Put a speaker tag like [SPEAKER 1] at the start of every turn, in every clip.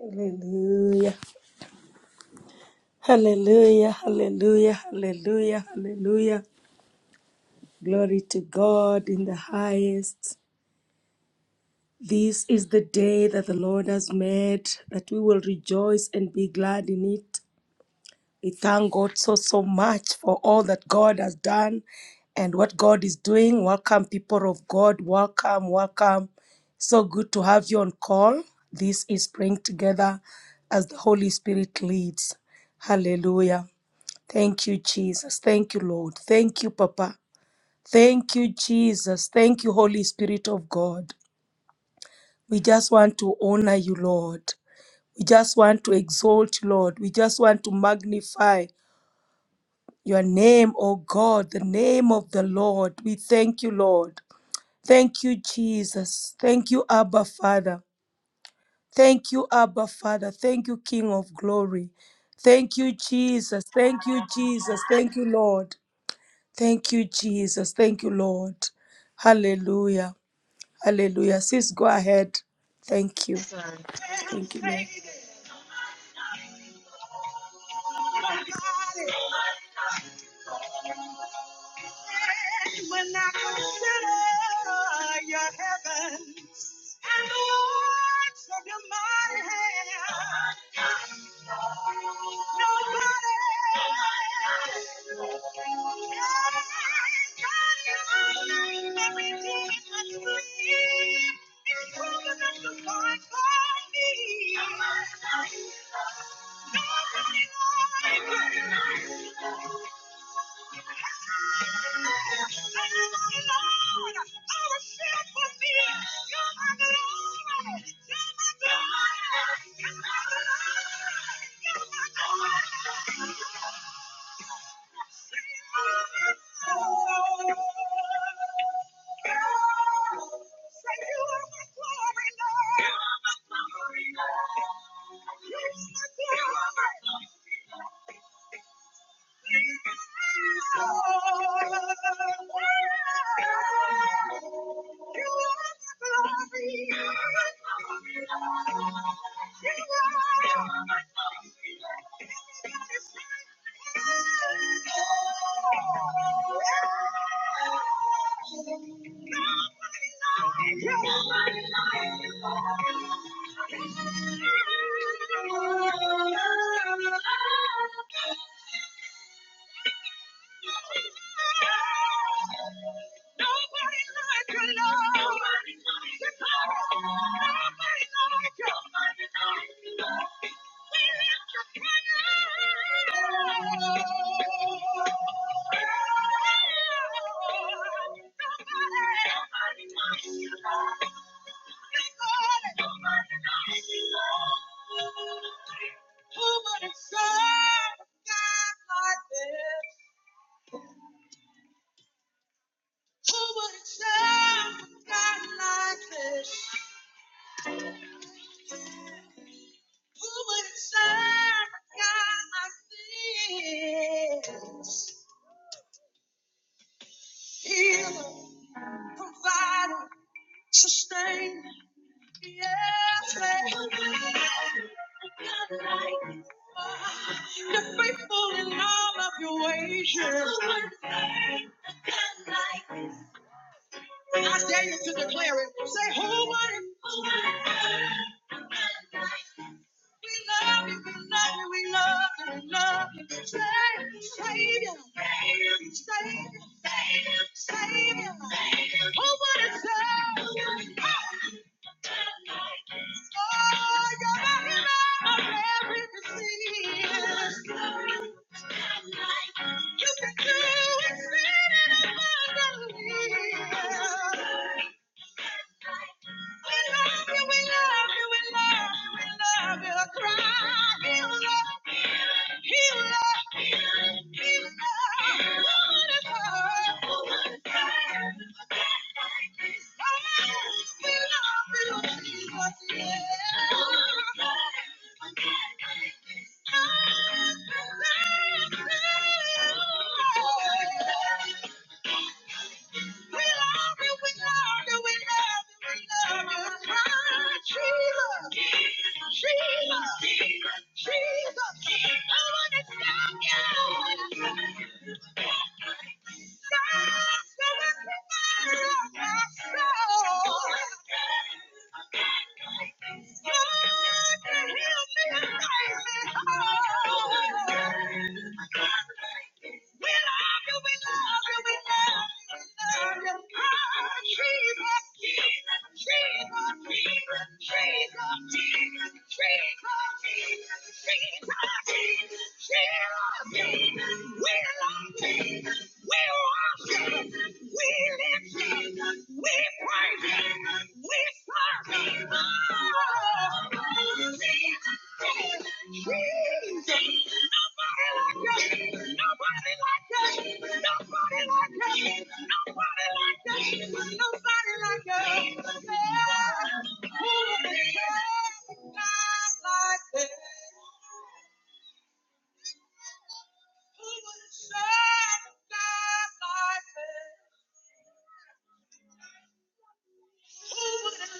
[SPEAKER 1] Hallelujah. Hallelujah. Hallelujah. Hallelujah. Hallelujah. Glory to God in the highest. This is the day that the Lord has made, that we will rejoice and be glad in it. We thank God so, so much for all that God has done and what God is doing. Welcome, people of God. Welcome, welcome. So good to have you on call. This is praying together as the Holy Spirit leads. Hallelujah. Thank you, Jesus. Thank you, Lord. Thank you, Papa. Thank you, Jesus. Thank you, Holy Spirit of God. We just want to honor you, Lord. We just want to exalt you, Lord. We just want to magnify. Your name, O God, the name of the Lord. We thank you, Lord. Thank you, Jesus. Thank you, Abba Father. Thank you, Abba Father. Thank you, King of Glory. Thank you, Jesus. Thank you, Jesus. Thank you, Lord. Thank you, Jesus. Thank you, Lord. Hallelujah. Hallelujah. Sis, go ahead. Thank you.
[SPEAKER 2] Sorry. When
[SPEAKER 1] Thank you, Lord.
[SPEAKER 2] I consider your heavens and the works of your mighty hand, Nobody you are my glory, Lord. you. are my glory, Lord. Thank you. Who would have served God like this? Who would it serve a God like this? Who would it serve a God like this? Healer, provider, sustainer, yes. Lord. You're faithful in all of your ways. yes. Who would it serve a God like this? I dare you to declare it. Say, who would it? Who would God like this? We love you, we love you, we love you, we love you. Savior, Savior, Savior, Savior. Savior. Oh, what a Savior. Oh, you're the healer of every disease. You can do exceeding abundantly. Thank you. We love you, we love you, we love you, we love you. Ah, Jesus, Jesus, Jesus. I wanna thank you. That's the weapon of my soul. God, to heal me and make me whole. We love you, we love you, we love you, we love you. Ah, Jesus, Jesus, Jesus, Jesus, Jesus, Jesus, Jesus, Jesus, Jesus, Jesus. We love Jesus, we worship, we live Jesus, we praise Jesus, we serve Jesus. Oh, Jesus. Who would have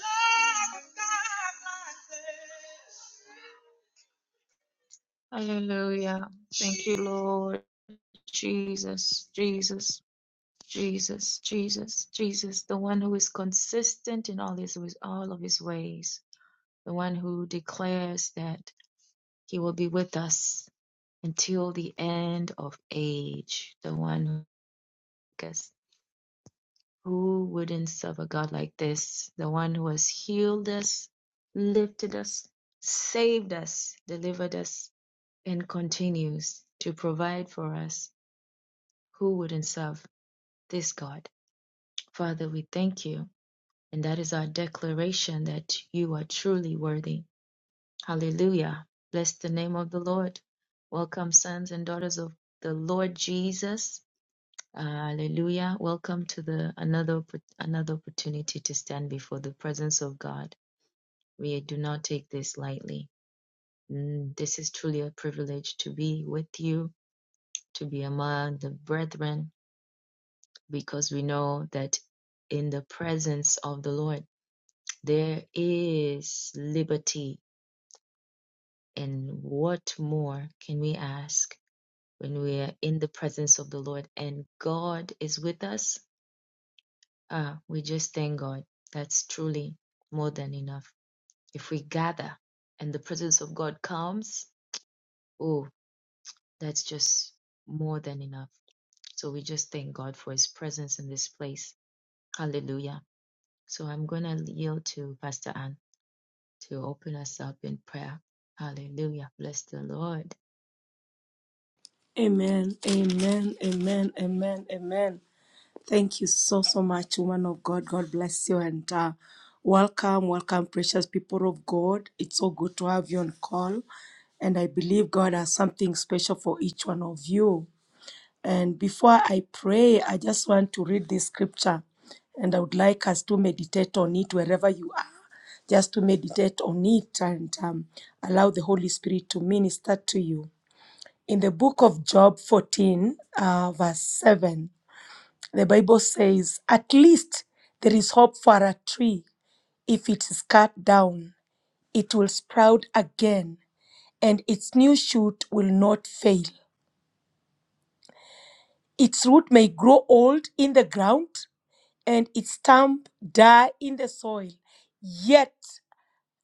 [SPEAKER 2] loved a God like this? Hallelujah. Thank you, Lord. Jesus, Jesus, Jesus, Jesus, Jesus, the one who is consistent in all his with all of his ways, the one who declares that he will be with us until the end of age, the one who guess who wouldn't serve a God like this, the one who has healed us, lifted us, saved us, delivered us, and continues to provide for us Who wouldn't serve this God? Father, we thank you. And that is our declaration that you are truly worthy. Hallelujah. Bless the name of the Lord. Welcome, sons and daughters of the Lord Jesus. Hallelujah. Welcome to the another another opportunity to stand before the presence of God. We do not take this lightly. Mm, this is truly a privilege to be with you, to be among the brethren, because we know that in the presence of the Lord there is liberty. And what more can we ask when we are in the presence of the Lord and God is with us? Ah, we just thank God. That's truly more than enough. If we gather and the presence of God comes, oh, that's just more than enough. So we just thank God for his presence in this place. Hallelujah. So I'm going to yield to Pastor Ann. to open us up in prayer. Hallelujah. Bless the Lord.
[SPEAKER 1] Amen. Amen. Amen. Amen. Amen. Thank you so, so much, woman of God. God bless you and uh, welcome, welcome, precious people of God. It's so good to have you on call. And I believe God has something special for each one of you. And before I pray, I just want to read this scripture. And I would like us to meditate on it wherever you are, just to meditate on it and um, allow the Holy Spirit to minister to you. In the book of Job 14, uh, verse 7. The Bible says, at least there is hope for a tree. If it is cut down, it will sprout again, and its new shoot will not fail. Its root may grow old in the ground, and its stump die in the soil. Yet,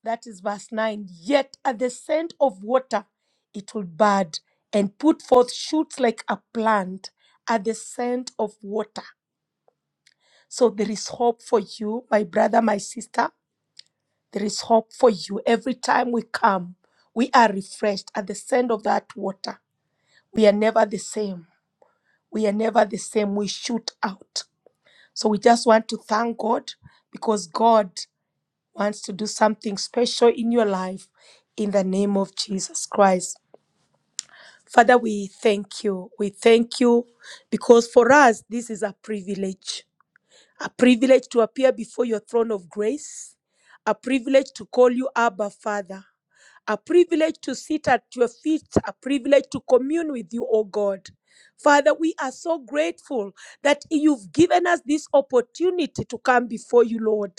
[SPEAKER 1] that is verse 9, yet at the scent of water it will bud and put forth shoots like a plant at the scent of water. So there is hope for you, my brother, my sister There is hope for you. Every time we come, we are refreshed at the scent of that water. We are never the same. We are never the same. We shoot out. So we just want to thank God because God wants to do something special in your life in the name of Jesus Christ. Father, we thank you. We thank you because for us, this is a privilege a privilege to appear before your throne of grace, a privilege to call you Abba Father a privilege to sit at your feet, a privilege to commune with you, O God. Father, we are so grateful that you've given us this opportunity to come before you, Lord.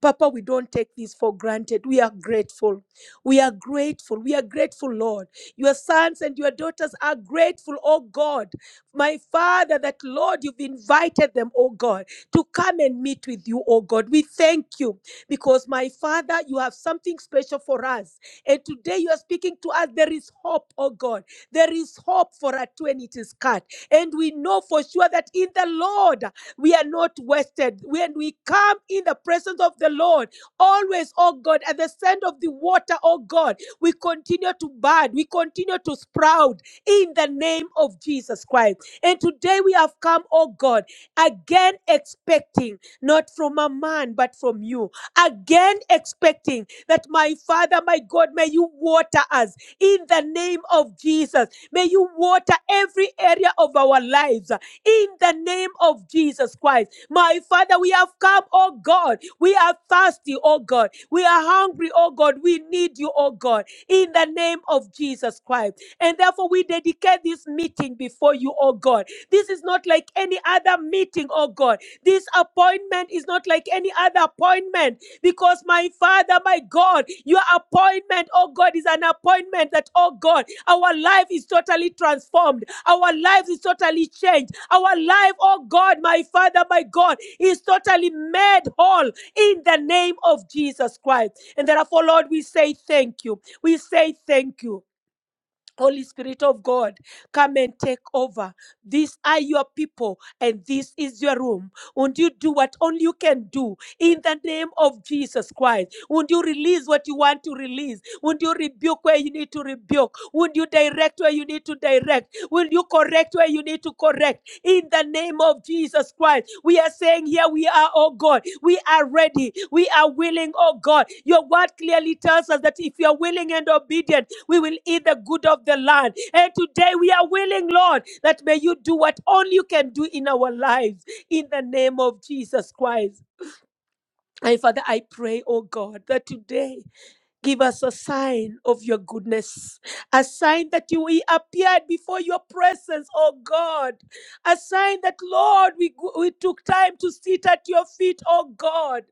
[SPEAKER 1] Papa, we don't take this for granted. We are grateful. We are grateful. We are grateful, Lord. Your sons and your daughters are grateful, oh God. My Father, that Lord, you've invited them, oh God, to come and meet with you, oh God. We thank you because, my Father, you have something special for us and today you are speaking to us. There is hope, oh God. There is hope for us when it is cut. And we know for sure that in the Lord we are not wasted. When we come in the presence of the Lord, always, oh God, at the sound of the water, oh God, we continue to bud, we continue to sprout in the name of Jesus Christ. And today we have come, oh God, again expecting not from a man, but from you again expecting that my Father, my God, may you water us in the name of Jesus. May you water every area of our lives uh, in the name of Jesus Christ. My Father, we have come, oh God. We are thirsty, oh God. We are hungry, oh God. We need you, oh God in the name of Jesus Christ. And therefore, we dedicate this meeting before you, oh God. This is not like any other meeting, oh God. This appointment is not like any other appointment because, my Father, my God, your appointment, oh God, is an appointment that, oh God, our life is totally transformed. Our life is totally changed. Our life, oh God, my Father, my God, is totally made whole in the name of Jesus Christ. And therefore, Lord, we say thank you. We say thank you. Holy Spirit of God, come and take over. These are your people, and this is your room. Won't you do what only you can do in the name of Jesus Christ? Won't you release what you want to release? Won't you rebuke where you need to rebuke? Won't you direct where you need to direct? Will you correct where you need to correct? In the name of Jesus Christ, we are saying, Here we are, oh God. We are ready. We are willing, oh God. Your word clearly tells us that if you are willing and obedient, we will eat the good of the land. And today we are willing, Lord, that may you do what only you can do in our lives in the name of Jesus Christ. And Father, I pray, oh God, that today give us a sign of your goodness, a sign that you we appeared before your presence, oh God, a sign that, Lord, we, go- we took time to sit at your feet, oh God.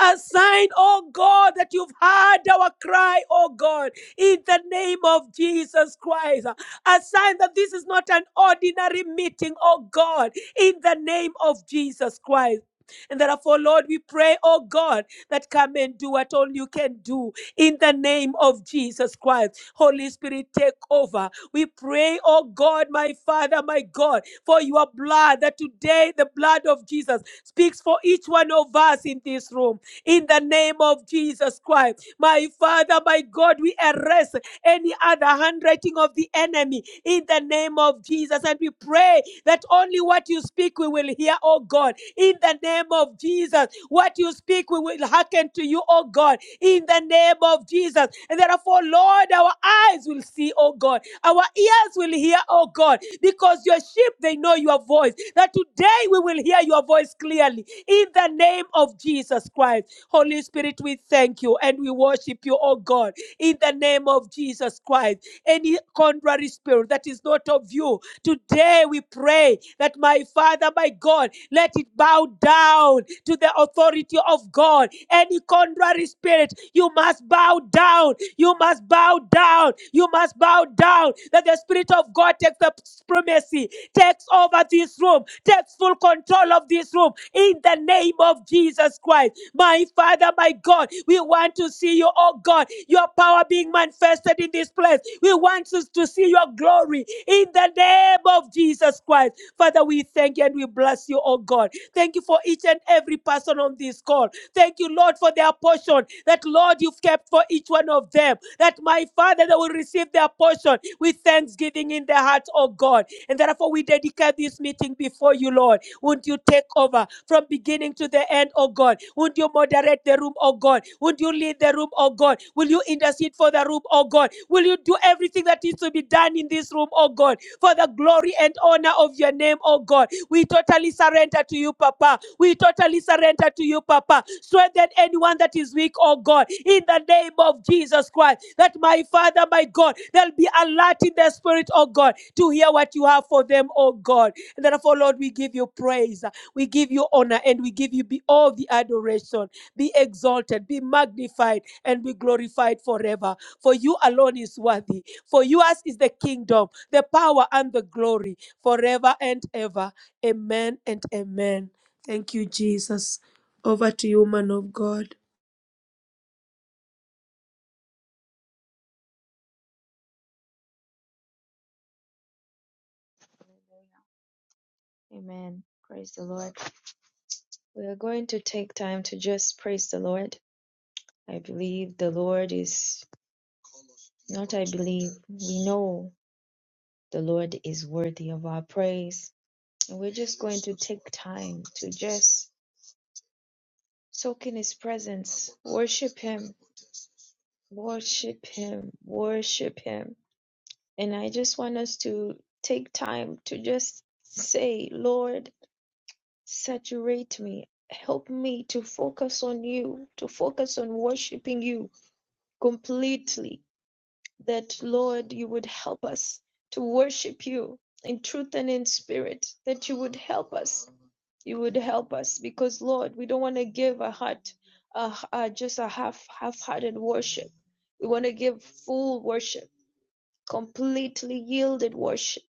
[SPEAKER 1] A sign, oh God, that you've heard our cry, oh God, in the name of Jesus Christ. A sign that this is not an ordinary meeting, oh God, in the name of Jesus Christ. And therefore, Lord, we pray, oh God, that come and do what only you can do in the name of Jesus Christ. Holy Spirit, take over. We pray, oh God, my Father, my God, for your blood, that today the blood of Jesus speaks for each one of us in this room in the name of Jesus Christ. My Father, my God, we arrest any other handwriting of the enemy in the name of Jesus. And we pray that only what you speak we will hear, oh God, in the name of Jesus. What you speak we will hearken to you, oh God, in the name of Jesus. And therefore, Lord, our eyes will see, oh God, our ears will hear, oh God, because your sheep, they know your voice. That today we will hear your voice clearly in the name of Jesus Christ. Holy Spirit, we thank you and we worship you, oh God, in the name of Jesus Christ. Any contrary spirit that is not of you, today we pray that my Father, my God, let it bow down to the authority of God. Any contrary spirit, you must bow down. You must bow down. You must bow down. That the Spirit of God takes the supremacy, takes over this room, takes full control of this room in the name of Jesus Christ. My Father, my God, we want to see you, oh God, your power being manifested in this place. We want us to see your glory in the name of Jesus Christ. Father, we thank you and we bless you, oh God. Thank you for each and every person on this call. Thank you, Lord, for their portion that, Lord, you've kept for each one of them. That, my Father, they will receive their portion with thanksgiving in their hearts, oh God. And therefore, we dedicate this meeting before you, Lord. Won't you take over from beginning to the end, oh God? Won't you moderate the room, oh God? Won't you lead the room, oh God? Will you intercede for the room, oh God? Will you do everything that needs to be done in this room, oh God? for the glory and honor of your name, oh God. We totally surrender to you, Papa. We totally surrender to you, Papa. Strengthen anyone that is weak, oh God, in the name of Jesus Christ. That my Father, my God, they'll be alert in their spirit, oh God, to hear what you have for them, oh God. And therefore, Lord, we give you praise, we give you honor, and we give you be all the adoration. Be exalted, be magnified, and be glorified forever. For you alone is worthy. For yours is the kingdom the power and the glory forever and ever. Amen and amen. Thank you, Jesus. Over to you, man of God.
[SPEAKER 2] Amen. Praise the Lord. We are going to take time to just praise the Lord. I believe the Lord is, not I believe, we know the Lord is worthy of our praise. And we're just going to take time to just soak in His presence, worship Him, worship Him, worship Him. And I just want us to take time to just say, Lord, Saturate me. Help me to focus on you, to focus on worshiping you completely. That, Lord, you would help us to worship you in truth and in spirit, that you would help us. You would help us because, Lord, we don't want to give a heart, a, h- a- just a half, half-hearted worship. We want to give full worship, completely yielded worship.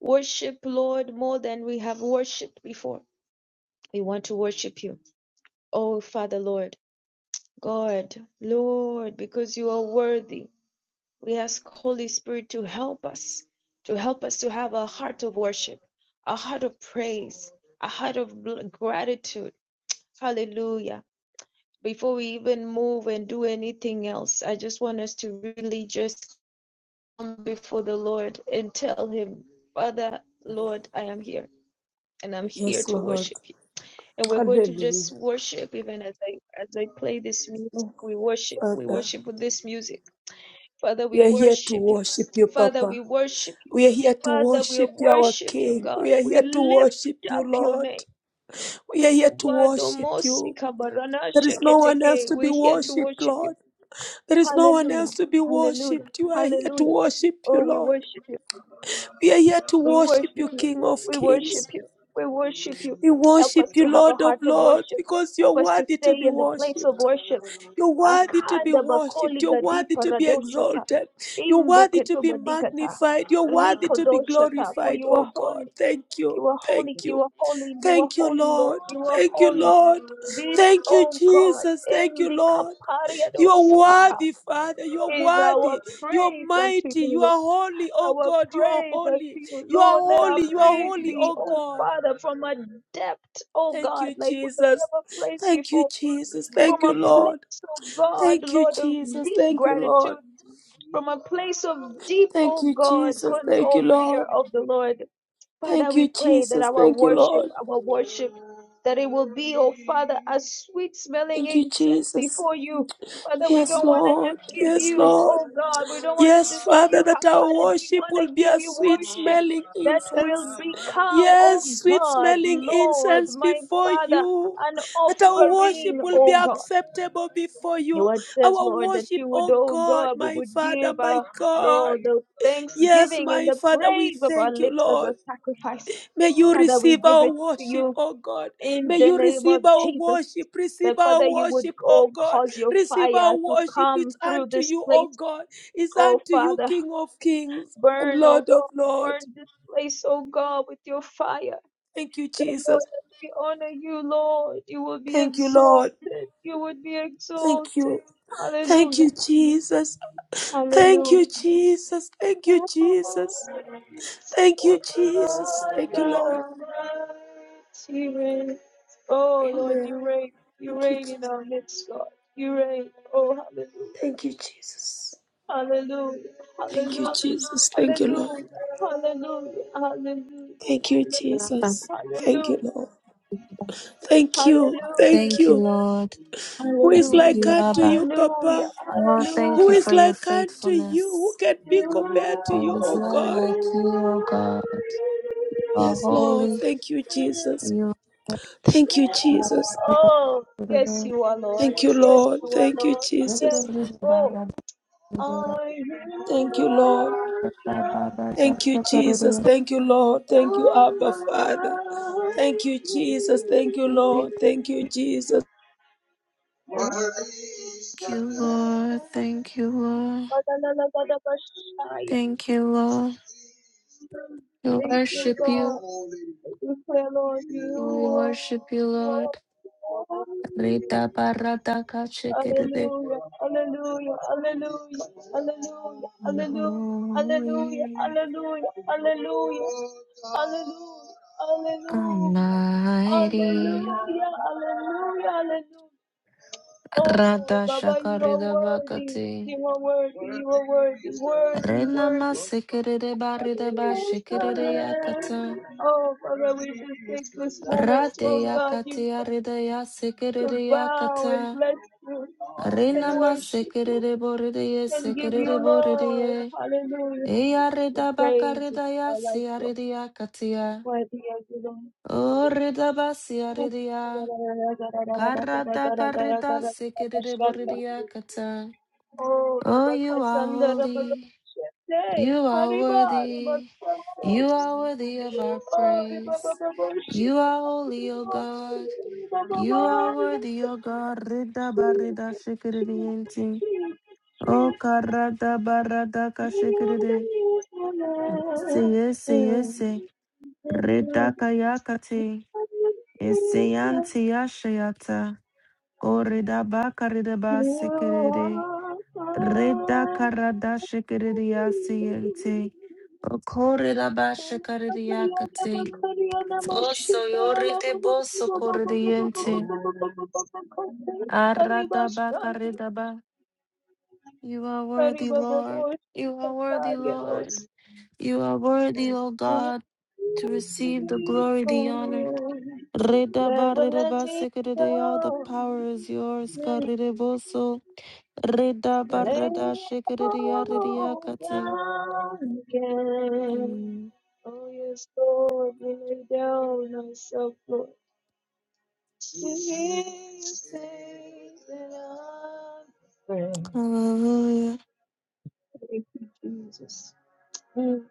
[SPEAKER 2] Worship, Lord, more than we have worshipped before. We want to worship you. Oh, Father, Lord, God, Lord, because you are worthy, we ask Holy Spirit to help us, to help us to have a heart of worship, a heart of praise, a heart of gratitude. Hallelujah. Before we even move and do anything else, I just want us to really just come before the Lord and tell Him, Father, Lord, I am here and I'm here
[SPEAKER 1] Yes,
[SPEAKER 2] to
[SPEAKER 1] Lord.
[SPEAKER 2] worship. and we're going to
[SPEAKER 1] Hallelujah.
[SPEAKER 2] just worship even as i as i play this music
[SPEAKER 1] Oh,
[SPEAKER 2] we worship we
[SPEAKER 1] Father,
[SPEAKER 2] worship with this music father we
[SPEAKER 1] we are here to
[SPEAKER 2] worship you
[SPEAKER 1] worship you,
[SPEAKER 2] father we
[SPEAKER 1] Papa.
[SPEAKER 2] worship you
[SPEAKER 1] We are here to
[SPEAKER 2] father we
[SPEAKER 1] worship you, our
[SPEAKER 2] worship you
[SPEAKER 1] King.
[SPEAKER 2] god
[SPEAKER 1] We are
[SPEAKER 2] we
[SPEAKER 1] here to worship
[SPEAKER 2] lift
[SPEAKER 1] you,
[SPEAKER 2] up your
[SPEAKER 1] Lord.
[SPEAKER 2] name
[SPEAKER 1] We are here to worship
[SPEAKER 2] Wadomosi
[SPEAKER 1] you. There
[SPEAKER 2] kabaranashe
[SPEAKER 1] is no one else
[SPEAKER 2] keteke.
[SPEAKER 1] to be
[SPEAKER 2] we're here to
[SPEAKER 1] worshipped,
[SPEAKER 2] worship you
[SPEAKER 1] Lord. There is no one else
[SPEAKER 2] hallelujah
[SPEAKER 1] to be
[SPEAKER 2] hallelujah
[SPEAKER 1] worshipped. You are here to
[SPEAKER 2] hallelujah
[SPEAKER 1] worship you,
[SPEAKER 2] oh we
[SPEAKER 1] Lord.
[SPEAKER 2] worship you
[SPEAKER 1] We are here to
[SPEAKER 2] we
[SPEAKER 1] worship
[SPEAKER 2] worship
[SPEAKER 1] you,
[SPEAKER 2] you
[SPEAKER 1] King of
[SPEAKER 2] we worship
[SPEAKER 1] Kings.
[SPEAKER 2] you we worship you
[SPEAKER 1] We
[SPEAKER 2] help us
[SPEAKER 1] worship you,
[SPEAKER 2] to have a
[SPEAKER 1] Lord of
[SPEAKER 2] heart of
[SPEAKER 1] Lords,
[SPEAKER 2] worship
[SPEAKER 1] because you're
[SPEAKER 2] Help us to
[SPEAKER 1] worthy to
[SPEAKER 2] stay
[SPEAKER 1] be
[SPEAKER 2] in the place of
[SPEAKER 1] worshipped.
[SPEAKER 2] worship.
[SPEAKER 1] You're worthy to be
[SPEAKER 2] Akanda
[SPEAKER 1] worshipped.
[SPEAKER 2] bakoli
[SPEAKER 1] You're
[SPEAKER 2] gadi
[SPEAKER 1] worthy to be
[SPEAKER 2] paradoshata.
[SPEAKER 1] exalted. You're
[SPEAKER 2] Imbe
[SPEAKER 1] worthy to be
[SPEAKER 2] ketobadikata.
[SPEAKER 1] magnified. You're worthy to be
[SPEAKER 2] Rikodoshata. For
[SPEAKER 1] glorified,
[SPEAKER 2] you
[SPEAKER 1] oh
[SPEAKER 2] are
[SPEAKER 1] God.
[SPEAKER 2] holy.
[SPEAKER 1] Thank you.
[SPEAKER 2] You are holy.
[SPEAKER 1] Thank
[SPEAKER 2] You
[SPEAKER 1] you.
[SPEAKER 2] are holy. You are
[SPEAKER 1] Thank you,
[SPEAKER 2] holy, Lord.
[SPEAKER 1] Lord.
[SPEAKER 2] You are
[SPEAKER 1] Thank you,
[SPEAKER 2] holy.
[SPEAKER 1] Lord.
[SPEAKER 2] This,
[SPEAKER 1] Thank you,
[SPEAKER 2] oh God,
[SPEAKER 1] Jesus. Thank
[SPEAKER 2] in
[SPEAKER 1] you,
[SPEAKER 2] the
[SPEAKER 1] Lord. You are
[SPEAKER 2] kapariadosakata
[SPEAKER 1] worthy, Father. You are
[SPEAKER 2] is our
[SPEAKER 1] worthy. You are
[SPEAKER 2] praise unto you,
[SPEAKER 1] mighty. You
[SPEAKER 2] Lord.
[SPEAKER 1] are holy, oh
[SPEAKER 2] Our
[SPEAKER 1] God. You are
[SPEAKER 2] praise unto
[SPEAKER 1] holy.
[SPEAKER 2] you,
[SPEAKER 1] You are
[SPEAKER 2] Lord. Let
[SPEAKER 1] holy.
[SPEAKER 2] our
[SPEAKER 1] You are
[SPEAKER 2] praise
[SPEAKER 1] holy,
[SPEAKER 2] be,
[SPEAKER 1] oh
[SPEAKER 2] oh
[SPEAKER 1] God.
[SPEAKER 2] Father, from a depth, oh
[SPEAKER 1] Thank
[SPEAKER 2] God,
[SPEAKER 1] you,
[SPEAKER 2] like we have
[SPEAKER 1] Jesus.
[SPEAKER 2] never praised
[SPEAKER 1] Thank you,
[SPEAKER 2] before
[SPEAKER 1] Jesus. Thank
[SPEAKER 2] from
[SPEAKER 1] you,
[SPEAKER 2] a
[SPEAKER 1] Lord.
[SPEAKER 2] place, oh God,
[SPEAKER 1] Thank you,
[SPEAKER 2] Lord, of
[SPEAKER 1] Jesus.
[SPEAKER 2] deep
[SPEAKER 1] Thank you,
[SPEAKER 2] gratitude,
[SPEAKER 1] Lord.
[SPEAKER 2] from a place of deep,
[SPEAKER 1] Thank
[SPEAKER 2] oh
[SPEAKER 1] you,
[SPEAKER 2] God,
[SPEAKER 1] Jesus.
[SPEAKER 2] con-
[SPEAKER 1] Thank you,
[SPEAKER 2] oh fear
[SPEAKER 1] Lord.
[SPEAKER 2] of the Lord. Father,
[SPEAKER 1] Thank
[SPEAKER 2] we
[SPEAKER 1] you,
[SPEAKER 2] pray that
[SPEAKER 1] Jesus.
[SPEAKER 2] our
[SPEAKER 1] Thank you,
[SPEAKER 2] worship,
[SPEAKER 1] Lord.
[SPEAKER 2] our worship, that it will be, oh Father, a sweet smelling
[SPEAKER 1] Thank you,
[SPEAKER 2] incense
[SPEAKER 1] Jesus.
[SPEAKER 2] before you. Father, we
[SPEAKER 1] Yes,
[SPEAKER 2] don't want to
[SPEAKER 1] Lord.
[SPEAKER 2] just give
[SPEAKER 1] Yes,
[SPEAKER 2] you,
[SPEAKER 1] Lord.
[SPEAKER 2] oh God, we don't want to
[SPEAKER 1] Yes,
[SPEAKER 2] just give you
[SPEAKER 1] Father, that our
[SPEAKER 2] half-hearted. We
[SPEAKER 1] worship
[SPEAKER 2] want
[SPEAKER 1] will be
[SPEAKER 2] to give
[SPEAKER 1] a
[SPEAKER 2] you
[SPEAKER 1] sweet
[SPEAKER 2] worship
[SPEAKER 1] smelling
[SPEAKER 2] that will
[SPEAKER 1] incense.
[SPEAKER 2] become, oh
[SPEAKER 1] Yes, sweet
[SPEAKER 2] God,
[SPEAKER 1] smelling
[SPEAKER 2] Lord,
[SPEAKER 1] incense
[SPEAKER 2] my
[SPEAKER 1] before
[SPEAKER 2] Father,
[SPEAKER 1] you.
[SPEAKER 2] an
[SPEAKER 1] That our worship
[SPEAKER 2] offering,
[SPEAKER 1] will be
[SPEAKER 2] oh God.
[SPEAKER 1] acceptable before
[SPEAKER 2] Your
[SPEAKER 1] you.
[SPEAKER 2] word says,
[SPEAKER 1] Our
[SPEAKER 2] Lord, that
[SPEAKER 1] worship,
[SPEAKER 2] you would,
[SPEAKER 1] oh
[SPEAKER 2] oh
[SPEAKER 1] God,
[SPEAKER 2] God, we
[SPEAKER 1] my
[SPEAKER 2] would
[SPEAKER 1] Father,
[SPEAKER 2] give
[SPEAKER 1] my
[SPEAKER 2] our,
[SPEAKER 1] God.
[SPEAKER 2] Lord, the
[SPEAKER 1] Yes,
[SPEAKER 2] thanksgiving and
[SPEAKER 1] my
[SPEAKER 2] the
[SPEAKER 1] Father, we
[SPEAKER 2] praise of our
[SPEAKER 1] thank you,
[SPEAKER 2] lips as a
[SPEAKER 1] Lord.
[SPEAKER 2] sacrifice.
[SPEAKER 1] May you
[SPEAKER 2] Father, we
[SPEAKER 1] receive
[SPEAKER 2] give
[SPEAKER 1] our
[SPEAKER 2] it to
[SPEAKER 1] worship,
[SPEAKER 2] you
[SPEAKER 1] oh God.
[SPEAKER 2] in
[SPEAKER 1] May
[SPEAKER 2] the
[SPEAKER 1] you
[SPEAKER 2] name of
[SPEAKER 1] receive our
[SPEAKER 2] Jesus.
[SPEAKER 1] worship. Receive
[SPEAKER 2] That,
[SPEAKER 1] our
[SPEAKER 2] Father, you would,
[SPEAKER 1] worship, oh
[SPEAKER 2] oh,
[SPEAKER 1] God.
[SPEAKER 2] cause your
[SPEAKER 1] Receive our
[SPEAKER 2] fire to
[SPEAKER 1] worship.
[SPEAKER 2] come
[SPEAKER 1] It's
[SPEAKER 2] through
[SPEAKER 1] unto
[SPEAKER 2] this
[SPEAKER 1] you, oh
[SPEAKER 2] place.
[SPEAKER 1] God. It's
[SPEAKER 2] Oh,
[SPEAKER 1] unto you,
[SPEAKER 2] Father,
[SPEAKER 1] King of kings and
[SPEAKER 2] burn, oh
[SPEAKER 1] Lord of
[SPEAKER 2] God, burn
[SPEAKER 1] lords.
[SPEAKER 2] this place, oh God, with your fire.
[SPEAKER 1] Thank you,
[SPEAKER 2] That, Lord,
[SPEAKER 1] Jesus.
[SPEAKER 2] as we honor you, Lord, you will be
[SPEAKER 1] Thank you, Lord.
[SPEAKER 2] exalted. You would be
[SPEAKER 1] Thank
[SPEAKER 2] exalted.
[SPEAKER 1] you. Thank
[SPEAKER 2] Hallelujah.
[SPEAKER 1] you, Jesus. Thank
[SPEAKER 2] Hallelujah.
[SPEAKER 1] you, Jesus. Thank
[SPEAKER 2] You
[SPEAKER 1] you, Jesus. Thank you, Jesus. Thank you, Lord.
[SPEAKER 2] reign. Oh Lord,
[SPEAKER 1] Amen.
[SPEAKER 2] you reign. You
[SPEAKER 1] Thank you,
[SPEAKER 2] reign in
[SPEAKER 1] Jesus.
[SPEAKER 2] our midst, God. You reign. Oh, hallelujah.
[SPEAKER 1] Thank you, Jesus. Thank you,
[SPEAKER 2] Hallelujah.
[SPEAKER 1] Jesus. Thank you,
[SPEAKER 2] Hallelujah.
[SPEAKER 1] Lord.
[SPEAKER 2] Hallelujah. Hallelujah.
[SPEAKER 1] Thank you,
[SPEAKER 3] you, Abba.
[SPEAKER 2] Hallelujah.
[SPEAKER 1] Jesus. Thank you,
[SPEAKER 2] Hallelujah.
[SPEAKER 1] Lord. Thank
[SPEAKER 2] Hallelujah.
[SPEAKER 1] you. Thank
[SPEAKER 3] Thank you,
[SPEAKER 1] you.
[SPEAKER 3] Lord.
[SPEAKER 1] Who is
[SPEAKER 3] Thank
[SPEAKER 1] like
[SPEAKER 3] you,
[SPEAKER 2] Hallelujah. Hallelujah.
[SPEAKER 1] unto
[SPEAKER 3] Abba.
[SPEAKER 1] you,
[SPEAKER 2] Hallelujah.
[SPEAKER 1] Papa?
[SPEAKER 3] Oh, thank
[SPEAKER 1] Who
[SPEAKER 3] you
[SPEAKER 2] Hallelujah.
[SPEAKER 1] is
[SPEAKER 3] for your
[SPEAKER 1] like unto you? Who
[SPEAKER 3] faithfulness.
[SPEAKER 1] can be compared to
[SPEAKER 3] There
[SPEAKER 1] you,
[SPEAKER 3] is
[SPEAKER 1] oh
[SPEAKER 3] none
[SPEAKER 1] God?
[SPEAKER 3] like you, O God. You are
[SPEAKER 1] Yes, Lord.
[SPEAKER 3] holy.
[SPEAKER 1] Thank you, Jesus.
[SPEAKER 3] You
[SPEAKER 1] Thank you, Jesus.
[SPEAKER 3] Thank
[SPEAKER 2] Oh, yes, you are Lord.
[SPEAKER 1] Thank you,
[SPEAKER 2] Yes,
[SPEAKER 1] Lord.
[SPEAKER 2] you are
[SPEAKER 1] Thank you,
[SPEAKER 2] Lord. Yes,
[SPEAKER 1] Jesus.
[SPEAKER 2] oh. Are you
[SPEAKER 1] Thank you, Lord.
[SPEAKER 2] Lord God
[SPEAKER 1] Thank you, Jesus. Thank you, Lord. Thank you, Abba, Father.
[SPEAKER 2] Almighty?
[SPEAKER 1] Thank you, Jesus. Thank you, Lord. Thank you, Jesus.
[SPEAKER 2] Worthy is the
[SPEAKER 3] you, Lord.
[SPEAKER 2] Lamb.
[SPEAKER 3] Thank you, Lord.
[SPEAKER 2] Ba-da-la-la-ba-da-ba-shaya.
[SPEAKER 3] Thank you, Lord. We
[SPEAKER 2] Thank you,
[SPEAKER 3] worship you.
[SPEAKER 2] God. We pray, Lord, you
[SPEAKER 3] We
[SPEAKER 2] are.
[SPEAKER 3] worship you, Lord.
[SPEAKER 2] holy.
[SPEAKER 3] Rita barata
[SPEAKER 2] Hallelujah, hallelujah, hallelujah, hallelujah,
[SPEAKER 3] and
[SPEAKER 2] hallelujah, hallelujah, hallelujah,
[SPEAKER 3] holy,
[SPEAKER 2] hallelujah, hallelujah, hallelujah, hallelujah,
[SPEAKER 3] almighty.
[SPEAKER 2] hallelujah, hallelujah. Oh,
[SPEAKER 3] Radha
[SPEAKER 2] Baba, you are
[SPEAKER 3] shakarida
[SPEAKER 2] worthy,
[SPEAKER 3] vakati.
[SPEAKER 2] you are worthy, you are worthy, worthy,
[SPEAKER 3] Rena
[SPEAKER 2] worthy,
[SPEAKER 3] masikiride barida bashikiride yakata.
[SPEAKER 2] Oh, Father, we just take this moment,
[SPEAKER 3] Rade
[SPEAKER 2] oh God, you
[SPEAKER 3] yakati arida
[SPEAKER 2] to
[SPEAKER 3] yasikiride
[SPEAKER 2] bow
[SPEAKER 3] yakata.
[SPEAKER 2] and bless you and
[SPEAKER 3] Rena
[SPEAKER 2] worship you
[SPEAKER 3] masikiride boride
[SPEAKER 2] and give you,
[SPEAKER 3] yesikiride boride
[SPEAKER 2] Lord,
[SPEAKER 3] ye.
[SPEAKER 2] hallelujah,
[SPEAKER 3] Eya
[SPEAKER 2] the
[SPEAKER 3] rida
[SPEAKER 2] praise of
[SPEAKER 3] bakarida
[SPEAKER 2] your life,
[SPEAKER 3] yasi
[SPEAKER 2] Lord.
[SPEAKER 3] arida yakatia.
[SPEAKER 2] Worthy are you, Lord.
[SPEAKER 3] O rida basi arida Karata karita sekere boridia kata.
[SPEAKER 2] Oh,
[SPEAKER 3] Oh, you are
[SPEAKER 2] Rabakasanda
[SPEAKER 3] holy.
[SPEAKER 2] Rabakasha. Hey,
[SPEAKER 3] You are
[SPEAKER 2] Hariba,
[SPEAKER 3] worthy. You are
[SPEAKER 2] Rabakasha.
[SPEAKER 3] worthy of our praise. You are holy, O God. You are worthy, O God. Rida barida shikiri enti. O
[SPEAKER 2] You
[SPEAKER 3] karada barada ka shikiri. di. Seye seye se. Rida kayakati. Eseyanti yashayata. O rida bakarida basikiri. Reda karada shikiridia siente.
[SPEAKER 2] are
[SPEAKER 3] Okorida bashikaridia kate. Oso yori de boso koridiente. Arada bakarida ba. You are worthy, Lord. You are worthy, Lord. You are worthy, O God, to receive the glory, the honor. Reda
[SPEAKER 2] Never
[SPEAKER 3] barida
[SPEAKER 2] let me
[SPEAKER 3] basikiridia. All the
[SPEAKER 2] go.
[SPEAKER 3] power is yours. Karida boso. Reda
[SPEAKER 2] Lay
[SPEAKER 3] barada
[SPEAKER 2] it
[SPEAKER 3] shikiridia ridia
[SPEAKER 2] all
[SPEAKER 3] kate.
[SPEAKER 2] down again.
[SPEAKER 3] Mm.
[SPEAKER 2] Oh, yes, Lord, we lay down ourselves, Lord. To hear you say that I'm your friend.
[SPEAKER 3] Hallelujah.
[SPEAKER 2] Thank you, Jesus. Mm.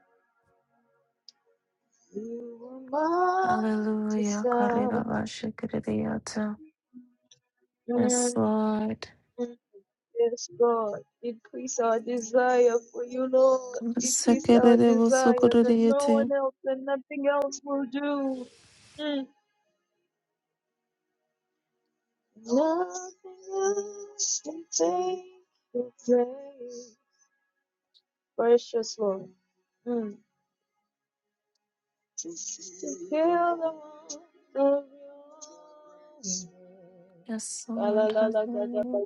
[SPEAKER 2] You are my
[SPEAKER 3] Hallelujah.
[SPEAKER 2] desire.
[SPEAKER 3] Karirabashikiriyata. Yes,
[SPEAKER 2] Mm.
[SPEAKER 3] Lord.
[SPEAKER 2] Yes, God. Increase our desire for you, Lord. Increase our desire that no
[SPEAKER 3] Sekiriyata.
[SPEAKER 2] one else and nothing else will do. Mm. Nothing else can take your place. Precious Lord. Mm. to feel the warmth of your
[SPEAKER 3] Yes, Lord. Hallelujah.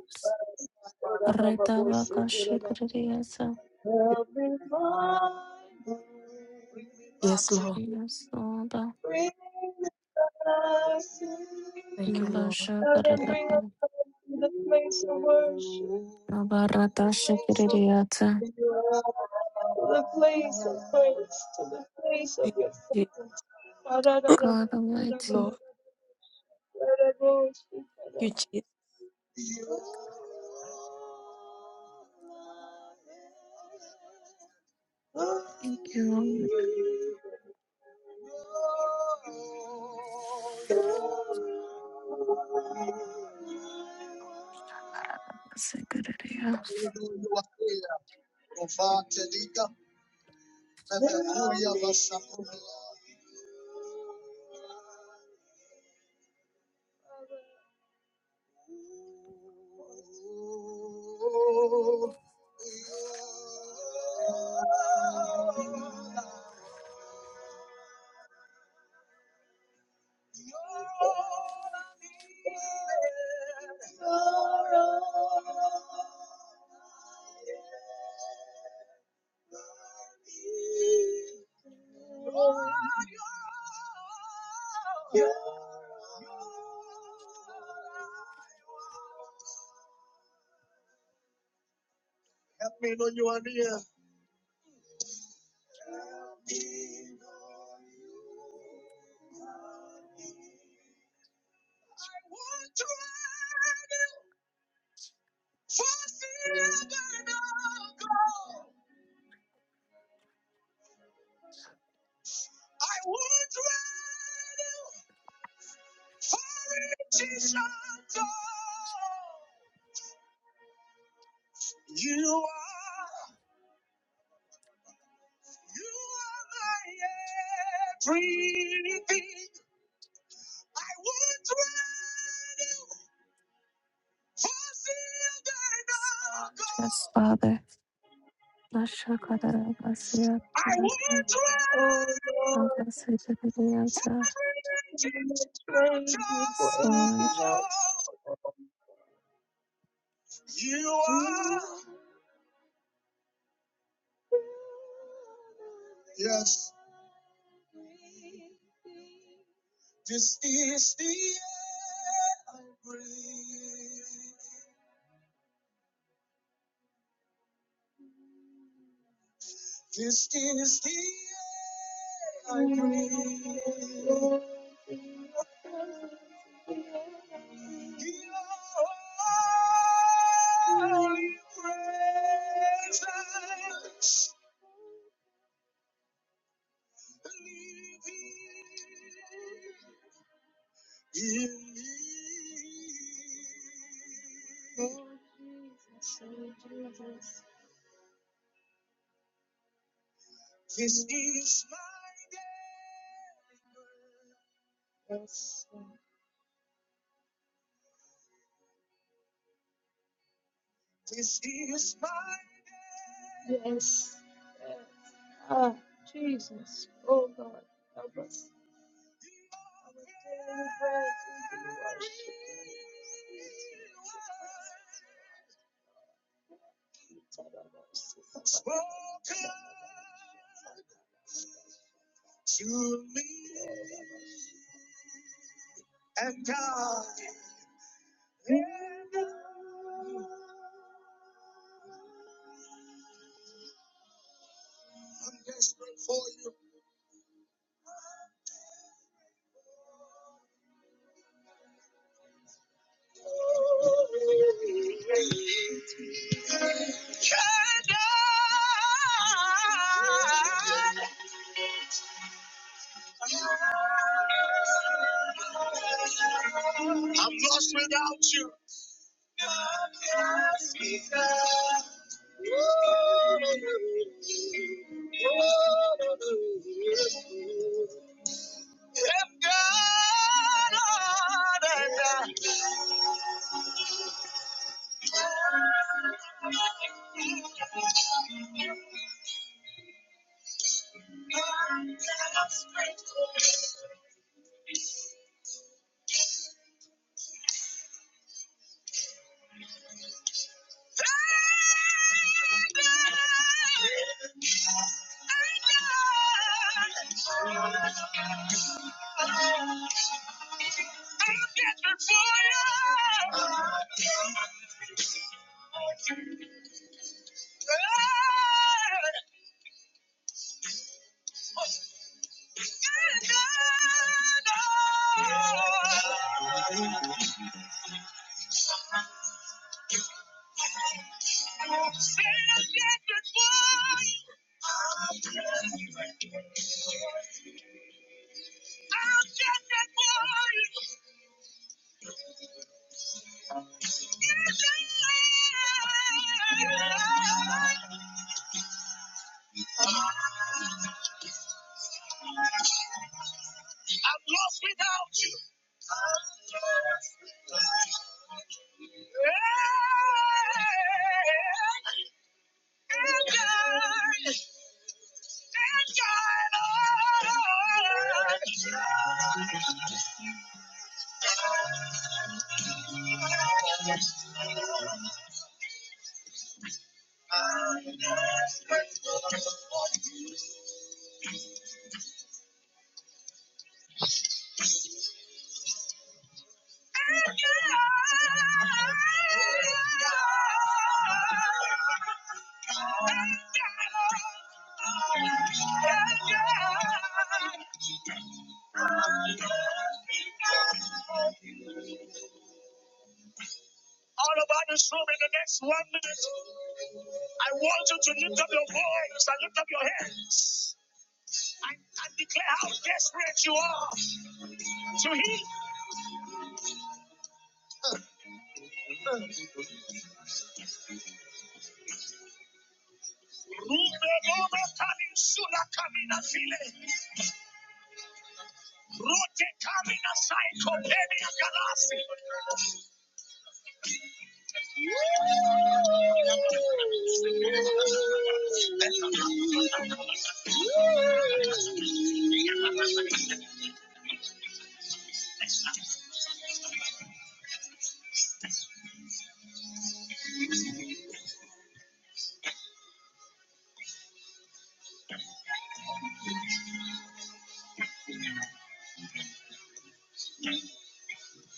[SPEAKER 2] arms.
[SPEAKER 3] Retabakashikiriyata.
[SPEAKER 2] Help me find
[SPEAKER 1] Yes, Lord.
[SPEAKER 3] Yes, Lord.
[SPEAKER 2] bring us
[SPEAKER 1] Thank you, Lord.
[SPEAKER 2] so then bring us
[SPEAKER 3] Nabashakiriyata.
[SPEAKER 2] to the place of worship, the place of
[SPEAKER 3] Nabaratashikiriyata.
[SPEAKER 2] prayer. to the place of praise, to the place of
[SPEAKER 1] Thank
[SPEAKER 2] your
[SPEAKER 1] you,
[SPEAKER 2] presence.
[SPEAKER 3] God Almighty.
[SPEAKER 1] Lord. Thank you, Jesus.
[SPEAKER 3] Thank you, Lord. Sekiriyata.
[SPEAKER 2] Help me know you are near.
[SPEAKER 3] Yes, Lord. Yes, Father. Nashakarirabashikiriyata. Abba, Sattva, Dhyasa,
[SPEAKER 2] Praise you for anything
[SPEAKER 3] Sword.
[SPEAKER 2] else. You are, yes, this is the air I breathe. This is the air I breathe. Your holy presence in me. This is my day. This is my day. Yes. yes. Ah, Jesus. Oh, God. Help us. Our daily bread we do worship you. Spoken to me and God. I'm desperate for you. I'm lost without you. If God, I'm desperate. I'm desperate. I'm desperate for you. I'm lost without you. Hey. Yeah. all about this room in the next one minute. I want you to lift up your voice and lift up your hands and, and declare how desperate you are to heal. Rume mona kani sula kamina file. Rote kamina saiko penia galasi.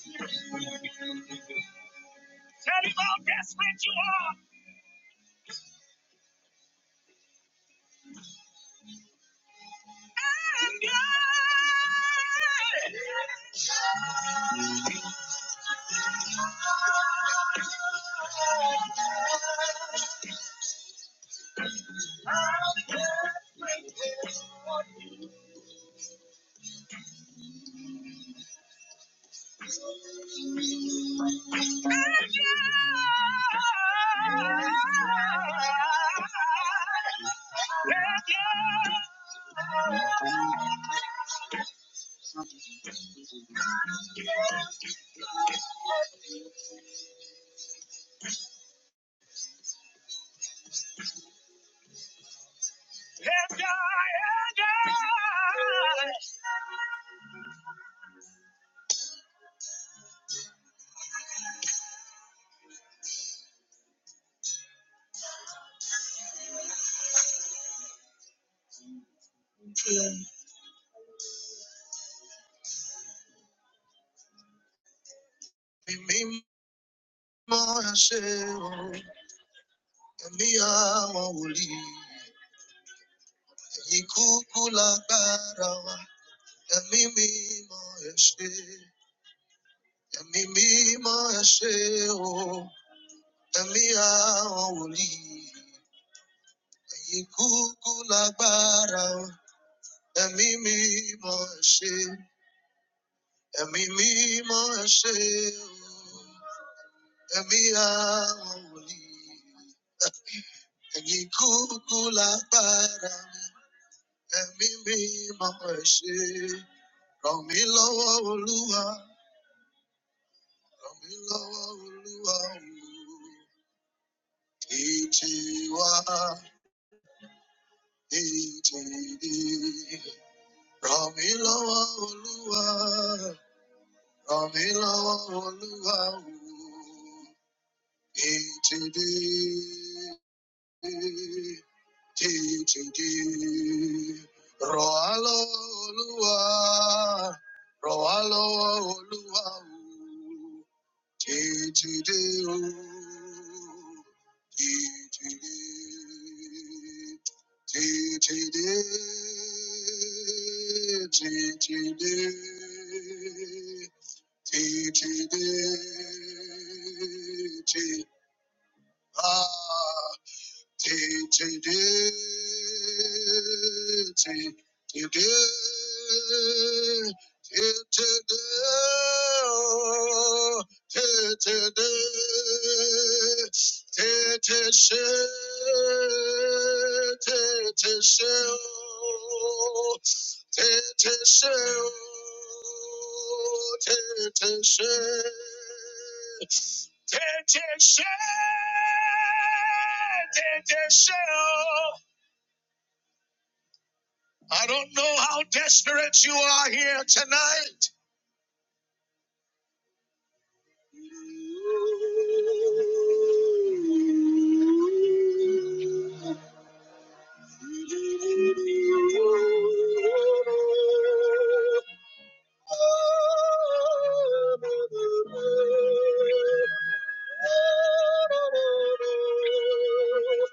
[SPEAKER 2] Tell him how desperate you are. And God. How desperate you are. Thank you. And I, and I. Mimi mo o, ẹ̀mí àwọn wòlíì, ẹ̀yin kúkú lágbára wa. Ẹ̀mí mímọ́ ẹ ṣé, ẹ̀mí mímọ́ ẹ ṣé o, ẹ̀mí àwọn wòlíì, ẹ̀yin kúkú lágbára wa. Ẹ̀mí mímọ́ ẹ ṣé, ẹ̀mí mímọ́ ẹ ṣé o. ẹ̀mí àwọn wòlíì. ẹ̀yin kúkú lágbára mi ẹ̀mí mímọ́ ẹ̀ ṣe ràn mí lọ́wọ́ olúwa ràn mí lọ́wọ́ olúwa o. ìjì wá ìjì dé ràn mí lọ́wọ́ olúwa ràn mí lọ́wọ́ olúwa o. ìjì dé. jíjíjí. Rọ̀ wá lọ́wọ́ Olúwa, rọ̀ wá lọ́wọ́ Olúwa o, jíjíjí o, jíjíjí, jíjíjí, jíjíjí, jíjíjí, jí- Ah. Shit. Petition, petition. I don't know how desperate you are here tonight.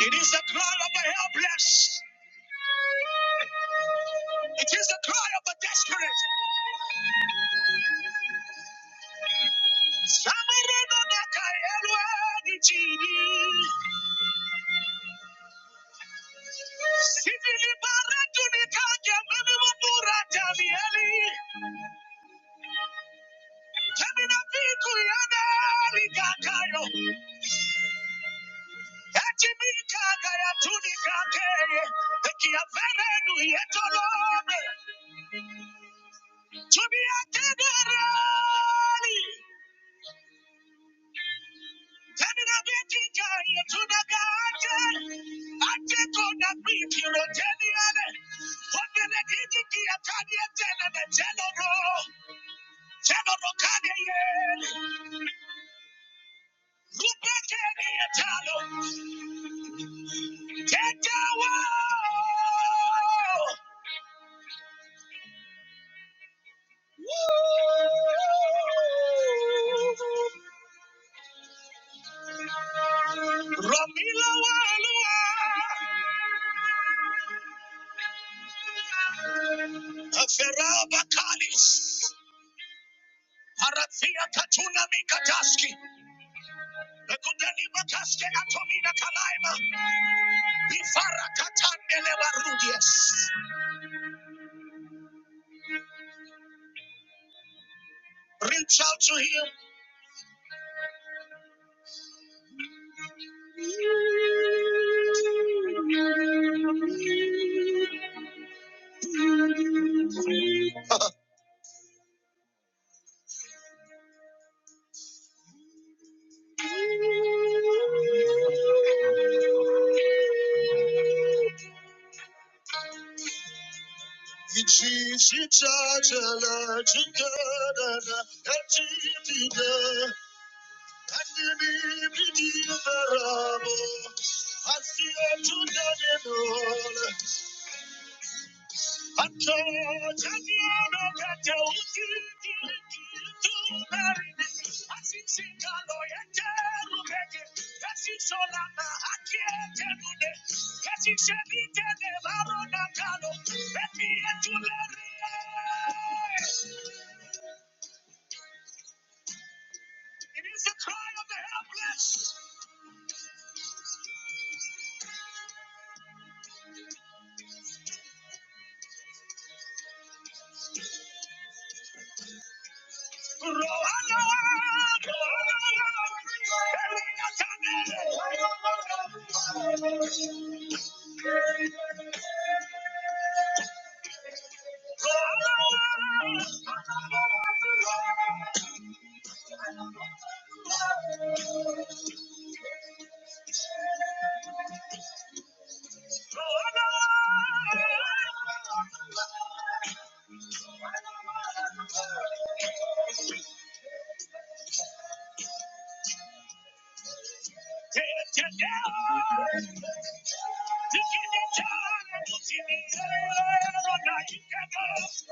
[SPEAKER 2] It is the cry of the helpless. It is the cry of the desperate. Thank you. Ramila Walua Aferaba Kalis Parathia Katuna Mikataski Ekudeni Makaske Atomina Kalaima Bifara Katandele Warudies Reach out to him Thank you. It is the cry of the helpless. Rohana, Shall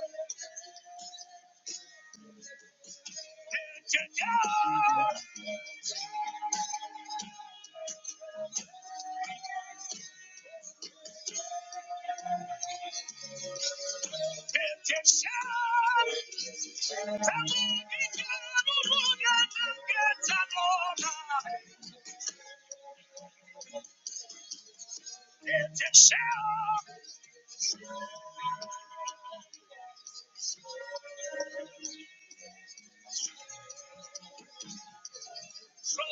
[SPEAKER 2] Father,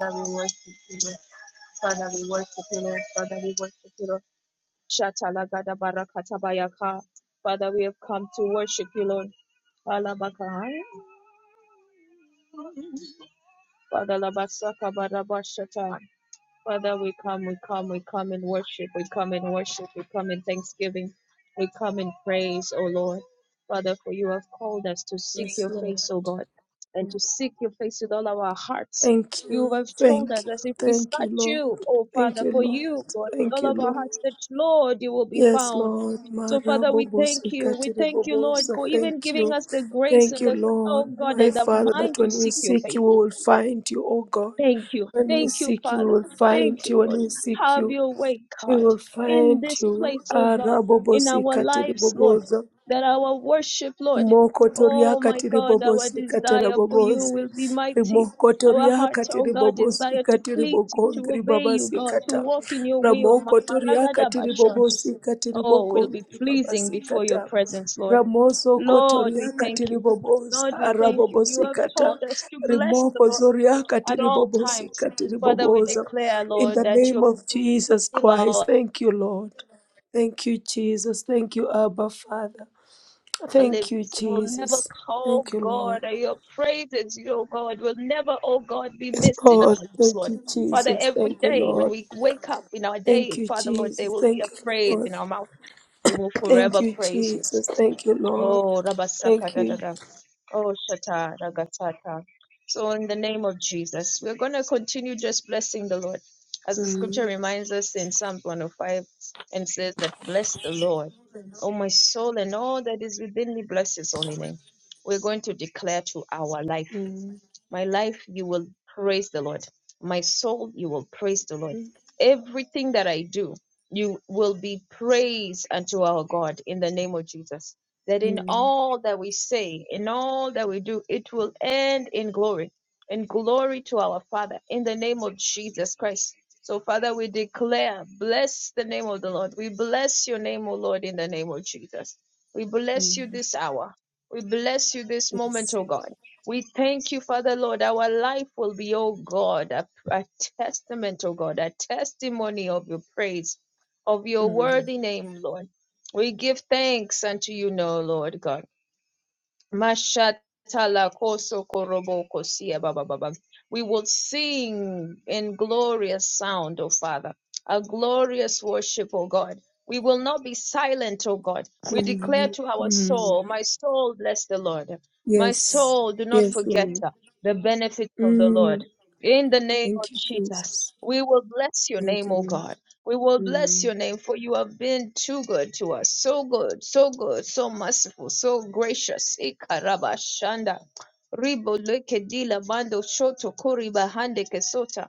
[SPEAKER 2] we worship you. Lord. Father, we worship you, Lord. Father, we worship you, Lord. Shatala gada barakata bayaka. Father, we have come to worship you, Lord. Alabaka. Father, labasaka barabashata. Father, we come, we come, we come in worship, we come in worship, we come in thanksgiving, we come in praise, O Lord. Father, for you have called us to seek
[SPEAKER 1] Yes,
[SPEAKER 2] your
[SPEAKER 1] Lord.
[SPEAKER 2] face, O God, and to seek your face with all our hearts.
[SPEAKER 1] Thank
[SPEAKER 2] You
[SPEAKER 1] you.
[SPEAKER 2] have
[SPEAKER 1] Thank
[SPEAKER 2] told us
[SPEAKER 1] you.
[SPEAKER 2] as if we
[SPEAKER 1] Thank you,
[SPEAKER 2] search
[SPEAKER 1] Lord.
[SPEAKER 2] you, O
[SPEAKER 1] Thank
[SPEAKER 2] Father,
[SPEAKER 1] you,
[SPEAKER 2] for
[SPEAKER 1] Lord.
[SPEAKER 2] you, God, with
[SPEAKER 1] Thank
[SPEAKER 2] all
[SPEAKER 1] you,
[SPEAKER 2] of our
[SPEAKER 1] Lord.
[SPEAKER 2] hearts, that Lord, you will be
[SPEAKER 1] Yes,
[SPEAKER 2] found.
[SPEAKER 1] Lord.
[SPEAKER 2] So, Father, we
[SPEAKER 1] Marabobos
[SPEAKER 2] thank you. We thank you, Lord,
[SPEAKER 1] ikatiribobosa.
[SPEAKER 2] for even
[SPEAKER 1] Thank
[SPEAKER 2] giving
[SPEAKER 1] you.
[SPEAKER 2] us the grace
[SPEAKER 1] Thank
[SPEAKER 2] and
[SPEAKER 1] you,
[SPEAKER 2] the, oh
[SPEAKER 1] Lord.
[SPEAKER 2] God,
[SPEAKER 1] My
[SPEAKER 2] and the
[SPEAKER 1] Father, that
[SPEAKER 2] mind to
[SPEAKER 1] when we
[SPEAKER 2] seek your face.
[SPEAKER 1] seek you, we will find you, O God.
[SPEAKER 2] Thank you.
[SPEAKER 1] When we
[SPEAKER 2] Thank you,
[SPEAKER 1] seek you, we
[SPEAKER 2] Father.
[SPEAKER 1] will find
[SPEAKER 2] Thank you,
[SPEAKER 1] you. When
[SPEAKER 2] Lord.
[SPEAKER 1] we seek
[SPEAKER 2] Have
[SPEAKER 1] you,
[SPEAKER 2] your way,
[SPEAKER 1] we
[SPEAKER 2] God,
[SPEAKER 1] will
[SPEAKER 2] in
[SPEAKER 1] find
[SPEAKER 2] this
[SPEAKER 1] you.
[SPEAKER 2] place, oh God, in
[SPEAKER 1] Arabobos
[SPEAKER 2] our lives, Lord,
[SPEAKER 1] ikatiribobosa.
[SPEAKER 2] that our worship, Lord,
[SPEAKER 1] Rimokotoria
[SPEAKER 2] oh my
[SPEAKER 1] katiri
[SPEAKER 2] God, our
[SPEAKER 1] bobosi katara
[SPEAKER 2] desire for you
[SPEAKER 1] bobosa.
[SPEAKER 2] will be mighty. Our
[SPEAKER 1] Rimokotoria
[SPEAKER 2] hearts, oh
[SPEAKER 1] katiri
[SPEAKER 2] God,
[SPEAKER 1] bobosi
[SPEAKER 2] desire to
[SPEAKER 1] katiri
[SPEAKER 2] please you, to
[SPEAKER 1] bogondri
[SPEAKER 2] obey you,
[SPEAKER 1] babasi
[SPEAKER 2] God, to
[SPEAKER 1] kata.
[SPEAKER 2] walk in your will. Ma-
[SPEAKER 1] Ramokotoria katiri
[SPEAKER 2] maragadabasha.
[SPEAKER 1] bobosi katiri
[SPEAKER 2] Oh, will be
[SPEAKER 1] bogondri
[SPEAKER 2] pleasing
[SPEAKER 1] babasi
[SPEAKER 2] before your
[SPEAKER 1] kata.
[SPEAKER 2] presence, Lord.
[SPEAKER 1] Ramoso
[SPEAKER 2] Lord, we
[SPEAKER 1] kotoria
[SPEAKER 2] thank
[SPEAKER 1] katiri
[SPEAKER 2] you. Lord,
[SPEAKER 1] bobosa
[SPEAKER 2] we thank you. You
[SPEAKER 1] arabobosi
[SPEAKER 2] have
[SPEAKER 1] kata.
[SPEAKER 2] told us to bless the Lord
[SPEAKER 1] Rimokozoria
[SPEAKER 2] at
[SPEAKER 1] katiri
[SPEAKER 2] all
[SPEAKER 1] bobosi
[SPEAKER 2] times.
[SPEAKER 1] katiri
[SPEAKER 2] Father, we
[SPEAKER 1] bobosa.
[SPEAKER 2] declare,
[SPEAKER 1] In
[SPEAKER 2] Lord,
[SPEAKER 1] the
[SPEAKER 2] that
[SPEAKER 1] name
[SPEAKER 2] your
[SPEAKER 1] of Jesus Christ,
[SPEAKER 2] power
[SPEAKER 1] thank you, Lord. Thank you, Jesus. Thank you, Abba Father. Thank you,
[SPEAKER 2] lives. It will never,
[SPEAKER 1] Jesus.
[SPEAKER 2] oh
[SPEAKER 1] Thank you, Lord.
[SPEAKER 2] God, your praises, your God, will never, oh God, be
[SPEAKER 1] Yes,
[SPEAKER 2] missed in our
[SPEAKER 1] Lord.
[SPEAKER 2] lips,
[SPEAKER 1] Thank
[SPEAKER 2] Lord.
[SPEAKER 1] you,
[SPEAKER 2] Father,
[SPEAKER 1] Jesus.
[SPEAKER 2] every
[SPEAKER 1] Thank you,
[SPEAKER 2] day when
[SPEAKER 1] Lord.
[SPEAKER 2] we wake up in our
[SPEAKER 1] Thank
[SPEAKER 2] day,
[SPEAKER 1] you,
[SPEAKER 2] Father, Lord,
[SPEAKER 1] Jesus.
[SPEAKER 2] there will be
[SPEAKER 1] Thank
[SPEAKER 2] a
[SPEAKER 1] you,
[SPEAKER 2] praise
[SPEAKER 1] Lord.
[SPEAKER 2] in our mouth. We will
[SPEAKER 1] Thank
[SPEAKER 2] forever
[SPEAKER 1] you,
[SPEAKER 2] praise you.
[SPEAKER 1] Jesus. Thank you, Lord.
[SPEAKER 2] Oh, Rabasaka
[SPEAKER 1] Thank
[SPEAKER 2] da da
[SPEAKER 1] you.
[SPEAKER 2] da. Oh, Shata Ragatata. So, in the name of Jesus, we're going to continue just blessing the Lord. As the scripture
[SPEAKER 1] Mm,
[SPEAKER 2] reminds us in Psalm 105 and says that, Bless the Lord, oh my soul, and all that is within me, bless his holy name. We're going to declare to our life.
[SPEAKER 1] mm,
[SPEAKER 2] My life, you will praise the Lord. My soul, you will praise the Lord.
[SPEAKER 1] mm,
[SPEAKER 2] Everything that I do, you will be praised unto our God in the name of Jesus. That in
[SPEAKER 1] mm,
[SPEAKER 2] all that we say, in all that we do, it will end in glory, in glory to our Father, in the name of Jesus Christ. So, Father, we declare, bless the name of the Lord. We bless your name, O Lord, in the name of Jesus. We bless you
[SPEAKER 1] mm.
[SPEAKER 2] this hour. We bless you this moment,
[SPEAKER 1] Yes.
[SPEAKER 2] O God. We thank you, Father Lord. Our life will be, oh God, a, a testament, oh God, a testimony of your praise, of your
[SPEAKER 1] Mm,
[SPEAKER 2] worthy name, Lord. We give thanks unto you now, Lord God. Mashatala koso korobo kosia ba ba We will sing in glorious sound, O Father, a glorious worship, O God. We will not be silent, O God. We declare
[SPEAKER 1] mm,
[SPEAKER 2] to our
[SPEAKER 1] mm.
[SPEAKER 2] soul, My soul, bless the Lord. My
[SPEAKER 1] Yes.
[SPEAKER 2] soul, do not
[SPEAKER 1] Yes,
[SPEAKER 2] forget
[SPEAKER 1] Lord.
[SPEAKER 2] uh, the benefits of the Lord.
[SPEAKER 1] Mm.
[SPEAKER 2] In the name of
[SPEAKER 1] Thank you,
[SPEAKER 2] Jesus,
[SPEAKER 1] Jesus.
[SPEAKER 2] we will bless your
[SPEAKER 1] Thank
[SPEAKER 2] name,
[SPEAKER 1] you,
[SPEAKER 2] O
[SPEAKER 1] Lord.
[SPEAKER 2] God. We will bless
[SPEAKER 1] Mm.
[SPEAKER 2] your name for you have been too good to us. So good, so good, so merciful, so gracious. Ikaraba shanda. Ribo leke dila bando shoto kori bahande kesota.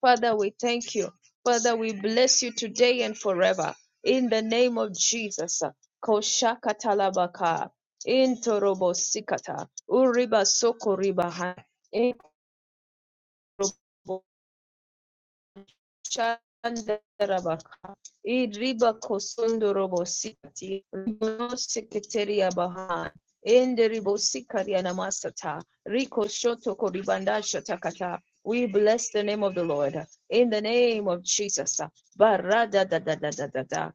[SPEAKER 2] Father, we thank you. Father, we bless you today and forever. In the name of Jesus. Koshaka talabaka. Intorobo sikata. Uriba soko riba ha. Chandarabaka. Idriba kosondorobo sikati. Ribono sekreteri abahan. Enderibo sikari anamasata. Riko shoto koribanda shatakata. We bless the name of the Lord. In the name of Jesus. Barada da da da da da da.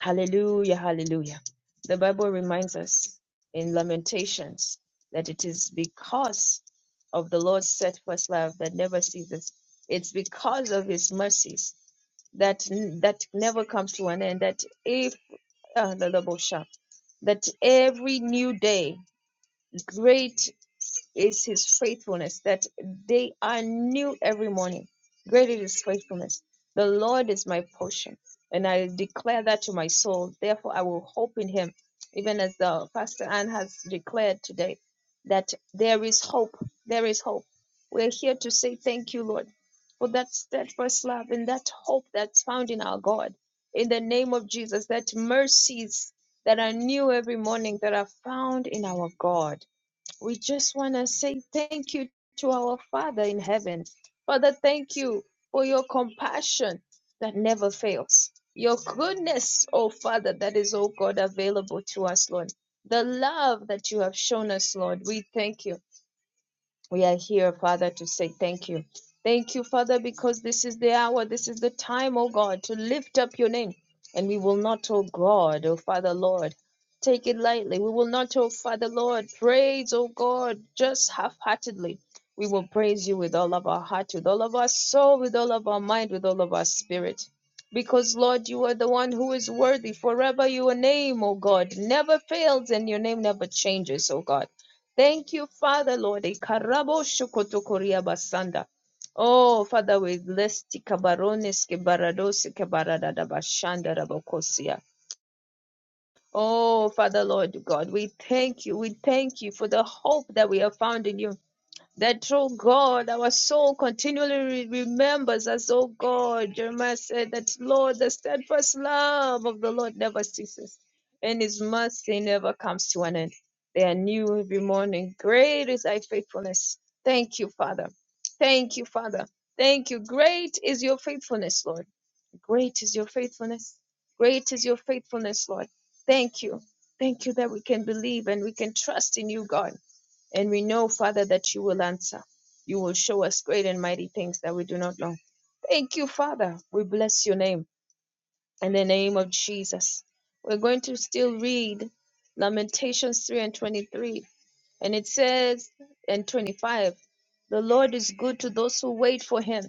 [SPEAKER 2] Hallelujah, hallelujah. The Bible reminds us in Lamentations that it is because of the Lord's steadfast love that never ceases. It's because of his mercies that that never comes to an end that if uh, the double shot that every new day Great is his faithfulness that they are new every morning. Great is his faithfulness. The Lord is my portion, and I declare that to my soul. Therefore, I will hope in him, even as the Pastor Anne has declared today that there is hope. There is hope. We're here to say thank you, Lord, for that steadfast love and that hope that's found in our God. In the name of Jesus, that mercies that are new every morning that are found in our God we just want to say thank you to our Father in heaven. Father, thank you for your compassion that never fails. Your goodness, oh Father, that is, oh God, available to us, Lord. The love that you have shown us, Lord, we thank you. We are here, Father, to say thank you. Thank you, Father, because this is the hour, this is the time, oh God, to lift up your name. And we will not, oh God, oh Father, Lord, take it lightly. We will not, oh Father, Lord, praise, oh God, just half heartedly. We will praise you with all of our heart, with all of our soul, with all of our mind, with all of our spirit. Because, Lord, you are the one who is worthy forever. Your name, oh God, never fails and your name never changes, oh God. Thank you, Father, Lord. Ikarabo shokotokoria basanda. Oh, Father, we bless Tikabarones Kebarados Kebarada Bashanda Rabokosia. Oh, Father, Lord God, we thank you. We thank you for the hope that we have found in you. That, oh God, our soul continually re- remembers us, oh God. Jeremiah said that, Lord, the steadfast love of the Lord never ceases, and his mercy never comes to an end. They are new every morning. Great is thy faithfulness. Thank you, Father. Thank you, Father. Thank you. Great is your faithfulness, Lord. Great is your faithfulness. Great is your faithfulness, Lord. Thank you. Thank you that we can believe and we can trust in you, God. And we know, Father, that you will answer. You will show us great and mighty things that we do not know. Thank you, Father. We bless your name in the name of Jesus. We're going to still read Lamentations 3 and 23. And it says, and 25, the Lord is good to those who wait for him,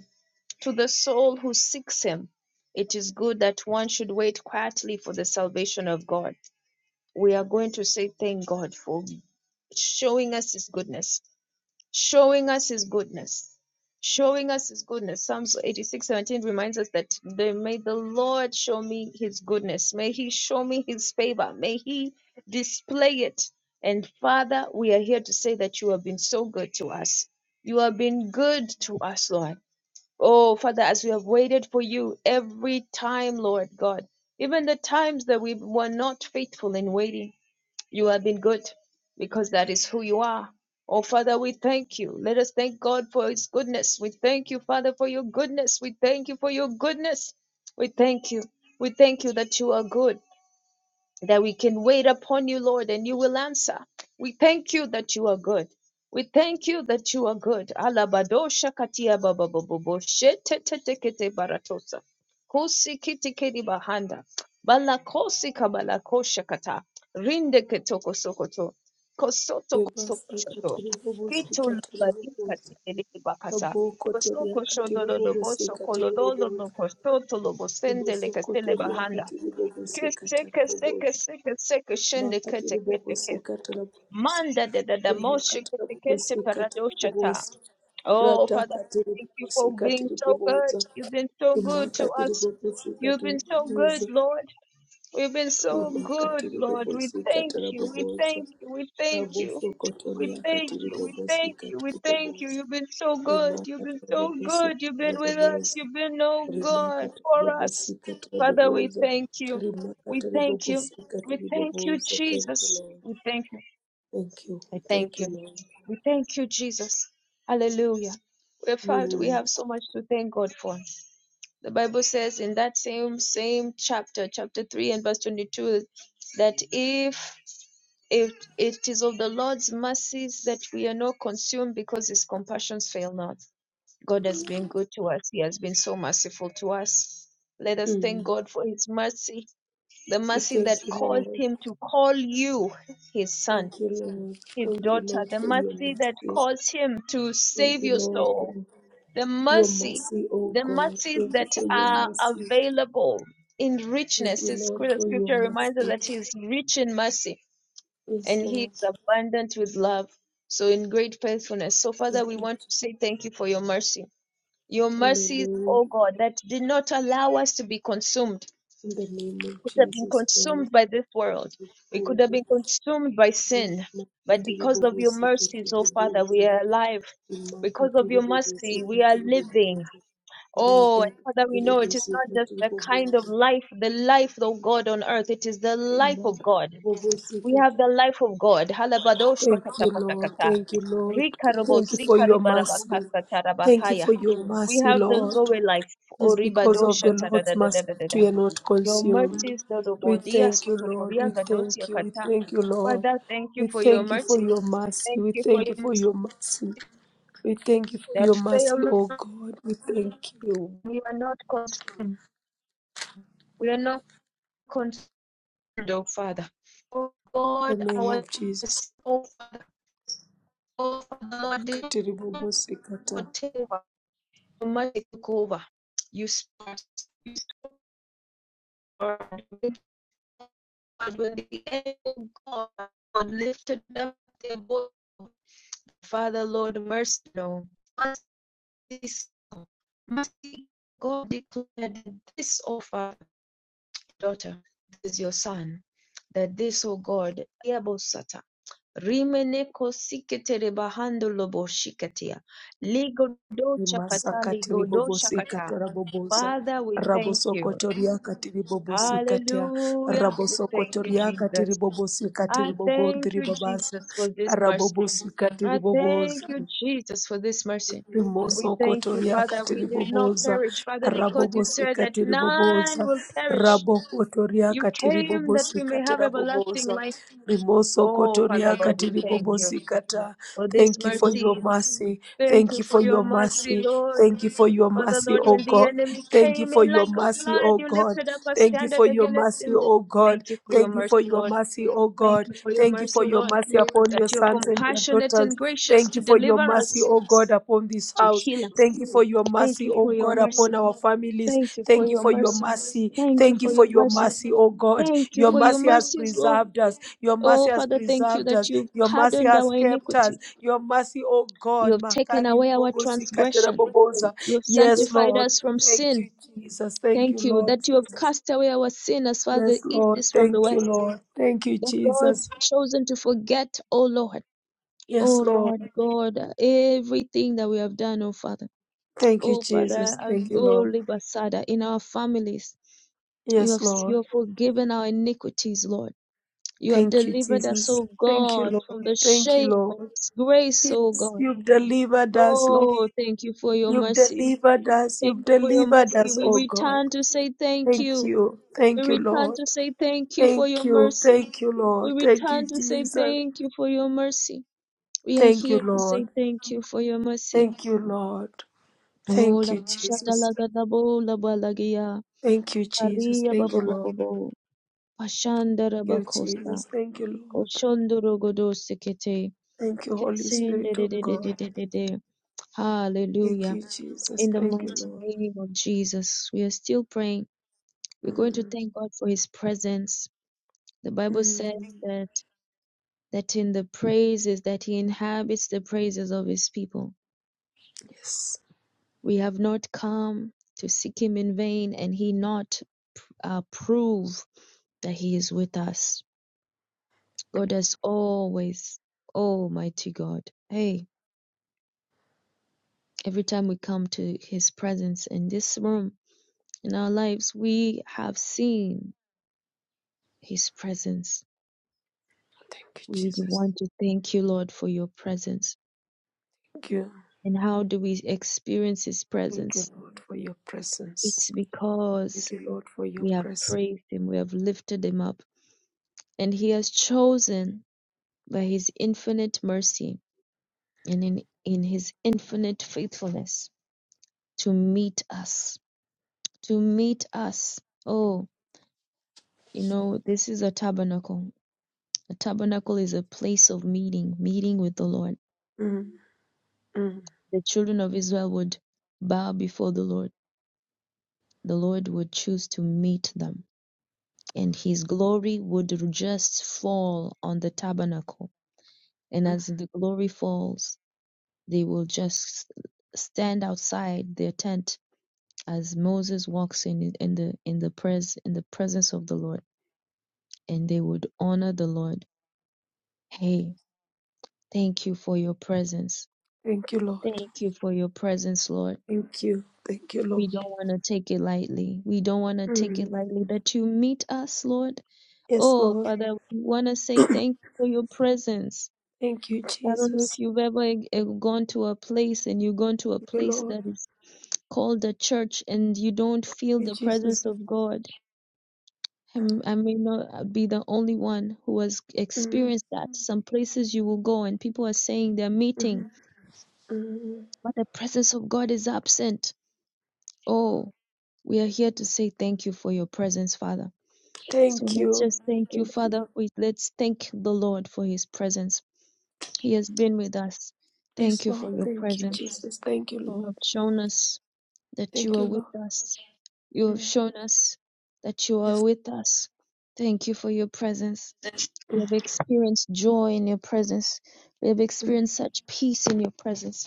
[SPEAKER 2] to the soul who seeks him. It is good that one should wait quietly for the salvation of God. We are going to say, Thank God for showing us his goodness showing us his goodness showing us his goodness psalms 86, 17 reminds us that they may the lord show me his goodness may he show me his favor may he display it and father we are here to say that you have been so good to us you have been good to us lord oh father as we have waited for you every time lord god even the times that we were not faithful in waiting you have been good because that is who you are. Oh, Father, we thank you. Let us thank God for his goodness. We thank you, Father, for your goodness. We thank you for your goodness. We thank you. We thank you that you are good that we can wait upon you, Lord, and you will answer. We thank you that you are good. We thank you that you are good. Alabadosha katia bababobo shete tete kete baratosa. Kosi kiti kedi bahanda. Bala kosi kata. Rinde ketoko sokoto. Kosoto
[SPEAKER 1] Your bus, I got a
[SPEAKER 2] kosokoto.
[SPEAKER 1] little bus, you
[SPEAKER 2] Kito
[SPEAKER 1] got a little
[SPEAKER 2] labadika
[SPEAKER 1] bus.
[SPEAKER 2] tele bakasa.
[SPEAKER 1] Rabokotoria
[SPEAKER 2] Kosoko shodolo loboso
[SPEAKER 1] katiribobosika
[SPEAKER 2] kololo lobo
[SPEAKER 1] tiribobosa
[SPEAKER 2] kosoto lobo sende lekasele
[SPEAKER 1] ribosokotoria
[SPEAKER 2] bahanda. Seka
[SPEAKER 1] katiribobosika tarabobosa
[SPEAKER 2] seka seka seka shende kete kete kete.
[SPEAKER 1] makatiribobosika tarabobosa
[SPEAKER 2] Manda de de de moshe kete kete
[SPEAKER 1] imakatirabobosika
[SPEAKER 2] paradoshata.
[SPEAKER 1] tarabobosa
[SPEAKER 2] Oh Father, thank you for
[SPEAKER 1] ratakatiribobosika
[SPEAKER 2] being so good.
[SPEAKER 1] tiribobosa
[SPEAKER 2] You've been so good to us.
[SPEAKER 1] imakatiribobosika
[SPEAKER 2] You've been so
[SPEAKER 1] tarabobosa
[SPEAKER 2] good, Lord. We've been so good, Lord. We
[SPEAKER 1] rimakatiribobosika
[SPEAKER 2] thank you. We
[SPEAKER 1] tarabobosa
[SPEAKER 2] thank you. We thank you. We
[SPEAKER 1] rabosokotoria
[SPEAKER 2] thank you. We thank
[SPEAKER 1] katiribobosika
[SPEAKER 2] you. We thank you.
[SPEAKER 1] tiribobosa
[SPEAKER 2] You've been so good. You've been so
[SPEAKER 1] imakatirabobosika
[SPEAKER 2] good. You've been with us.
[SPEAKER 1] tarabobosa
[SPEAKER 2] You've been, oh God, for us. Father, we
[SPEAKER 1] Rimakatiribobosikatiribobozo.
[SPEAKER 2] thank you. We thank you. We thank you,
[SPEAKER 1] Rimakatiribobosikatiribobozo. Thank you,
[SPEAKER 2] Jesus.
[SPEAKER 1] Lord.
[SPEAKER 2] We thank you.
[SPEAKER 1] Thank you.
[SPEAKER 2] We
[SPEAKER 1] Thank
[SPEAKER 2] thank
[SPEAKER 1] you,
[SPEAKER 2] you.
[SPEAKER 1] Lord.
[SPEAKER 2] We thank you, Jesus. Hallelujah. We're proud. We
[SPEAKER 1] Mm.
[SPEAKER 2] have so much to thank God for. The Bible says in that same same chapter, chapter 3 and verse 22, that if if it is of the Lord's mercies that we are not consumed because his compassions fail not. God has been good to us. He has been so merciful to us. Let us
[SPEAKER 1] Mm.
[SPEAKER 2] thank God for his mercy, the
[SPEAKER 1] We
[SPEAKER 2] mercy
[SPEAKER 1] Thank
[SPEAKER 2] that
[SPEAKER 1] you,
[SPEAKER 2] caused
[SPEAKER 1] Lord.
[SPEAKER 2] him to call you his son,
[SPEAKER 1] Thank you, Lord.
[SPEAKER 2] his
[SPEAKER 1] Thank you,
[SPEAKER 2] daughter,
[SPEAKER 1] Lord,
[SPEAKER 2] the
[SPEAKER 1] for your
[SPEAKER 2] mercy that
[SPEAKER 1] mercy.
[SPEAKER 2] caused him to
[SPEAKER 1] Thank
[SPEAKER 2] save
[SPEAKER 1] you,
[SPEAKER 2] your
[SPEAKER 1] Lord, for
[SPEAKER 2] soul the
[SPEAKER 1] your
[SPEAKER 2] mercy,
[SPEAKER 1] mercy, oh
[SPEAKER 2] the
[SPEAKER 1] God.
[SPEAKER 2] mercies
[SPEAKER 1] Thank you
[SPEAKER 2] that
[SPEAKER 1] for your
[SPEAKER 2] are
[SPEAKER 1] mercy.
[SPEAKER 2] available in
[SPEAKER 1] Thank
[SPEAKER 2] richness.
[SPEAKER 1] you,
[SPEAKER 2] It's,
[SPEAKER 1] Lord,
[SPEAKER 2] the
[SPEAKER 1] for your
[SPEAKER 2] scripture reminds us
[SPEAKER 1] mercy.
[SPEAKER 2] that He is rich in mercy
[SPEAKER 1] Yes,
[SPEAKER 2] and He
[SPEAKER 1] Lord.
[SPEAKER 2] is abundant with love. So, in great faithfulness. So, Father,
[SPEAKER 1] Thank
[SPEAKER 2] we
[SPEAKER 1] you.
[SPEAKER 2] want to say thank you for your mercy. Your mercies,
[SPEAKER 1] Hallelujah.
[SPEAKER 2] oh God, that did not allow us to be consumed.
[SPEAKER 1] In the name of
[SPEAKER 2] We Could have been
[SPEAKER 1] Jesus Christ,
[SPEAKER 2] consumed by this world.
[SPEAKER 1] we
[SPEAKER 2] We could have
[SPEAKER 1] pray.
[SPEAKER 2] been consumed by sin. But
[SPEAKER 1] Imakatiri
[SPEAKER 2] because of your
[SPEAKER 1] bobosi
[SPEAKER 2] mercies, oh
[SPEAKER 1] katiri
[SPEAKER 2] Father,
[SPEAKER 1] bobosi
[SPEAKER 2] we are alive. Because of
[SPEAKER 1] imakatiri
[SPEAKER 2] your
[SPEAKER 1] bobosi
[SPEAKER 2] mercy, we are
[SPEAKER 1] katiri
[SPEAKER 2] living
[SPEAKER 1] bobosi
[SPEAKER 2] Oh,
[SPEAKER 1] rada
[SPEAKER 2] and Father,
[SPEAKER 1] katiri
[SPEAKER 2] we know it is
[SPEAKER 1] bobosi
[SPEAKER 2] not just
[SPEAKER 1] katiri
[SPEAKER 2] the kind of
[SPEAKER 1] bobosi
[SPEAKER 2] life, the life of God on earth, it is the life of
[SPEAKER 1] imakatiri
[SPEAKER 2] God.
[SPEAKER 1] bobosi
[SPEAKER 2] We have
[SPEAKER 1] katiri
[SPEAKER 2] the life of God. Halabado
[SPEAKER 1] Thank you, Lord.
[SPEAKER 2] shakatapatakata.
[SPEAKER 1] Thank you, Lord.
[SPEAKER 2] Rikarabo
[SPEAKER 1] Thank you for your mercy.
[SPEAKER 2] zikaribarabakasa
[SPEAKER 1] Thank you
[SPEAKER 2] tarabakaya.
[SPEAKER 1] for your
[SPEAKER 2] We
[SPEAKER 1] mercy,
[SPEAKER 2] have the
[SPEAKER 1] Lord.
[SPEAKER 2] Zoe life.
[SPEAKER 1] It's because
[SPEAKER 2] Oribado
[SPEAKER 1] of the Lord's mercy that
[SPEAKER 2] shatadadadadadada.
[SPEAKER 1] we are not
[SPEAKER 2] Your
[SPEAKER 1] consumed.
[SPEAKER 2] mercies,
[SPEAKER 1] We
[SPEAKER 2] Dodobodia
[SPEAKER 1] thank you, Lord.
[SPEAKER 2] Sotoporia
[SPEAKER 1] We
[SPEAKER 2] Gadosia
[SPEAKER 1] thank you. We
[SPEAKER 2] Kata.
[SPEAKER 1] thank you, Lord.
[SPEAKER 2] Father, thank you
[SPEAKER 1] We
[SPEAKER 2] for your
[SPEAKER 1] thank you for
[SPEAKER 2] mercy.
[SPEAKER 1] your mercy.
[SPEAKER 2] Thank
[SPEAKER 1] We
[SPEAKER 2] you for
[SPEAKER 1] thank
[SPEAKER 2] your
[SPEAKER 1] you for
[SPEAKER 2] mercy
[SPEAKER 1] your mercy. We thank you for your
[SPEAKER 2] that
[SPEAKER 1] mercy,
[SPEAKER 2] fail
[SPEAKER 1] O
[SPEAKER 2] not
[SPEAKER 1] God. We thank you.
[SPEAKER 2] you. We are not consumed. We are not consumed Lord, oh Father. Oh
[SPEAKER 1] In
[SPEAKER 2] God,
[SPEAKER 1] the name
[SPEAKER 2] our
[SPEAKER 1] of Jesus.
[SPEAKER 2] oh Father, oh Father, Lord, the
[SPEAKER 1] Katiribobosikata.
[SPEAKER 2] Lord, take over, take over. You start, when the end of God lifted up their voice, Father, Lord, mercy, Lord, mercy, God declared this, oh Father, daughter, this is your son, that this, O God, Abosata. rimeneko sikete bahando lobo shikatia ligodo
[SPEAKER 1] Imasa
[SPEAKER 2] shakata ligodo shakata
[SPEAKER 1] raboboza.
[SPEAKER 2] father we thank you
[SPEAKER 1] Rabosokotoria katiribobosikatea.
[SPEAKER 2] hallelujah we thank you
[SPEAKER 1] Rabosokotoria
[SPEAKER 2] jesus i thank you
[SPEAKER 1] katiribobosikatiribogondiribabasa.
[SPEAKER 2] jesus for this mercy i thank
[SPEAKER 1] Rabobosikatiriboboza.
[SPEAKER 2] you jesus for this mercy we
[SPEAKER 1] Rimoso
[SPEAKER 2] thank you,
[SPEAKER 1] kotoria
[SPEAKER 2] Father. We
[SPEAKER 1] katiri
[SPEAKER 2] did not
[SPEAKER 1] boboza,
[SPEAKER 2] perish, Father, because you
[SPEAKER 1] rabobosi
[SPEAKER 2] said that
[SPEAKER 1] katiri
[SPEAKER 2] none will perish.
[SPEAKER 1] rabo kotoria
[SPEAKER 2] You
[SPEAKER 1] katiri
[SPEAKER 2] came that
[SPEAKER 1] bobosi
[SPEAKER 2] we may have
[SPEAKER 1] katira boboza,
[SPEAKER 2] everlasting life.
[SPEAKER 1] rimoso
[SPEAKER 2] Oh, Father,
[SPEAKER 1] kotoria
[SPEAKER 2] Lord, we
[SPEAKER 1] katiri
[SPEAKER 2] thank you
[SPEAKER 1] bobosi kata.
[SPEAKER 2] for this
[SPEAKER 1] Thank you for your
[SPEAKER 2] mercy.
[SPEAKER 1] mercy.
[SPEAKER 2] Thank
[SPEAKER 1] Thank
[SPEAKER 2] you
[SPEAKER 1] you
[SPEAKER 2] for
[SPEAKER 1] for
[SPEAKER 2] your
[SPEAKER 1] your
[SPEAKER 2] mercy,
[SPEAKER 1] mercy.
[SPEAKER 2] Lord.
[SPEAKER 1] Thank you for your
[SPEAKER 2] Father,
[SPEAKER 1] mercy,
[SPEAKER 2] Lord,
[SPEAKER 1] O
[SPEAKER 2] when the
[SPEAKER 1] God.
[SPEAKER 2] enemy
[SPEAKER 1] Thank you
[SPEAKER 2] came
[SPEAKER 1] for
[SPEAKER 2] in
[SPEAKER 1] your
[SPEAKER 2] like a
[SPEAKER 1] mercy,
[SPEAKER 2] flood,
[SPEAKER 1] O
[SPEAKER 2] you
[SPEAKER 1] God.
[SPEAKER 2] lifted up a
[SPEAKER 1] Thank you
[SPEAKER 2] standard
[SPEAKER 1] for your
[SPEAKER 2] against
[SPEAKER 1] mercy,
[SPEAKER 2] him.
[SPEAKER 1] O God.
[SPEAKER 2] Thank you for your
[SPEAKER 1] Thank you for
[SPEAKER 2] mercy,
[SPEAKER 1] your
[SPEAKER 2] Lord.
[SPEAKER 1] mercy, O
[SPEAKER 2] Thank
[SPEAKER 1] God.
[SPEAKER 2] you for your
[SPEAKER 1] Thank you
[SPEAKER 2] mercy,
[SPEAKER 1] for your
[SPEAKER 2] Lord,
[SPEAKER 1] mercy upon
[SPEAKER 2] that
[SPEAKER 1] your
[SPEAKER 2] you're
[SPEAKER 1] sons and your
[SPEAKER 2] compassionate
[SPEAKER 1] daughters.
[SPEAKER 2] and gracious
[SPEAKER 1] Thank
[SPEAKER 2] to
[SPEAKER 1] you for your
[SPEAKER 2] deliver
[SPEAKER 1] mercy,
[SPEAKER 2] us,
[SPEAKER 1] O God, upon this
[SPEAKER 2] to
[SPEAKER 1] house.
[SPEAKER 2] heal
[SPEAKER 1] Thank
[SPEAKER 2] us.
[SPEAKER 1] you for your
[SPEAKER 2] Thank
[SPEAKER 1] mercy,
[SPEAKER 2] you
[SPEAKER 1] O
[SPEAKER 2] for your
[SPEAKER 1] God, upon
[SPEAKER 2] mercy.
[SPEAKER 1] our families.
[SPEAKER 2] Thank you for
[SPEAKER 1] Thank you
[SPEAKER 2] your
[SPEAKER 1] for your
[SPEAKER 2] mercy.
[SPEAKER 1] mercy.
[SPEAKER 2] Thank you
[SPEAKER 1] Thank you
[SPEAKER 2] for
[SPEAKER 1] for
[SPEAKER 2] your
[SPEAKER 1] your
[SPEAKER 2] mercies.
[SPEAKER 1] mercy, O God.
[SPEAKER 2] Thank you
[SPEAKER 1] Your
[SPEAKER 2] for your
[SPEAKER 1] mercy has
[SPEAKER 2] mercies, Lord.
[SPEAKER 1] preserved us. Your mercy
[SPEAKER 2] Oh,
[SPEAKER 1] has
[SPEAKER 2] Father, thank you
[SPEAKER 1] preserved us.
[SPEAKER 2] that you've
[SPEAKER 1] Your mercy
[SPEAKER 2] pardoned
[SPEAKER 1] has
[SPEAKER 2] our
[SPEAKER 1] kept us.
[SPEAKER 2] iniquity.
[SPEAKER 1] Your mercy, O
[SPEAKER 2] You
[SPEAKER 1] God.
[SPEAKER 2] have taken
[SPEAKER 1] Makari
[SPEAKER 2] away our
[SPEAKER 1] libogosi
[SPEAKER 2] transgression.
[SPEAKER 1] kataraboboza.
[SPEAKER 2] You have
[SPEAKER 1] Yes,
[SPEAKER 2] sanctified
[SPEAKER 1] Lord.
[SPEAKER 2] us from
[SPEAKER 1] Thank
[SPEAKER 2] sin.
[SPEAKER 1] you, Jesus. Thank you,
[SPEAKER 2] Thank you
[SPEAKER 1] Lord
[SPEAKER 2] that you have
[SPEAKER 1] Jesus.
[SPEAKER 2] cast away our sin as far as the
[SPEAKER 1] Yes,
[SPEAKER 2] east
[SPEAKER 1] Lord.
[SPEAKER 2] is from the
[SPEAKER 1] Thank you,
[SPEAKER 2] west.
[SPEAKER 1] Lord. Thank you,
[SPEAKER 2] That Lord, you've
[SPEAKER 1] Jesus.
[SPEAKER 2] chosen to forget, oh Lord,
[SPEAKER 1] Yes,
[SPEAKER 2] oh
[SPEAKER 1] Lord.
[SPEAKER 2] Lord God, everything that we have done, oh Father,
[SPEAKER 1] Thank you,
[SPEAKER 2] oh Father,
[SPEAKER 1] Jesus. Thank you,
[SPEAKER 2] oh
[SPEAKER 1] Lord.
[SPEAKER 2] Libasada, in our families. You
[SPEAKER 1] Yes,
[SPEAKER 2] have you
[SPEAKER 1] Lord.
[SPEAKER 2] have forgiven our iniquities, Lord. You have
[SPEAKER 1] Thank you,
[SPEAKER 2] delivered us,
[SPEAKER 1] Jesus.
[SPEAKER 2] O
[SPEAKER 1] Thank you,
[SPEAKER 2] God,
[SPEAKER 1] Lord.
[SPEAKER 2] from the
[SPEAKER 1] Thank you,
[SPEAKER 2] shame and
[SPEAKER 1] Lord.
[SPEAKER 2] disgrace, O
[SPEAKER 1] Yes,
[SPEAKER 2] God.
[SPEAKER 1] you've delivered us, Lord.
[SPEAKER 2] Oh, thank you for your
[SPEAKER 1] You've
[SPEAKER 2] mercy.
[SPEAKER 1] delivered us.
[SPEAKER 2] Thank
[SPEAKER 1] You've
[SPEAKER 2] you for your
[SPEAKER 1] delivered
[SPEAKER 2] mercy.
[SPEAKER 1] us,
[SPEAKER 2] We
[SPEAKER 1] oh God.
[SPEAKER 2] return to say thank
[SPEAKER 1] Thank
[SPEAKER 2] you.
[SPEAKER 1] you.
[SPEAKER 2] We
[SPEAKER 1] Thank you,
[SPEAKER 2] return
[SPEAKER 1] Lord.
[SPEAKER 2] to say thank you for
[SPEAKER 1] Thank
[SPEAKER 2] your
[SPEAKER 1] you.
[SPEAKER 2] mercy.
[SPEAKER 1] Thank you,
[SPEAKER 2] We
[SPEAKER 1] Lord. Thank
[SPEAKER 2] return
[SPEAKER 1] you,
[SPEAKER 2] to say
[SPEAKER 1] Jesus.
[SPEAKER 2] thank you for your mercy. We are
[SPEAKER 1] Thank you,
[SPEAKER 2] here to say
[SPEAKER 1] Lord.
[SPEAKER 2] thank you for your mercy.
[SPEAKER 1] Thank you, Lord.
[SPEAKER 2] Oh,
[SPEAKER 1] Thank
[SPEAKER 2] la
[SPEAKER 1] you,
[SPEAKER 2] shata
[SPEAKER 1] Jesus.
[SPEAKER 2] la gada bo la balagia.
[SPEAKER 1] Thank you, Jesus.
[SPEAKER 2] Aria
[SPEAKER 1] Thank you,
[SPEAKER 2] baba baba
[SPEAKER 1] Lord.
[SPEAKER 2] bo. Pashandara
[SPEAKER 1] Thank you,
[SPEAKER 2] bakosta.
[SPEAKER 1] Jesus. Thank you, Lord.
[SPEAKER 2] Koshondoro godo sekete.
[SPEAKER 1] Thank you, Holy Spirit of
[SPEAKER 2] Kesendere de de de de
[SPEAKER 1] God.
[SPEAKER 2] de de. de.
[SPEAKER 1] Thank
[SPEAKER 2] Hallelujah.
[SPEAKER 1] you, Jesus.
[SPEAKER 2] In the
[SPEAKER 1] Thank you,
[SPEAKER 2] mighty
[SPEAKER 1] Lord.
[SPEAKER 2] name of Jesus, we are still praying. We're going to
[SPEAKER 1] Mm.
[SPEAKER 2] thank God for his presence. The Bible
[SPEAKER 1] Mm,
[SPEAKER 2] said that that in the praises that he inhabits the praises of his people.
[SPEAKER 1] yes.
[SPEAKER 2] We have not come to seek him in vain, and he not uh, prove that he is with us. God has always, Almighty God. Hey, every time we come to his presence in this room, in our lives, we have seen his presence.
[SPEAKER 1] Thank you,
[SPEAKER 2] We
[SPEAKER 1] Jesus.
[SPEAKER 2] want to thank you, Lord, for your presence.
[SPEAKER 1] Thank you.
[SPEAKER 2] And how do we experience his
[SPEAKER 1] Thank you,
[SPEAKER 2] presence?
[SPEAKER 1] Lord, for your presence.
[SPEAKER 2] It's because
[SPEAKER 1] Thank you, Lord, for your
[SPEAKER 2] We have
[SPEAKER 1] presence.
[SPEAKER 2] praised him. We have lifted him up. And he has chosen by his infinite mercy and in, in his infinite faithfulness to meet us. To meet us. Oh, you know, this is a tabernacle. A tabernacle is a place of meeting, meeting with the Lord.
[SPEAKER 1] Mm, mm.
[SPEAKER 2] The children of Israel would bow before the Lord. The Lord would choose to meet them, and his glory would just fall on the tabernacle. And as the glory falls, They will just stand outside their tent as Moses walks in in the in the pres in the presence of the Lord, and they would honor the Lord. Hey, thank you for your presence.
[SPEAKER 1] Thank you, Lord.
[SPEAKER 2] Thank you for your presence, Lord.
[SPEAKER 1] Thank you. Thank you,
[SPEAKER 2] We
[SPEAKER 1] Lord.
[SPEAKER 2] don't want to take it lightly. We don't want to take it
[SPEAKER 1] Mm.
[SPEAKER 2] lightly that you meet us, Lord.
[SPEAKER 1] Yes,
[SPEAKER 2] Oh,
[SPEAKER 1] Lord.
[SPEAKER 2] Father, we want to say thank you for your presence.
[SPEAKER 1] Thank you,
[SPEAKER 2] I don't know if
[SPEAKER 1] Jesus.
[SPEAKER 2] you've ever eh, gone to a place and you've gone to a
[SPEAKER 1] Thank you,
[SPEAKER 2] place
[SPEAKER 1] Lord.
[SPEAKER 2] that is called the church and you don't feel the
[SPEAKER 1] Thank you, Jesus.
[SPEAKER 2] presence of God. I'm- I may not be the only one who has
[SPEAKER 1] Mm,
[SPEAKER 2] experienced that. Some places you will go and people are saying they're meeting,
[SPEAKER 1] mm, mm.
[SPEAKER 2] but the presence of God is absent. Oh, we are here to say thank you for your presence, Father. So
[SPEAKER 1] Thank
[SPEAKER 2] let's
[SPEAKER 1] you.
[SPEAKER 2] just thank you,
[SPEAKER 1] Thank you.
[SPEAKER 2] Father. We- Let's thank the Lord for his presence. He has been with us.
[SPEAKER 1] Yes,
[SPEAKER 2] Thank you for
[SPEAKER 1] Lord.
[SPEAKER 2] your
[SPEAKER 1] Thank you,
[SPEAKER 2] presence.
[SPEAKER 1] Jesus. Thank you,
[SPEAKER 2] You
[SPEAKER 1] Lord.
[SPEAKER 2] have shown us that you
[SPEAKER 1] Thank you,
[SPEAKER 2] are with
[SPEAKER 1] Lord.
[SPEAKER 2] us You have
[SPEAKER 1] Mm.
[SPEAKER 2] shown us that you are
[SPEAKER 1] Yes.
[SPEAKER 2] with us. Thank you for your presence. We
[SPEAKER 1] Mm,
[SPEAKER 2] have experienced joy in your presence. We have
[SPEAKER 1] mm.
[SPEAKER 2] experienced such peace in your presence.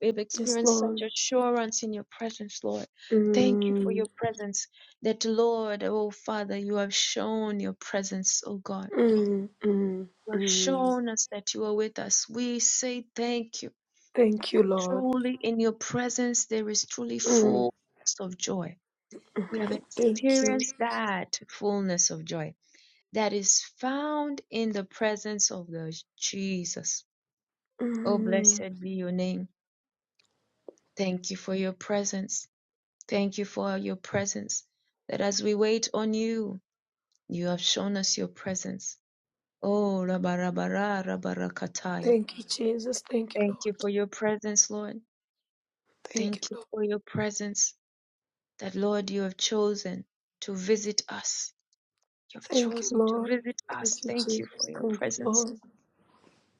[SPEAKER 2] We have
[SPEAKER 1] Yes,
[SPEAKER 2] experienced such
[SPEAKER 1] Lord.
[SPEAKER 2] assurance in your presence, Lord. Thank you for
[SPEAKER 1] Mm.
[SPEAKER 2] your presence. That, Lord, oh Father, you have shown your presence, oh God.
[SPEAKER 1] Mm, mm,
[SPEAKER 2] You have
[SPEAKER 1] mm.
[SPEAKER 2] shown us that you are with us. We say thank you.
[SPEAKER 1] Thank you,
[SPEAKER 2] For
[SPEAKER 1] Lord.
[SPEAKER 2] truly in your presence there is truly
[SPEAKER 1] Mm,
[SPEAKER 2] fullness of joy we have
[SPEAKER 1] thank you.
[SPEAKER 2] experienced that fullness of joy that is found in the presence of the Jesus. Oh,
[SPEAKER 1] Mm,
[SPEAKER 2] blessed be your name. Thank you for your presence. Thank you for your presence. That as we wait on you, you have shown us your presence. Oh, rabarabara, rabarakataya.
[SPEAKER 1] thank you, Jesus. Thank you,
[SPEAKER 2] Thank
[SPEAKER 1] Lord.
[SPEAKER 2] you for your presence, Lord.
[SPEAKER 1] Thank you,
[SPEAKER 2] Thank you
[SPEAKER 1] Lord.
[SPEAKER 2] for your presence that, Lord, you have chosen to visit us. You have
[SPEAKER 1] Thank you,
[SPEAKER 2] chosen to
[SPEAKER 1] Lord.
[SPEAKER 2] visit us.
[SPEAKER 1] Thank you,
[SPEAKER 2] Thank you
[SPEAKER 1] Jesus.
[SPEAKER 2] for your
[SPEAKER 1] Thank you,
[SPEAKER 2] presence.
[SPEAKER 1] Lord.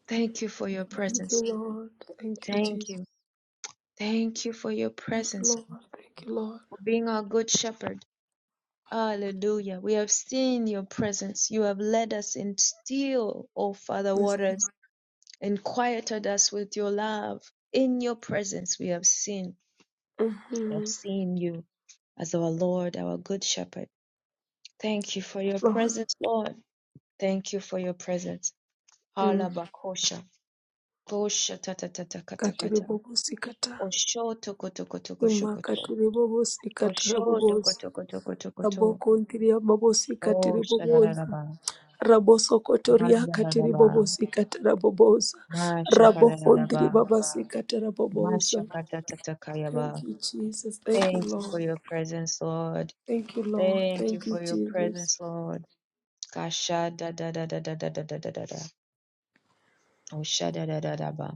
[SPEAKER 2] Thank you for your
[SPEAKER 1] Thank
[SPEAKER 2] presence.
[SPEAKER 1] you, Lord. Thank you,
[SPEAKER 2] Thank
[SPEAKER 1] Jesus.
[SPEAKER 2] you. Thank you for your
[SPEAKER 1] Thank you,
[SPEAKER 2] presence,
[SPEAKER 1] Lord. Thank you, Lord.
[SPEAKER 2] for being our good shepherd. Hallelujah. We have seen your presence. You have led us in still, O Father
[SPEAKER 1] Yes,
[SPEAKER 2] waters, and quieted us with your love. In your presence, we have seen,
[SPEAKER 1] Lord.
[SPEAKER 2] we have
[SPEAKER 1] Mm-hmm.
[SPEAKER 2] seen you as our Lord, our good shepherd. Thank you for your
[SPEAKER 1] Lord.
[SPEAKER 2] presence, Lord. Thank you for your presence.
[SPEAKER 1] Mm.
[SPEAKER 2] Halabakosha. Kosha tata tata kata
[SPEAKER 1] Katiribobosikata.
[SPEAKER 2] Osho toko toko toko
[SPEAKER 1] Ima
[SPEAKER 2] shokoto.
[SPEAKER 1] katiribobosikata
[SPEAKER 2] Osho
[SPEAKER 1] rabobosa.
[SPEAKER 2] dokoto koto koto koto.
[SPEAKER 1] Abokontiria
[SPEAKER 2] Oh
[SPEAKER 1] babosikatiribobosa.
[SPEAKER 2] shadaraba.
[SPEAKER 1] rabosokotoria katiri
[SPEAKER 2] Mandaraba.
[SPEAKER 1] bobosikatara bobosa rabokondiri
[SPEAKER 2] Mashakadaraba.
[SPEAKER 1] babasikatara bobosa thank
[SPEAKER 2] Mashakatatatakayaba.
[SPEAKER 1] you jesus thank you
[SPEAKER 2] Thank you for
[SPEAKER 1] lord
[SPEAKER 2] your presence, Lord.
[SPEAKER 1] thank you lord
[SPEAKER 2] Thank you
[SPEAKER 1] thank you
[SPEAKER 2] for your
[SPEAKER 1] jesus
[SPEAKER 2] presence, Lord. Kasha da da da da da da da da da da da. Osha da da da da ba.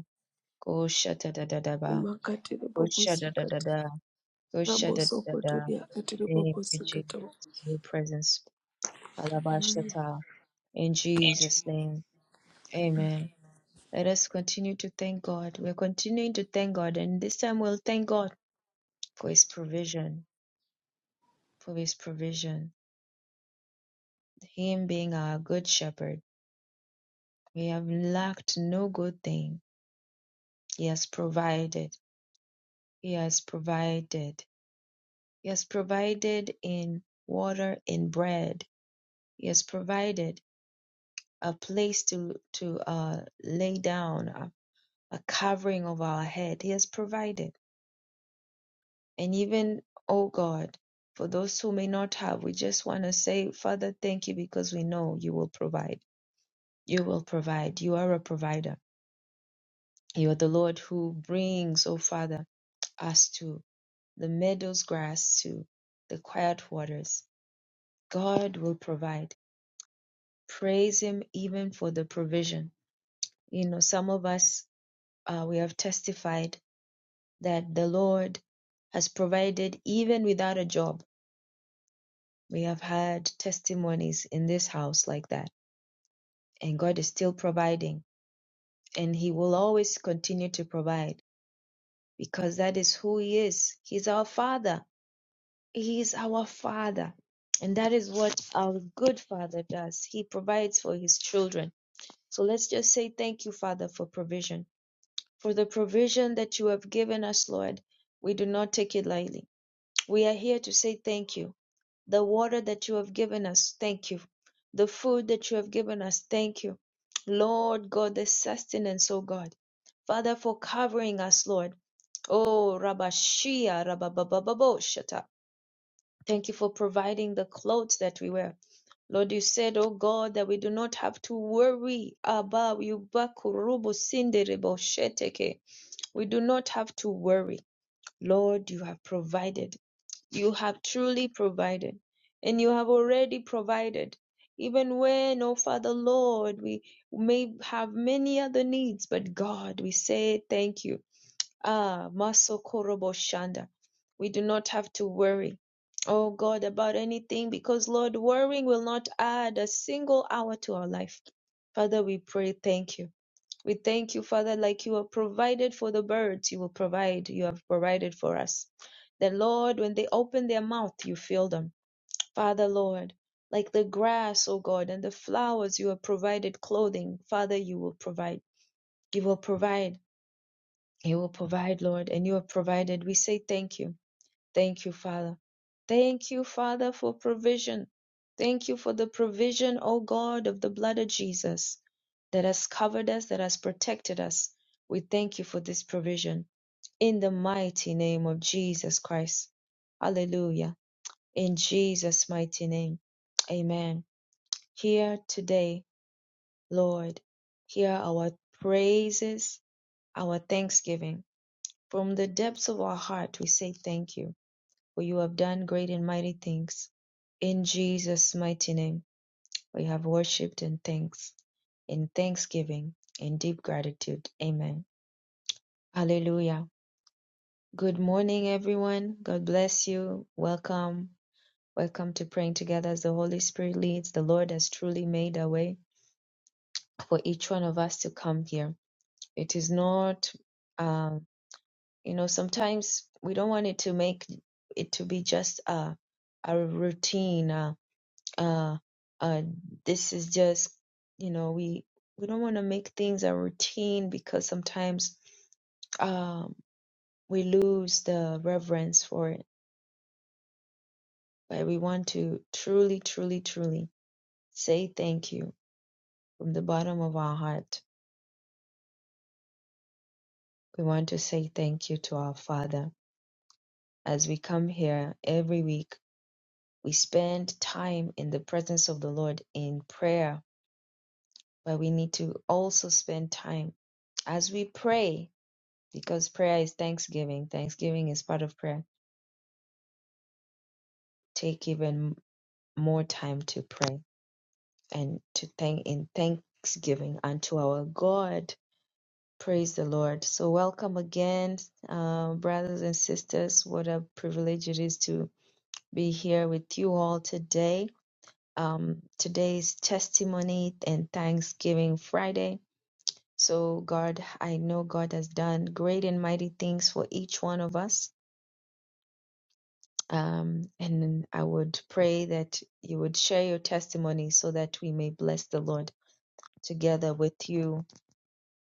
[SPEAKER 2] Kosha da da da da ba.
[SPEAKER 1] makatiri
[SPEAKER 2] Kosha da da da
[SPEAKER 1] bobosikatara
[SPEAKER 2] da. Kosha da da da.
[SPEAKER 1] rabosokotoria katiri
[SPEAKER 2] Thank you,
[SPEAKER 1] bobosikatara
[SPEAKER 2] Jesus, for your presence. Halabashata. In Jesus' name. Amen. Let us continue to thank God. We're continuing to thank God, and this time we'll thank God for His provision, for His provision, Him being our good shepherd. We have lacked no good thing. He has provided. He has provided. He has provided in water and bread. He has provided a place to to uh, lay down, a, a covering of our head. He has provided. And even, oh God, for those who may not have, we just want to say, Father, thank you because we know you will provide. You will provide. You are a provider. You are the Lord who brings, oh Father, us to the meadow's grass, to the quiet waters. God will provide. Praise Him even for the provision. You know, some of us, uh, we have testified that the Lord has provided even without a job We have had testimonies in this house like that, and God is still providing, and He will always continue to provide because that is who He is. He's our Father. He is our Father. And that is what our good Father does. He provides for His children. So let's just say thank you, Father, for provision, for the provision that you have given us, Lord. We do not take it lightly. We are here to say thank you. the water that you have given us. Thank you. The food that you have given us. Thank you. Lord God, the sustenance, oh God. Father, for covering us, Lord. Oh, Rabashia, Rababababoshata. Thank you for providing the clothes that we wear. Lord, you said, oh God, that we do not have to worry about you. Bakurubu sindere bosheteke. We do not have to worry. Lord, you have provided. You have truly provided, and you have already provided. Even when, oh Father Lord, we may have many other needs, but God, we say thank you. Ah, Maso Korobo Shanda. We do not have to worry, oh God, about anything because, Lord, worrying will not add a single hour to our life. Father, we pray, thank you. We thank you, Father, like you have provided for the birds, you will provide, you have provided for us. That, Lord, when they open their mouth, you fill them. Father, Lord, like the grass, O God, and the flowers, you have provided clothing. Father, you will provide. You will provide. You will provide, Lord, and you have provided. We say thank you. Thank you, Father. Thank you, Father, for provision. Thank you for the provision, O God, of the blood of Jesus that has covered us, that has protected us. We thank you for this provision in the mighty name of Jesus Christ. Hallelujah. In Jesus' mighty name. Amen. Here today, Lord, hear our praises, our thanksgiving. From the depths of our heart, we say thank you. for you have done great and mighty things. In Jesus' mighty name, we have worshipped and thanks, in thanksgiving, in deep gratitude. Amen. Hallelujah. Good morning, everyone. God bless you. Welcome. Welcome to praying together as the Holy Spirit leads. The Lord has truly made a way for each one of us to come here. It is not, um, you know, sometimes we don't want it to make it to be just a, a routine. uh, uh, this is just you know we we don't want to make things a routine because sometimes um, we lose the reverence for it but we want to truly truly truly say thank you from the bottom of our heart we want to say thank you to our father as we come here every week we spend time in the presence of the lord in prayer but we need to also spend time as we pray Because prayer is thanksgiving, thanksgiving is part of prayer. Take even more time to pray and to thank in thanksgiving unto our God. Praise the Lord. So, welcome again, uh, brothers and sisters. What a privilege it is to be here with you all today. Um, today's testimony and Thanksgiving Friday. So, God, I know God has done great and mighty things for each one of us Um, and I would pray that you would share your testimony so that we may bless the Lord together with you.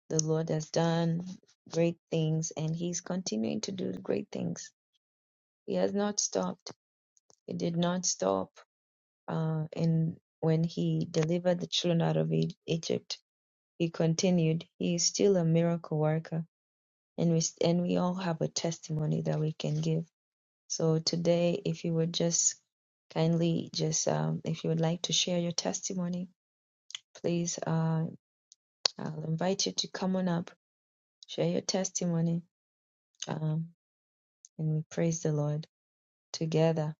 [SPEAKER 2] The Lord has done great things and He's continuing to do great things. He has not stopped. He did not stop uh, in when He delivered the children out of E- Egypt. He continued. He is still a miracle worker. And we, and we all have a testimony that we can give. So today, if you would just kindly just um, if you would like to share your testimony, please uh, I'll invite you to come on up, share your testimony, um, and we praise the Lord together.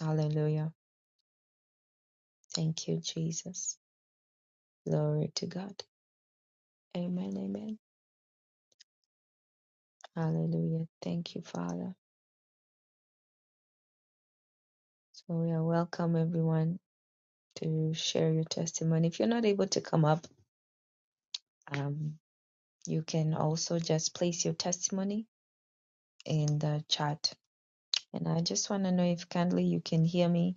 [SPEAKER 2] Hallelujah. Thank you, Jesus. Glory to God. Amen. Amen. Hallelujah. Thank you, Father. So we are welcome everyone to share your testimony. If you're not able to come up, um, you can also just place your testimony in the chat And I just want to know if kindly you can hear me.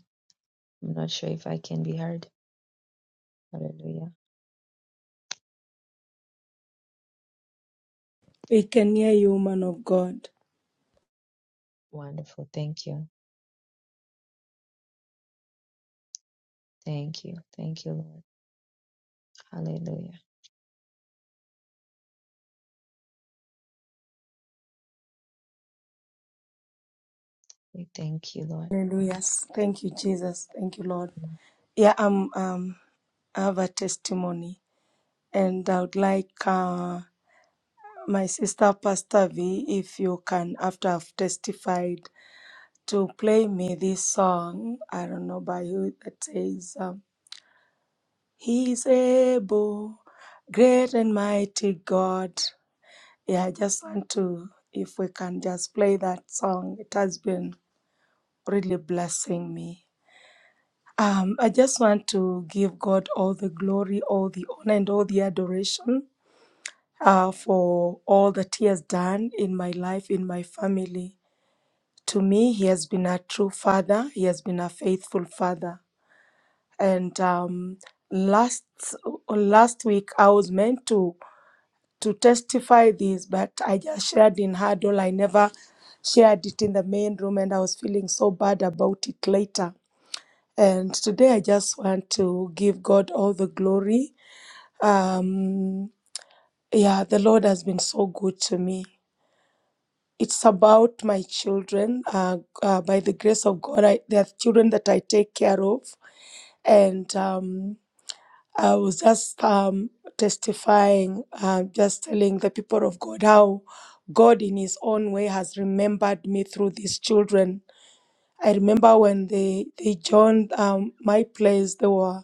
[SPEAKER 2] I'm not sure if I can be heard. Hallelujah.
[SPEAKER 1] we can hear you man of god
[SPEAKER 2] Wonderful. Thank you. Thank you. Thank you, Lord. Hallelujah. We thank you, Lord.
[SPEAKER 1] hallelujah thank you jesus thank you lord
[SPEAKER 2] Mm.
[SPEAKER 1] yeah i'm um I have a testimony and I would like uh, my sister Pastor V, if you can, after I've testified, to play me this song. I don't know by who that says, um, He is able, great and mighty God. Yeah, I just want to, if we can just play that song. It has been really blessing me. Um, I just want to give God all the glory, all the honor, and all the adoration uh, for all that He has done in my life, in my family. to me, he has been a true father. He has been a faithful father. And um, last last week, I was meant to to testify this, but I just shared in huddle. I never shared it in the main room, and I was feeling so bad about it later. And today, I just want to give God all the glory. Um, yeah, the Lord has been so good to me. It's about my children. Uh, uh, by the grace of God, I, they are children that I take care of, and um, I was just um, testifying, uh, just telling the people of God how God, in His own way, has remembered me through these children I remember when they they joined um, my place, they were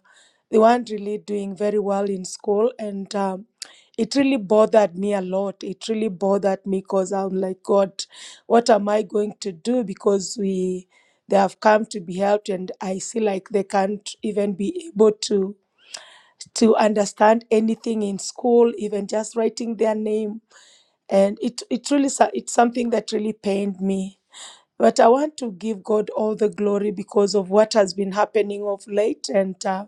[SPEAKER 1] they weren't really doing very well in school, and um, it really bothered me a lot. It really bothered me because I'm like, God, what am I going to do? Because we they have come to be helped, and I see like they can't even be able to to understand anything in school, even just writing their name, and it it really so- it's something that really pained me but I want to give God all the glory because of what has been happening of late. And uh,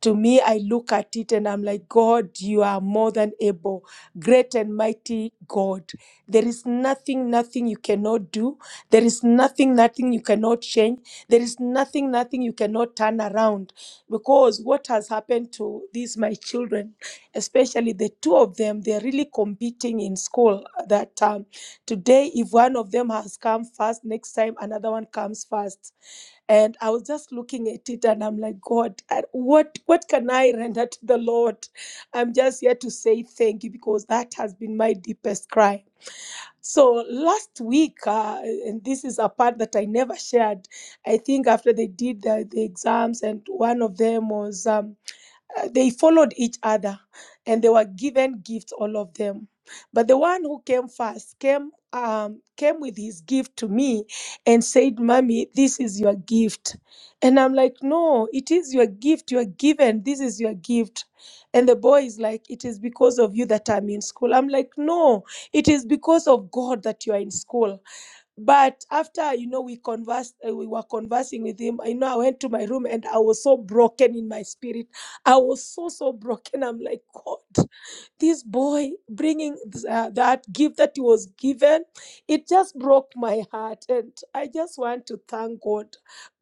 [SPEAKER 1] to me, I look at it and I'm like, God, you are more than able, great and mighty God. There is nothing, nothing you cannot do. There is nothing, nothing you cannot change. There is nothing, nothing you cannot turn around. Because what has happened to these, my children, especially the two of them, they're really competing in school that um, today, if one of them has come first, next time another one comes first and I was just looking at it, and I'm like, God, I- what what can I render to the Lord? I'm just here to say thank you because that has been my deepest cry. So last week, uh, and this is a part that I never shared. I think after they did the, the exams, and one of them was. Um, uh, they followed each other and they were given gifts all of them but the one who came first came um came with his gift to me and said mommy this is your gift and i'm like no it is your gift you are given this is your gift and the boy is like it is because of you that i'm in school i'm like no it is because of god that you are in school but after you know we conversed, uh, we were conversing with him. I know I went to my room and I was so broken in my spirit. I was so so broken. I'm like God this boy bringing uh, that gift that he was given it just broke my heart and i just want to thank god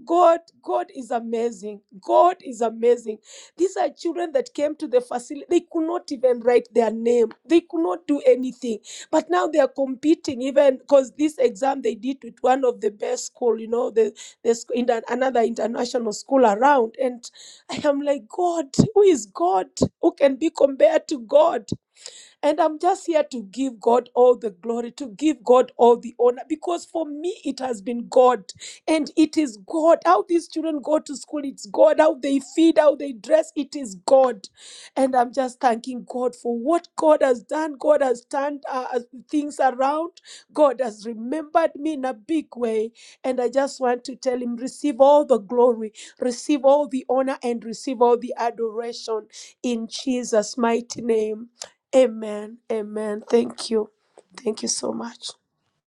[SPEAKER 1] god god is amazing god is amazing these are children that came to the facility they could not even write their name they could not do anything but now they are competing even because this exam they did with one of the best school you know the, the sc- in an- another international school around and i am like god who is god who can be compared to god and I'm just here to give God all the glory, to give God all the honor, because for me it has been God. And it is God. How these children go to school, it's God. How they feed, how they dress, it is God. And I'm just thanking God for what God has done. God has turned uh, uh, things around. God has remembered me in a big way. And I just want to tell Him, receive all the glory, receive all the honor, and receive all the adoration in Jesus' mighty name. Amen. Amen. Thank you. Thank you so much.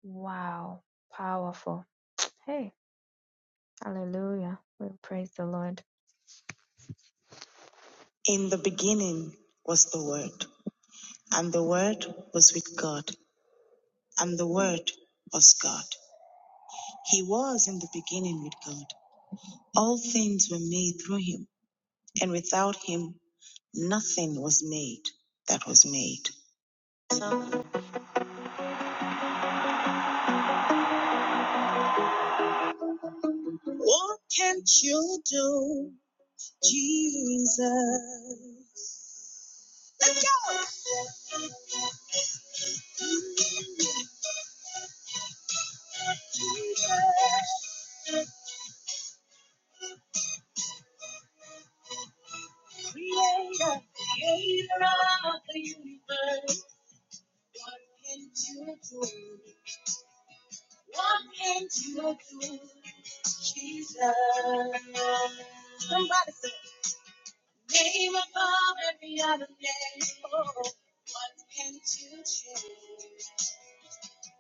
[SPEAKER 2] Wow. Powerful. Hey. Hallelujah. We praise the Lord. In the beginning was the Word, and the Word was with God, and the Word was God. He was in the beginning with God. All things were made through him, and without him Nothing was made that was made. What can't you do, Jesus? Let go! Creator, creator creator of the universe. What can't you do? What can't you do, Jesus? Somebody say. Name above every other name. Oh, what can't you change?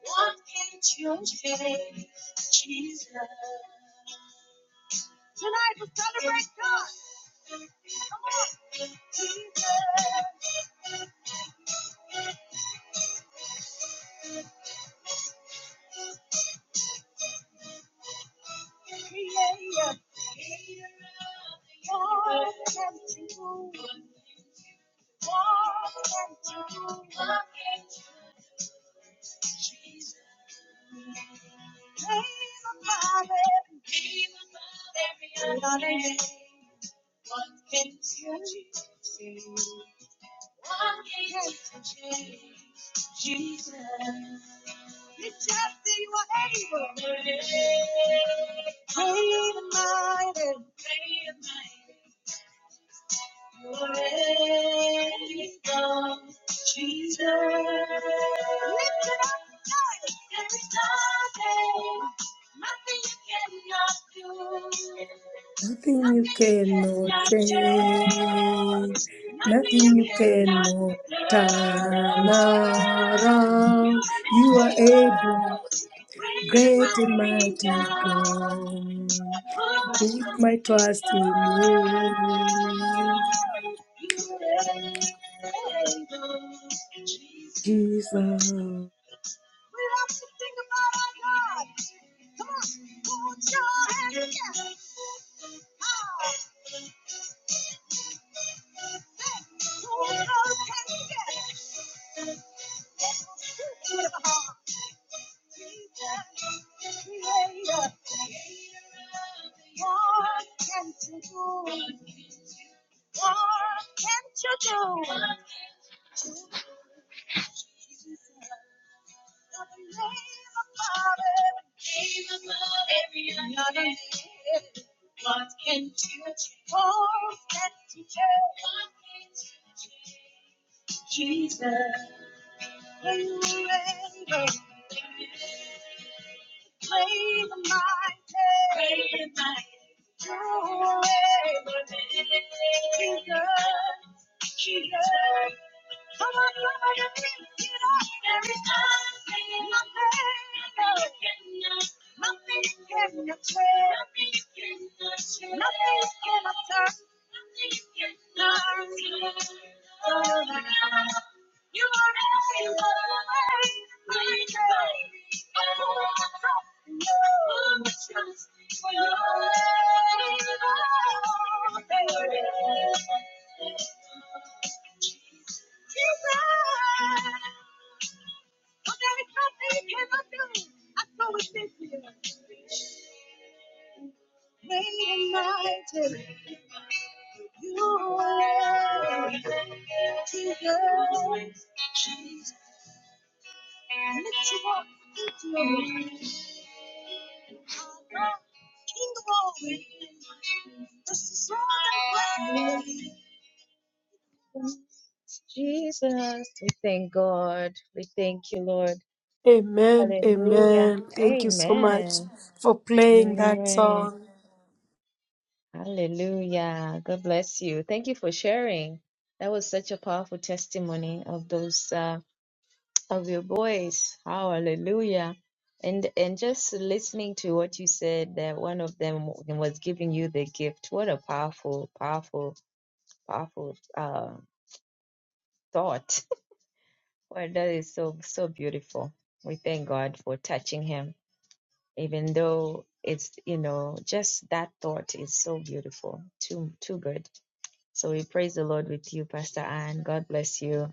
[SPEAKER 2] What can't you change, Jesus? Tonight we celebrate God. Come on. Jesus. What can you. do? Jesus. It's just that you are able. Great and mighty. Great and mighty. Jesus, lift it up, guys. There is nothing, nothing you cannot do,
[SPEAKER 1] Nothing you
[SPEAKER 2] nothing you
[SPEAKER 1] cannot
[SPEAKER 2] cannot
[SPEAKER 1] change.
[SPEAKER 2] change, nothing you
[SPEAKER 1] Nothing you
[SPEAKER 2] cannot
[SPEAKER 1] cannot
[SPEAKER 2] return.
[SPEAKER 1] turn
[SPEAKER 2] You
[SPEAKER 1] around.
[SPEAKER 2] are
[SPEAKER 1] You
[SPEAKER 2] an
[SPEAKER 1] are able,
[SPEAKER 2] able, great
[SPEAKER 1] great and
[SPEAKER 2] and mighty
[SPEAKER 1] mighty
[SPEAKER 2] God.
[SPEAKER 1] God.
[SPEAKER 2] Put my trust
[SPEAKER 1] Put my
[SPEAKER 2] in
[SPEAKER 1] trust
[SPEAKER 2] Your
[SPEAKER 1] in you,
[SPEAKER 2] hands, Jesus.
[SPEAKER 1] Jesus.
[SPEAKER 2] We have to think about our God. Come on, put your hands together. What can't you do? What can change? What can change? Jesus. You are the only I you're you you Trust in your love, baby. You are what I it's Great and mighty, you are Jesus. Jesus. Lift you up, lift you up. High up, King of glory, Just the son Jesus, we thank God. We thank you, Lord.
[SPEAKER 1] Amen.
[SPEAKER 2] Hallelujah.
[SPEAKER 1] Amen. Thank you so much
[SPEAKER 2] Amen.
[SPEAKER 1] for playing that
[SPEAKER 2] Amen.
[SPEAKER 1] song.
[SPEAKER 2] Hallelujah. God bless you. Thank you for sharing. That was such a powerful testimony of those uh, of your boys. Hallelujah. And and just listening to what you said that one of them was giving you the gift. What a powerful, powerful, powerful uh, thought. Well, that is so so beautiful. We thank God for touching him, even though it's you know just that thought is so beautiful. Too too good. So we praise the Lord with you, Pastor Anne. God bless you.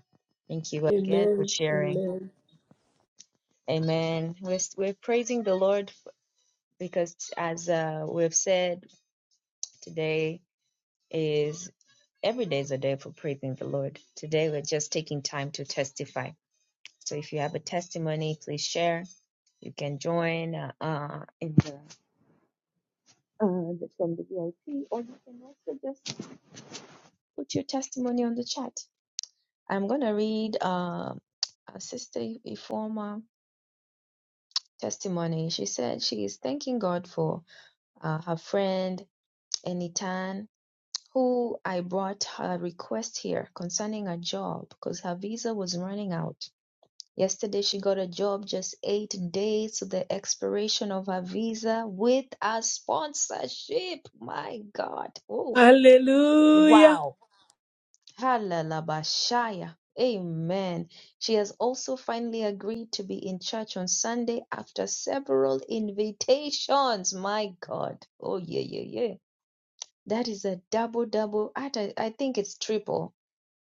[SPEAKER 2] Thank you again for
[SPEAKER 1] Amen.
[SPEAKER 2] sharing.
[SPEAKER 1] Amen.
[SPEAKER 2] Amen. We're, we're praising the Lord because, as uh, we've said, today is every day is a day for praising the Lord. Today we're just taking time to testify. So if you have a testimony, please share. You can join uh, uh, in the, uh, the or you can also just put your testimony on the chat. I'm gonna read uh, uh, Sister Ifoma. testimony. She said she is thanking God for uh, her friend Enitan, who I brought her request here concerning a job because her visa was running out. Yesterday, she got a job just eight days to the expiration of her visa with a sponsorship. My God. Oh,
[SPEAKER 1] Hallelujah.
[SPEAKER 2] wow Hallelujah. Amen. She has also finally agreed to be in church on Sunday after several invitations. My God. Oh, yeah, yeah, yeah. That is a double, double. I, don't- I think it's triple.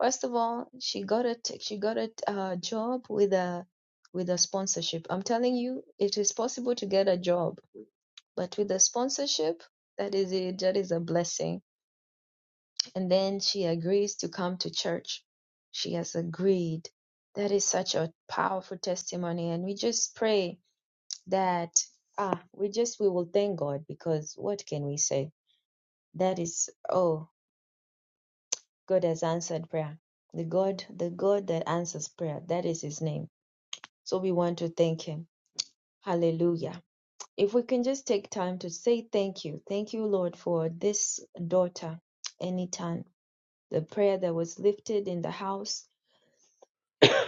[SPEAKER 2] First of all, she got a t- she got a uh, job with a with a sponsorship. I'm telling you, it is possible to get a job, but with a sponsorship, that is it. That is a blessing and then she agrees to come to church. She has agreed. That is such a powerful testimony. And we just pray that, ah, we just, we will thank God because what can we say? That is, oh, God has answered prayer. The God, the God that answers prayer, that is his name. So we want to thank him. Hallelujah. If we can just take time to say thank you. Thank you, Lord, for this daughter, Anytime. The prayer that was lifted in the house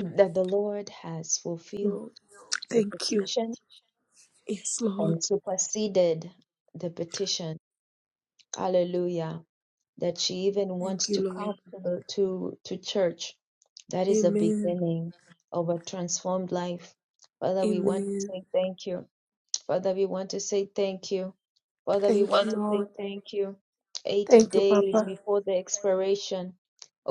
[SPEAKER 2] that the Lord has
[SPEAKER 1] Lord,
[SPEAKER 2] fulfilled the
[SPEAKER 1] thank you.
[SPEAKER 2] petition
[SPEAKER 1] Yes, Lord.
[SPEAKER 2] and superseded the petition. Hallelujah. That she even wants
[SPEAKER 1] Thank you,
[SPEAKER 2] to come
[SPEAKER 1] Lord.
[SPEAKER 2] to the to, to church. That is the
[SPEAKER 1] Amen.
[SPEAKER 2] beginning of a transformed life. Father, we want to
[SPEAKER 1] Amen.
[SPEAKER 2] say thank you. Father, we want to say thank you. Father, we
[SPEAKER 1] Thank
[SPEAKER 2] want
[SPEAKER 1] you,
[SPEAKER 2] to say
[SPEAKER 1] Lord.
[SPEAKER 2] thank you. Eight
[SPEAKER 1] Thank you,
[SPEAKER 2] days
[SPEAKER 1] Papa.
[SPEAKER 2] before the expiration.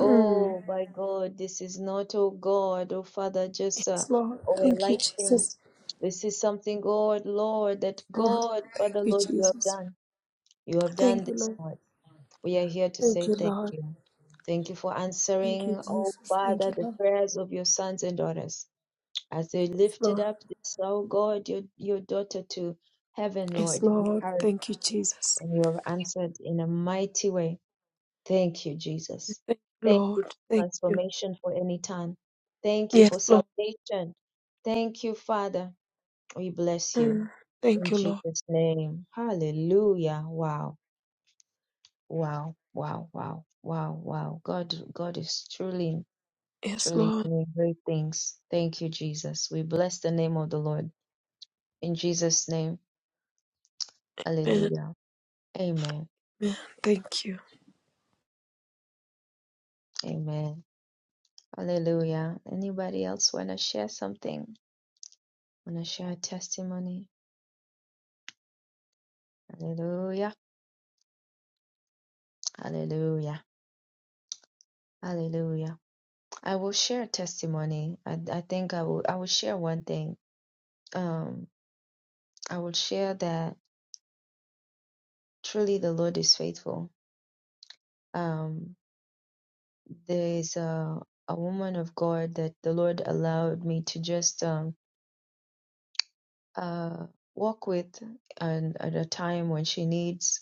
[SPEAKER 1] Mm.
[SPEAKER 2] my God, this is not, oh God, oh Father, just uh,
[SPEAKER 1] Yes, Lord.
[SPEAKER 2] oh, a
[SPEAKER 1] Thank you,
[SPEAKER 2] light thing.
[SPEAKER 1] Jesus.
[SPEAKER 2] This is something, God, Lord, that
[SPEAKER 1] Lord,
[SPEAKER 2] God,
[SPEAKER 1] thank
[SPEAKER 2] Father,
[SPEAKER 1] you,
[SPEAKER 2] Lord, you have
[SPEAKER 1] Jesus.
[SPEAKER 2] done. You have done
[SPEAKER 1] Thank you,
[SPEAKER 2] this,
[SPEAKER 1] Lord.
[SPEAKER 2] Lord. We are here to
[SPEAKER 1] Thank
[SPEAKER 2] say
[SPEAKER 1] you,
[SPEAKER 2] thank
[SPEAKER 1] Lord.
[SPEAKER 2] you. Thank you for
[SPEAKER 1] Thank you,
[SPEAKER 2] answering, oh
[SPEAKER 1] Jesus. Thank
[SPEAKER 2] Father,
[SPEAKER 1] you,
[SPEAKER 2] the
[SPEAKER 1] Lord.
[SPEAKER 2] prayers of your sons and daughters. As they lifted
[SPEAKER 1] Lord.
[SPEAKER 2] up this, oh God, your, your daughter to heaven,
[SPEAKER 1] Yes,
[SPEAKER 2] Lord, you
[SPEAKER 1] Lord.
[SPEAKER 2] heard
[SPEAKER 1] Thank you, Jesus.
[SPEAKER 2] and you have answered in a mighty way. Thank you, Jesus.
[SPEAKER 1] Thank you,
[SPEAKER 2] Thank
[SPEAKER 1] Lord.
[SPEAKER 2] you for
[SPEAKER 1] Thank you.
[SPEAKER 2] transformation for any time. Thank you
[SPEAKER 1] Yes,
[SPEAKER 2] for
[SPEAKER 1] Lord.
[SPEAKER 2] salvation. Thank you, Father. We bless you
[SPEAKER 1] Mm. Thank
[SPEAKER 2] in
[SPEAKER 1] you, Lord.
[SPEAKER 2] Jesus' name. Hallelujah. Wow. Wow. Wow. Wow. Wow. Wow. God, God is truly,
[SPEAKER 1] Yes,
[SPEAKER 2] truly
[SPEAKER 1] Lord.
[SPEAKER 2] doing great things. Thank you, Jesus. We bless the name of the Lord. In Jesus' name.
[SPEAKER 1] Amen.
[SPEAKER 2] Hallelujah. Amen.
[SPEAKER 1] Amen. Thank you.
[SPEAKER 2] Amen. Hallelujah. Anybody else want to share something? Want to share a testimony? Hallelujah. Hallelujah. Hallelujah. I will share a testimony. I, I think I will I will share one thing. Um I will share that truly the Lord is faithful. Um there is a a woman of God that the Lord allowed me to just um uh walk with and at a time when she needs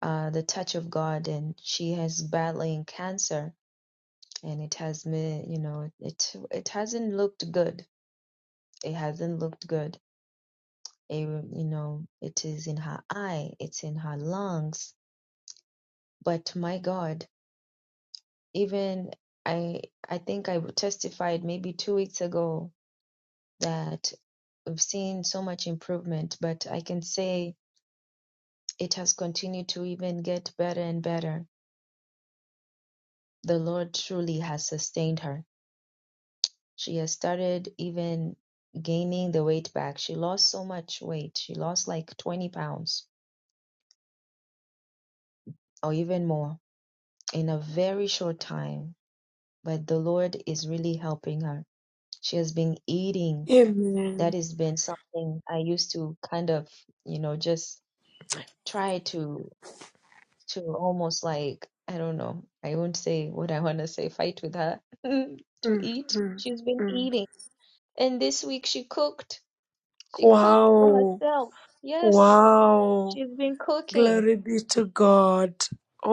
[SPEAKER 2] uh, the touch of God and she has battling cancer and it has me you know it it hasn't looked good it hasn't looked good it, you know it is in her eye it's in her lungs but my god even i i think i testified maybe 2 weeks ago that we've seen so much improvement but i can say it has continued to even get better and better the lord truly has sustained her She has started even gaining the weight back. She lost so much weight. She lost like 20 pounds or even more in a very short time. But the Lord is really helping her. She has been eating.
[SPEAKER 1] Amen.
[SPEAKER 2] That has been something I used to kind of, you know, just try to to almost like I don't know. I won't say what I want to say. Fight with her to eat.
[SPEAKER 1] Mhm.
[SPEAKER 2] She's been
[SPEAKER 1] Mm.
[SPEAKER 2] eating, and this week she cooked. She cooked for
[SPEAKER 1] Wow.
[SPEAKER 2] herself. Yes,
[SPEAKER 1] Wow.
[SPEAKER 2] She's been cooking.
[SPEAKER 1] Glory be to God.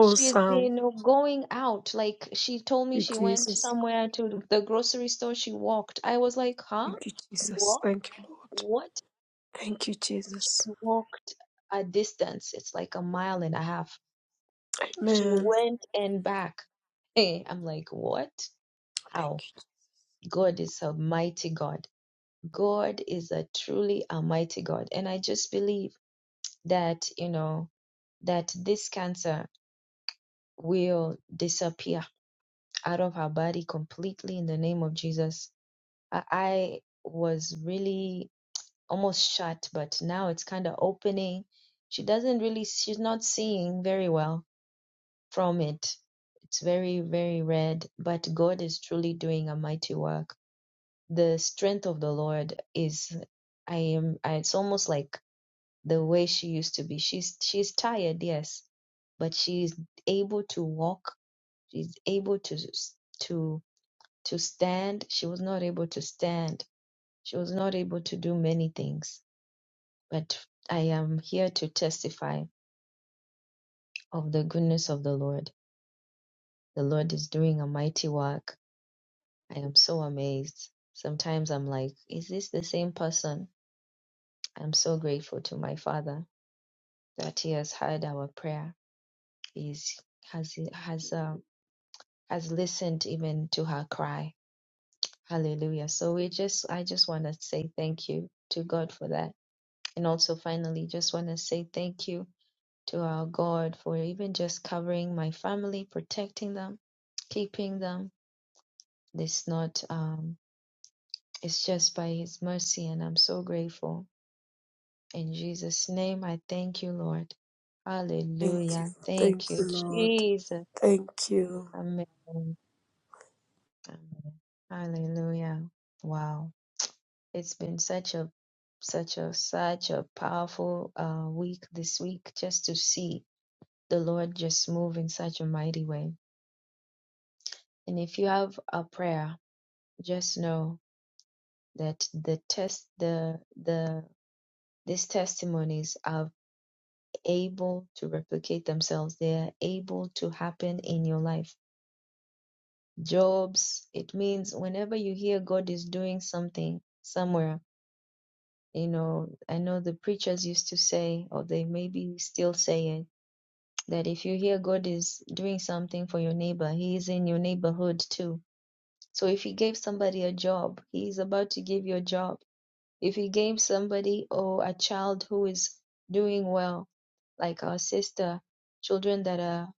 [SPEAKER 2] She's been going out. Like she told me
[SPEAKER 1] Thank
[SPEAKER 2] she
[SPEAKER 1] you,
[SPEAKER 2] went
[SPEAKER 1] Jesus.
[SPEAKER 2] somewhere to the grocery store. She walked. I was like, huh?
[SPEAKER 1] Thank you, Jesus.
[SPEAKER 2] What?
[SPEAKER 1] Thank you, Lord.
[SPEAKER 2] What?
[SPEAKER 1] Thank you, Jesus.
[SPEAKER 2] Walked a distance. It's like a mile and a half. She
[SPEAKER 1] Amen.
[SPEAKER 2] went and back. Hey, I'm like, what? How?
[SPEAKER 1] Thank you.
[SPEAKER 2] God is a mighty God. God is a truly a mighty God. And I just believe that, you know, that this cancer will disappear out of her body completely in the name of Jesus. I, I was really almost shut, but now it's kind of opening. She doesn't really, she's not seeing very well from it. It's very, very red, but God is truly doing a mighty work. The strength of the Lord is, I am, it's almost like the way she used to be. She's, she's tired, yes, but she's able to walk. She's able to, to to stand. She was not able to stand. She was not able to do many things. But I am here to testify of the goodness of the Lord. The Lord is doing a mighty work. I am so amazed. Sometimes I'm like, is this the same person? I'm so grateful to my Father that He has heard our prayer. He's has has uh, has listened even to her cry. Hallelujah. So we just I just want to say thank you to God for that And also, finally, just want to say thank you to our God for even just covering my family, protecting them, keeping them. It's not, um, it's just by His mercy, and I'm so grateful. In Jesus' name, I thank you, Lord.
[SPEAKER 1] Thank you.
[SPEAKER 2] Hallelujah.
[SPEAKER 1] Thank
[SPEAKER 2] Thank
[SPEAKER 1] you,
[SPEAKER 2] you,
[SPEAKER 1] Lord.
[SPEAKER 2] Jesus.
[SPEAKER 1] Thank you.
[SPEAKER 2] Amen. Amen. Hallelujah. Wow. It's been such a such a such a powerful uh, week this week just to see the Lord just move in such a mighty way. And if you have a prayer, just know that the test, the the these testimonies are able to replicate themselves. They are able to happen in your life. Jobs, it means whenever you hear God is doing something somewhere, you know, I know the preachers used to say, or they maybe still say it, that if you hear God is doing something for your neighbor, He is in your neighborhood too So if he gave somebody a job, he is about to give you a job. If he gave somebody or a child who is doing well, like our sister, children that are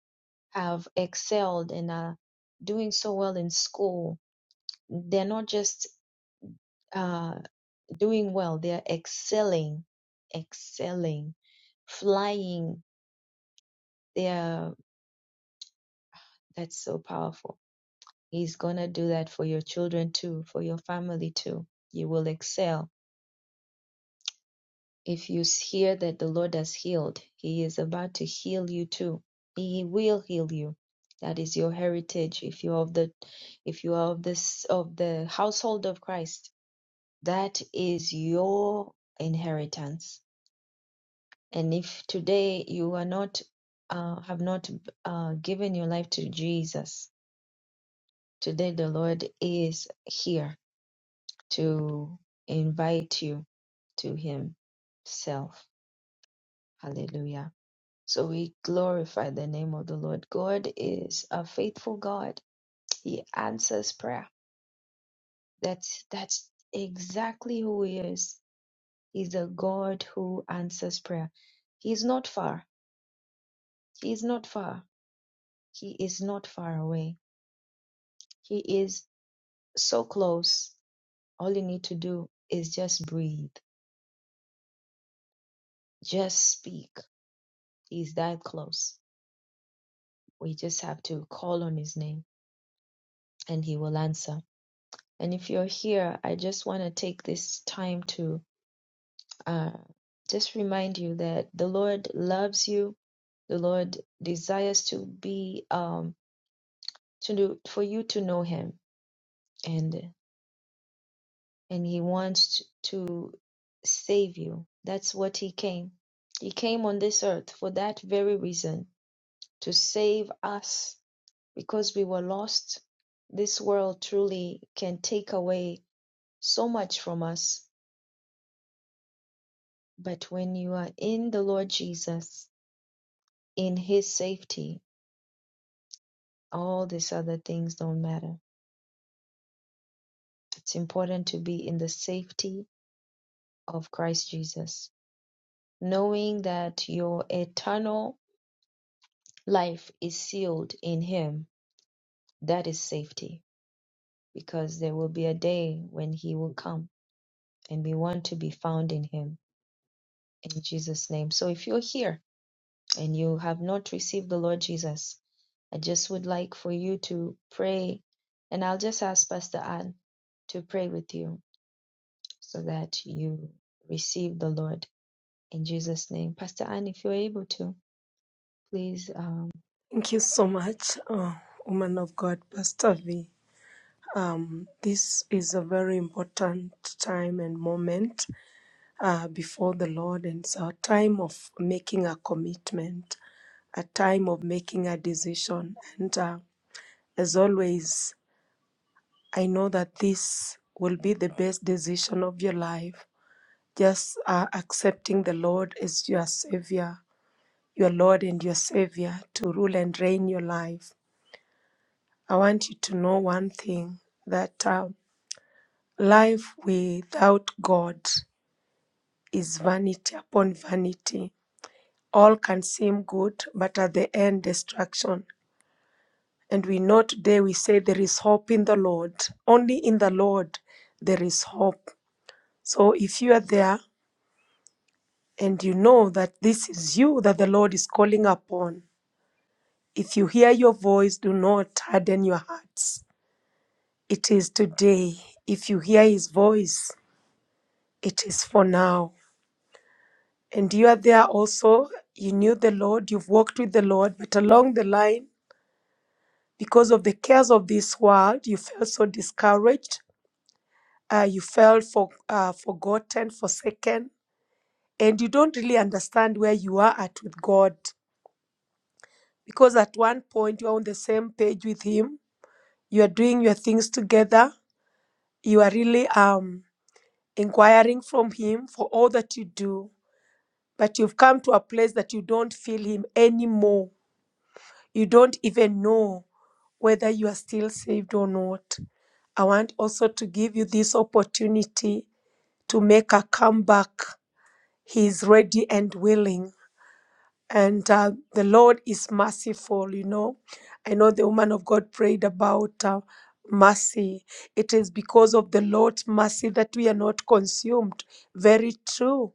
[SPEAKER 2] have excelled and are doing so well in school, they're not just uh, doing well; they're excelling, excelling, flying. They are. That's so powerful. He's gonna do that for your children too, for your family too. You will excel If you hear that the Lord has healed, He is about to heal you too. He will heal you. That is your heritage. If you are of the, if you are of this of the household of Christ, that is your inheritance. And if today you are not, uh, have not uh, given your life to Jesus, today the Lord is here to invite you to Himself. Hallelujah. So we glorify the name of the Lord. God is a faithful God. He answers prayer. That's that's exactly who he is. He's a God who answers prayer. He's not far. He's not far. He is not far away. He is so close. All you need to do is just breathe. Just speak. He's that close. We just have to call on his name and he will answer. And if you're here, I just want to take this time to uh, just remind you that the Lord loves you. The Lord desires to be um, to do, for you to know Him, and and He wants to save you. That's what He came. He came on this earth for that very reason to save us because we were lost. This world truly can take away so much from us, but when you are in the Lord Jesus, in His safety, All these other things don't matter. It's important to be in the safety of Christ Jesus, knowing that your eternal life is sealed in Him. That is safety because there will be a day when He will come and we want to be found in Him in Jesus' name. So if you're here and you have not received the Lord Jesus, I just would like for you to pray and I'll just ask Pastor Ann to pray with you so that you receive the Lord in Jesus' name. Pastor Anne, if you're able to, please. Um,
[SPEAKER 1] Thank you so much, oh, woman of God, Pastor V. Um, this is a very important time and moment uh, before the Lord, and it's our time of making a commitment a time of making a decision. And uh, as always, I know that this will be the best decision of your life. Just uh, accepting the Lord as your Savior, your Lord and your Savior to rule and reign your life. I want you to know one thing that uh, life without God is vanity upon vanity. All can seem good, but at the end, destruction. And we know today we say there is hope in the Lord. Only in the Lord there is hope. So if you are there and you know that this is you that the Lord is calling upon, if you hear your voice, do not harden your hearts. It is today. If you hear his voice, it is for now. And you are there also, you knew the Lord, you've walked with the Lord, but along the line, because of the cares of this world, you felt so discouraged uh, you felt for, uh, forgotten, forsaken, and you don't really understand where you are at with God. Because at one point you are on the same page with Him, you are doing your things together, you are really um, inquiring from Him for all that you do, but you've come to a place that you don't feel Him anymore. You don't even know whether you are still saved or not. I want also to give you this opportunity to make a comeback He is ready and willing and uh, the Lord is merciful. You know, I know the woman of God prayed about uh, mercy. It is because of the Lord's mercy that we are not consumed. Very true.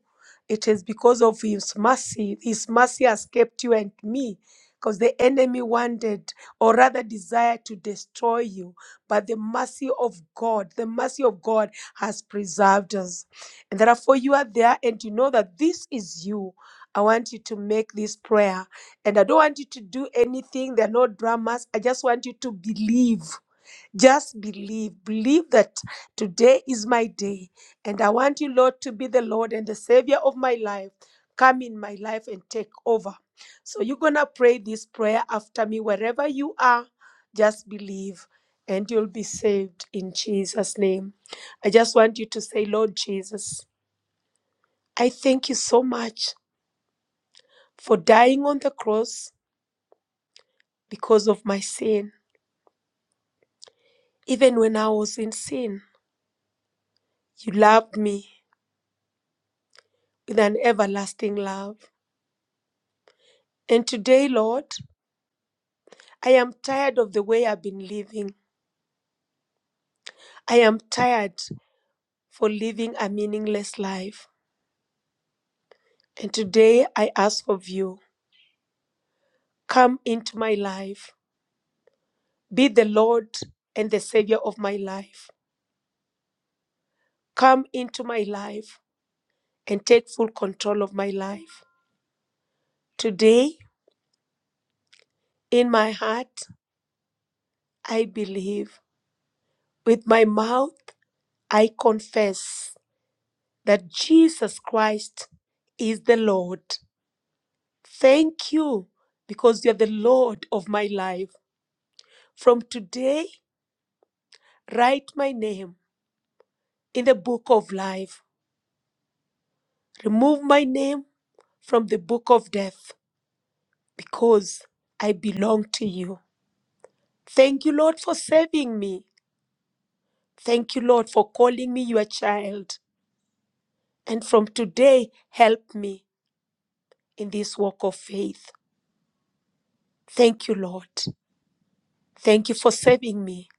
[SPEAKER 1] It is because of His mercy. His mercy has kept you and me. Because the enemy wanted, or rather desired, to destroy you. But the mercy of God, the mercy of God has preserved us. And therefore, you are there and you know that this is you. I want you to make this prayer. And I don't want you to do anything. There are no dramas. I just want you to believe. Just believe. Believe that today is my day. And I want you, Lord, to be the Lord and the Savior of my life. Come in my life and take over. So you're going to pray this prayer after me. Wherever you are, just believe and you'll be saved in Jesus' name. I just want you to say, Lord Jesus, I thank you so much for dying on the cross because of my sin. Even when I was in sin, you loved me with an everlasting love. And today, Lord, I am tired of the way I've been living. I am tired for living a meaningless life. And today I ask of you, come into my life. Be the Lord and the Savior of my life. Come into my life and take full control of my life. Today, in my heart, I believe. With my mouth, I confess that Jesus Christ is the Lord. Thank you because you are the Lord of my life. From today, write my name in the book of life. Remove my name from the book of death because I belong to you. Thank you, Lord, for saving me. Thank you, Lord, for calling me your child. And from today, help me. in this walk of faith. Thank you, Lord. Thank you for saving me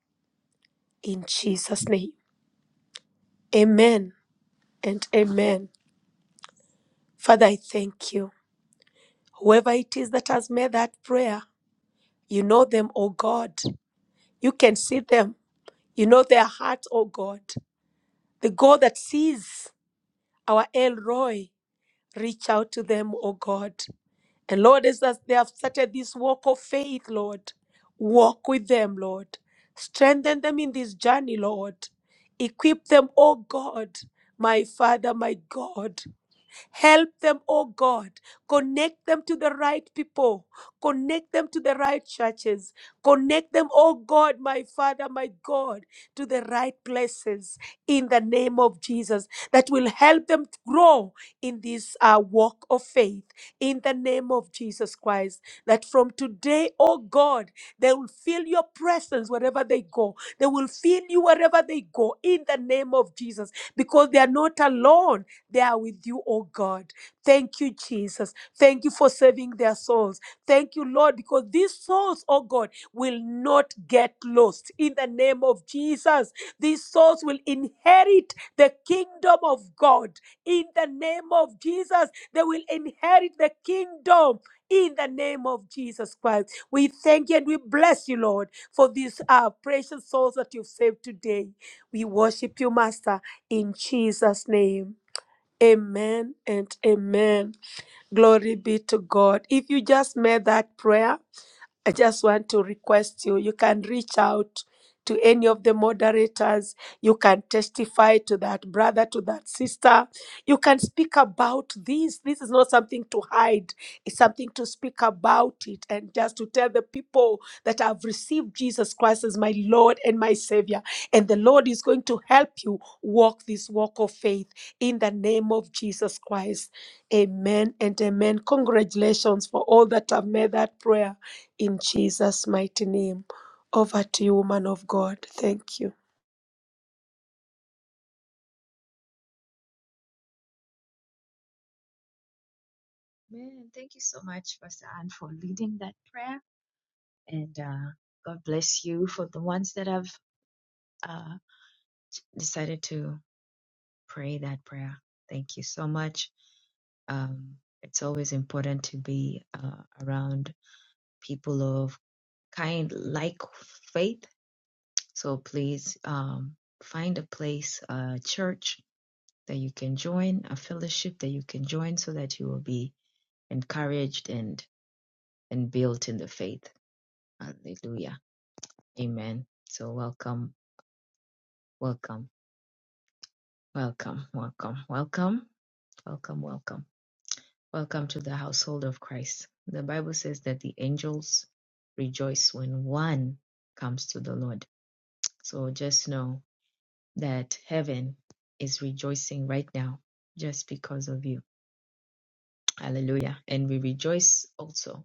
[SPEAKER 1] in Jesus' name. Amen and amen. Father, I thank you. Whoever it is that has made that prayer, you know them, oh God. You can see them. You know their hearts, oh God. The God that sees our El Roy, Reach out to them, oh God. And Lord, as as they have started this walk of faith, Lord, walk with them, Lord. Strengthen them in this journey, Lord. Equip them, oh God, my Father, my God. Help them, oh God. Connect them to the right people. Connect them to the right churches. Connect them, oh God, my Father, my God, to the right places in the name of Jesus that will help them to grow in this uh, walk of faith in the name of Jesus Christ. That from today, oh God, they will feel your presence wherever they go. They will feel you wherever they go in the name of Jesus because they are not alone. They are with you, oh God. Thank you, Jesus. Thank you for saving their souls. Thank you, Lord, because these souls, oh God, will not get lost. In the name of Jesus, these souls will inherit the kingdom of God. In the name of Jesus, they will inherit the kingdom. In the name of Jesus Christ, we thank you and we bless you, Lord, for these uh, precious souls that you've saved today. We worship you, Master, in Jesus' name. Amen and amen. Glory be to God. If you just made that prayer, I just want to request you, you can reach out to any of the moderators. You can testify to that brother, to that sister. You can speak about this. This is not something to hide, it's something to speak about it and just to tell the people that I've received Jesus Christ as my Lord and my Savior. And the Lord is going to help you walk this walk of faith in the name of Jesus Christ. Amen and amen. Congratulations for all that have made that prayer in Jesus' mighty name. Over to you, woman of God. Thank you.
[SPEAKER 2] Man, thank you so much, Pastor Anne, for leading that prayer. And uh, God bless you for the ones that have uh, decided to pray that prayer. Thank you so much. Um, it's always important to be uh, around people of kind, like faith. So please um, find a place, a church that you can join, a fellowship that you can join so that you will be encouraged and, and built in the faith. Hallelujah. Amen. So welcome, welcome, welcome, welcome, welcome, welcome, welcome. Welcome to the household of Christ. The Bible says that the angels rejoice when one comes to the Lord. So just know that heaven is rejoicing right now just because of you. Hallelujah. And we rejoice also